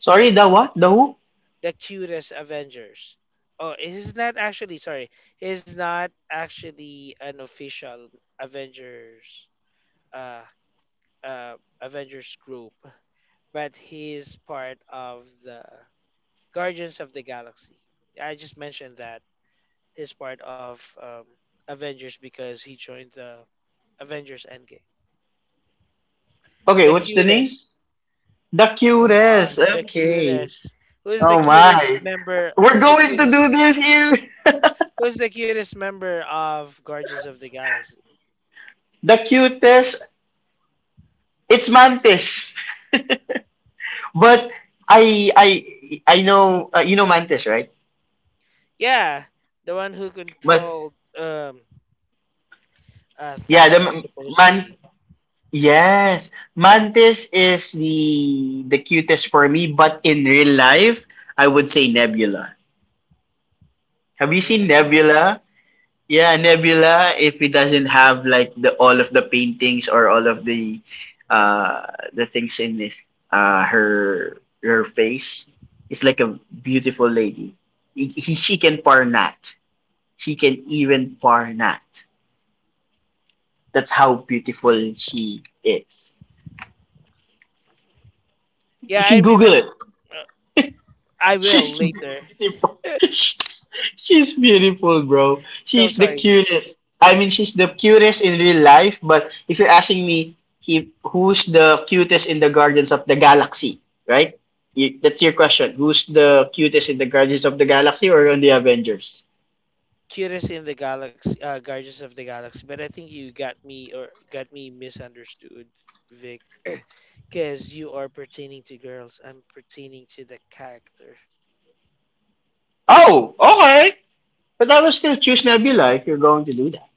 [SPEAKER 2] Sorry, the what? The who?
[SPEAKER 1] The cutest Avengers. Oh, it is not actually sorry, it is not actually an official Avengers uh uh Avengers group, but he's part of the Guardians of the Galaxy. I just mentioned that he's part of um, Avengers because he joined the Avengers Endgame.
[SPEAKER 2] Okay,
[SPEAKER 1] The
[SPEAKER 2] what's the name?
[SPEAKER 1] cutest.
[SPEAKER 2] The
[SPEAKER 1] Come on,
[SPEAKER 2] cutest.
[SPEAKER 1] the
[SPEAKER 2] Okay.
[SPEAKER 1] cutest. Who's the
[SPEAKER 2] Oh
[SPEAKER 1] cutest
[SPEAKER 2] my.
[SPEAKER 1] member?
[SPEAKER 2] We're
[SPEAKER 1] Who's the
[SPEAKER 2] going to do
[SPEAKER 1] cutest?
[SPEAKER 2] this here.
[SPEAKER 1] Who's the cutest member of Guardians of the Galaxy?
[SPEAKER 2] The cutest. It's Mantis. But I I I know uh, you know Mantis, right?
[SPEAKER 1] Yeah, the one who
[SPEAKER 2] But
[SPEAKER 1] controlled um uh,
[SPEAKER 2] yeah, the
[SPEAKER 1] Thanos supposed to
[SPEAKER 2] Man-
[SPEAKER 1] be
[SPEAKER 2] Yes, Mantis is the the cutest for me, but in real life, I would say Nebula. Have you seen
[SPEAKER 1] Nebula.
[SPEAKER 2] Nebula? Yeah, Nebula. If it doesn't have like the all of the paintings or all of the uh the things in it, uh her her face, it's like a beautiful lady. He, he, she can parnat. She can even parnat. That's how beautiful she is. You
[SPEAKER 1] Yeah, I
[SPEAKER 2] can Google
[SPEAKER 1] remember.
[SPEAKER 2] it.
[SPEAKER 1] Uh, I will
[SPEAKER 2] She's
[SPEAKER 1] later.
[SPEAKER 2] beautiful. She's, she's beautiful, bro.
[SPEAKER 1] No,
[SPEAKER 2] She's the
[SPEAKER 1] sorry.
[SPEAKER 2] cutest. I mean, she's the cutest in real life, but if you're asking me, he, who's the cutest in the Guardians of the Galaxy, right? You, that's your question. Who's the cutest in the Guardians of the Galaxy or on the Avengers?
[SPEAKER 1] Cutest in the galaxy, uh, Guardians of the Galaxy. But I think you got me or got me misunderstood, Vic, because you are pertaining to girls. I'm pertaining to the character.
[SPEAKER 2] Oh, okay. But I will still choose Nebula if you're going to do that.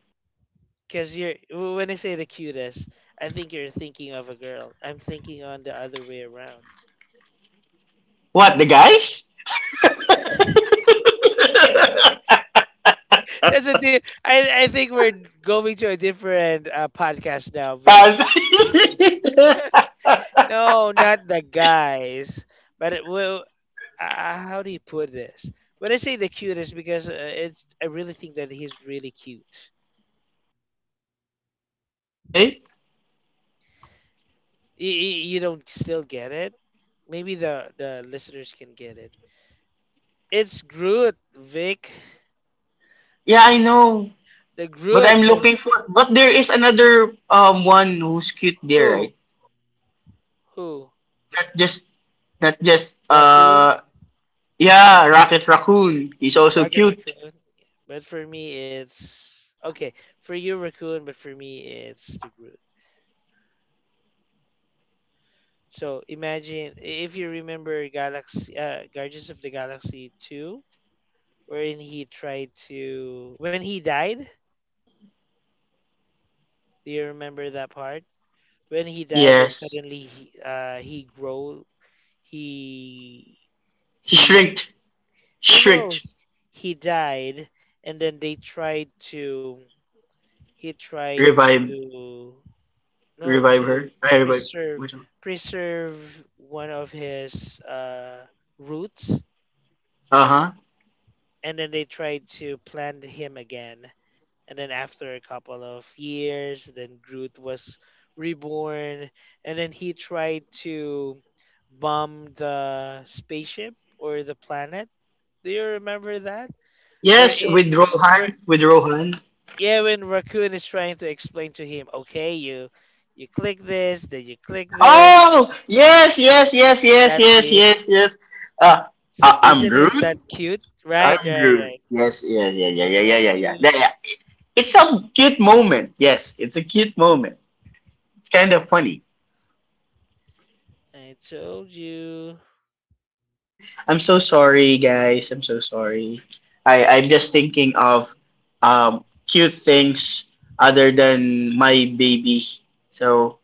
[SPEAKER 1] Because you're w- when I say the cutest, I think you're thinking of a girl. I'm thinking on the other way around.
[SPEAKER 2] What, the guys?
[SPEAKER 1] That's a di- I, I think we're going to a different uh, podcast now, Vic.
[SPEAKER 2] Pan.
[SPEAKER 1] No, not the guys. But it, will. Uh, how do you put this? When I say the cutest, because uh, it's, I really think that he's really cute.
[SPEAKER 2] Okay.
[SPEAKER 1] You, you don't still get it. Maybe the the listeners can get it. It's Groot, Vic.
[SPEAKER 2] Yeah, I know.
[SPEAKER 1] The
[SPEAKER 2] But
[SPEAKER 1] Groot.
[SPEAKER 2] I'm
[SPEAKER 1] Uh,
[SPEAKER 2] looking for. But there is another um one who's cute there,
[SPEAKER 1] who?
[SPEAKER 2] right?
[SPEAKER 1] Who?
[SPEAKER 2] Not just, not just.
[SPEAKER 1] Raccoon?
[SPEAKER 2] Uh, yeah, Rocket Raccoon. He's also
[SPEAKER 1] Rocket
[SPEAKER 2] cute.
[SPEAKER 1] Raccoon. But for me, it's okay. For you, Raccoon. But for me, it's the Groot. So imagine i- if you remember Galaxy, uh, Guardians of the Galaxy two wherein he tried to when he died. Do you remember that part? When he died and
[SPEAKER 2] Yes,
[SPEAKER 1] suddenly he uh he grow he
[SPEAKER 2] he
[SPEAKER 1] he
[SPEAKER 2] shrinked,
[SPEAKER 1] no no
[SPEAKER 2] shrinked.
[SPEAKER 1] he died and then they tried to he tried
[SPEAKER 2] Revive,
[SPEAKER 1] to no
[SPEAKER 2] revive her.
[SPEAKER 1] to
[SPEAKER 2] I revive.
[SPEAKER 1] preserve preserve one of his uh roots
[SPEAKER 2] Uh huh.
[SPEAKER 1] and then they tried to plant him again and then after a couple of years then groot was reborn and then he tried to bomb the spaceship or the planet do you remember that we're
[SPEAKER 2] Yes, with
[SPEAKER 1] in we're
[SPEAKER 2] Rohan, with Rohan.
[SPEAKER 1] yeah when raccoon is trying to explain to him okay you you click this then you click this
[SPEAKER 2] Oh yes, yes, yes, yes,
[SPEAKER 1] that's
[SPEAKER 2] yes,
[SPEAKER 1] it
[SPEAKER 2] yes, yes. Uh,
[SPEAKER 1] so
[SPEAKER 2] I- I'm
[SPEAKER 1] isn't it that
[SPEAKER 2] Groot.
[SPEAKER 1] cute right
[SPEAKER 2] I'm
[SPEAKER 1] right
[SPEAKER 2] Groot.
[SPEAKER 1] right
[SPEAKER 2] Yes, yeah, yeah,
[SPEAKER 1] see
[SPEAKER 2] yeah,
[SPEAKER 1] I
[SPEAKER 2] yeah, yeah,
[SPEAKER 1] told
[SPEAKER 2] yeah, yeah.
[SPEAKER 1] you
[SPEAKER 2] Yeah, yeah. It's a cute moment. Yes, it's a cute moment. It's kind of funny.
[SPEAKER 1] I told you.
[SPEAKER 2] I'm so sorry, guys. I'm so sorry. I I'm just thinking of um cute things other than my baby. So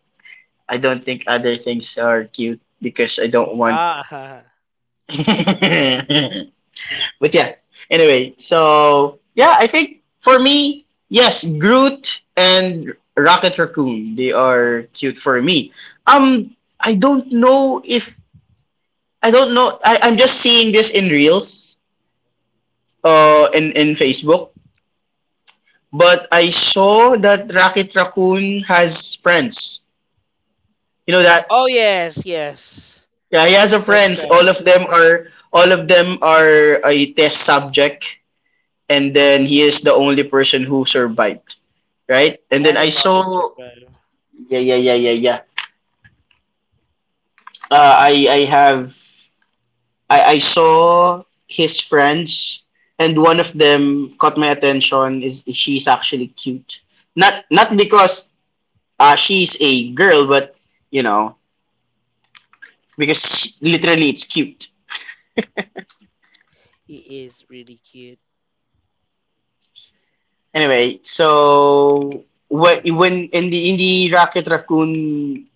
[SPEAKER 2] I don't think other things are cute because I don't want.
[SPEAKER 1] Ah,
[SPEAKER 2] But yeah. Anyway, so yeah, I think for me, yes, Groot and Rocket Raccoon, they are cute for me. Um, I don't know if I don't know. I, I'm just seeing this in reels, uh, in in Facebook. But I saw that Rocket Raccoon has friends. You know that?
[SPEAKER 1] oh yes, yes,
[SPEAKER 2] Yeah, he has a
[SPEAKER 1] that's
[SPEAKER 2] friends.
[SPEAKER 1] right.
[SPEAKER 2] All of them are all of them are a test subject, and then he is the only person who survived. Right? And then I
[SPEAKER 1] Animal
[SPEAKER 2] saw,
[SPEAKER 1] that survive.
[SPEAKER 2] yeah, yeah, yeah, yeah, yeah. Uh, I I have I I saw his friends, and one of them caught my attention. Is she's actually cute? Not not because uh she's a girl, but you know because she, literally it's cute.
[SPEAKER 1] He is really cute.
[SPEAKER 2] Anyway, so when when in the in the Rocket Raccoon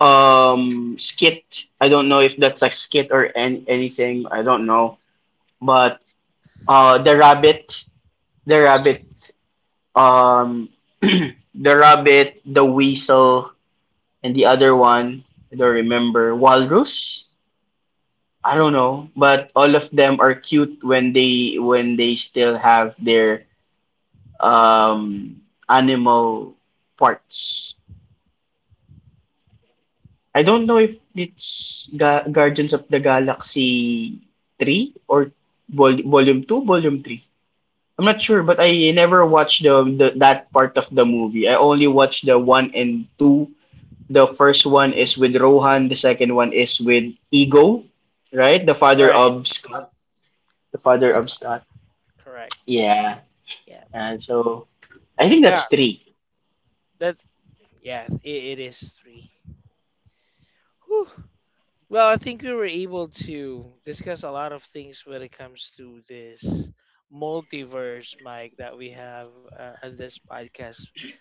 [SPEAKER 2] um skit, I don't know if that's a skit or any, anything. I don't know, but Uh, the rabbit, the rabbit, um, the rabbit, the weasel, and the other one, I don't remember, walrus. I don't know, but all of them are cute when they when they still have their um animal parts. I don't know if it's Ga- Guardians of the Galaxy three or vol- volume two, volume three. I'm not sure, but I never watched the, the that part of the movie. I only watched the one and two. The first one is with Rohan. The second one is with Ego, right? The father
[SPEAKER 1] Right,
[SPEAKER 2] of Scott. The father of
[SPEAKER 1] Scott.
[SPEAKER 2] Scott.
[SPEAKER 1] Correct.
[SPEAKER 2] Yeah.
[SPEAKER 1] Yeah,
[SPEAKER 2] And so I think
[SPEAKER 1] yeah.
[SPEAKER 2] that's three.
[SPEAKER 1] That yeah. It, it is three. Whew. Well, I think we were able to discuss a lot of things when it comes to this multiverse, Mike, that we have uh, on this podcast,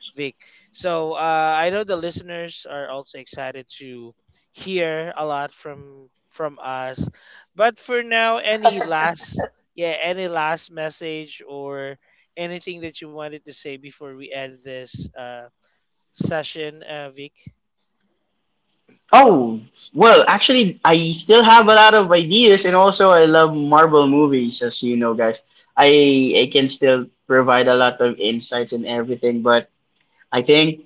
[SPEAKER 1] Vic. So uh, I know the listeners are also excited to hear a lot from from us. But for now, any last yeah, any last message or anything that you wanted to say before we end this uh, session, uh, Vic?
[SPEAKER 2] Oh well, actually, I still have a lot of ideas, and also I love Marvel movies, as you know, guys. I I can still provide a lot of insights and everything, but I think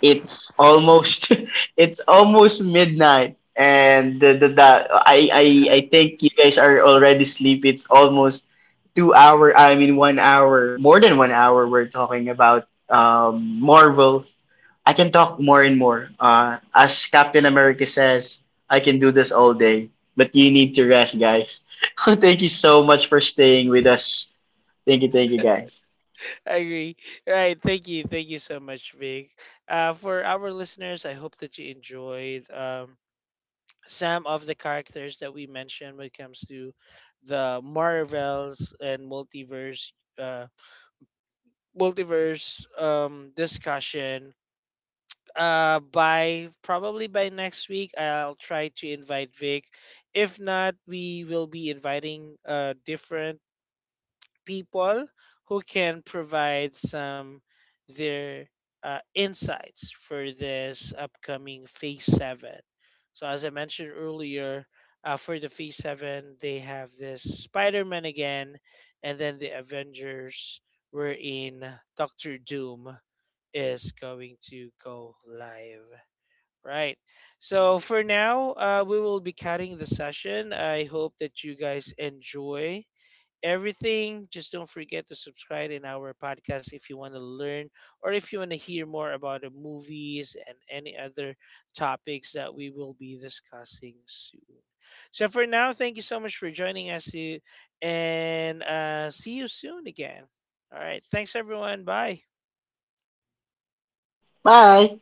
[SPEAKER 2] it's almost it's almost midnight and the, the, the I, I I think you guys are already sleepy. It's almost two hour I mean one hour more than one hour we're talking about um Marvels. I can talk more and more. Uh as Captain America says, I can do this all day. But you need to rest guys. Thank you so much for staying with us. Thank you, thank you guys.
[SPEAKER 1] I agree. Right. Thank you. Thank you so much, Vic. Uh, for our listeners, I hope that you enjoyed um, some of the characters that we mentioned when it comes to the Marvels and multiverse uh, multiverse um, discussion. Uh, by probably by next week, I'll try to invite Vic. If not, we will be inviting uh different people who can provide some their uh, insights for this upcoming phase seven so as I mentioned earlier uh, for the phase seven they have this Spider-Man again and then the Avengers wherein Doctor Doom is going to go live, right? So for now, uh, we will be cutting the session. I hope that you guys enjoy everything. Just don't forget to subscribe in our podcast if you want to learn or if you want to hear more about the movies and any other topics that we will be discussing soon. So for now, thank you so much for joining us eh, and uh, see you soon again. All right. Thanks, everyone. Bye.
[SPEAKER 2] Bye.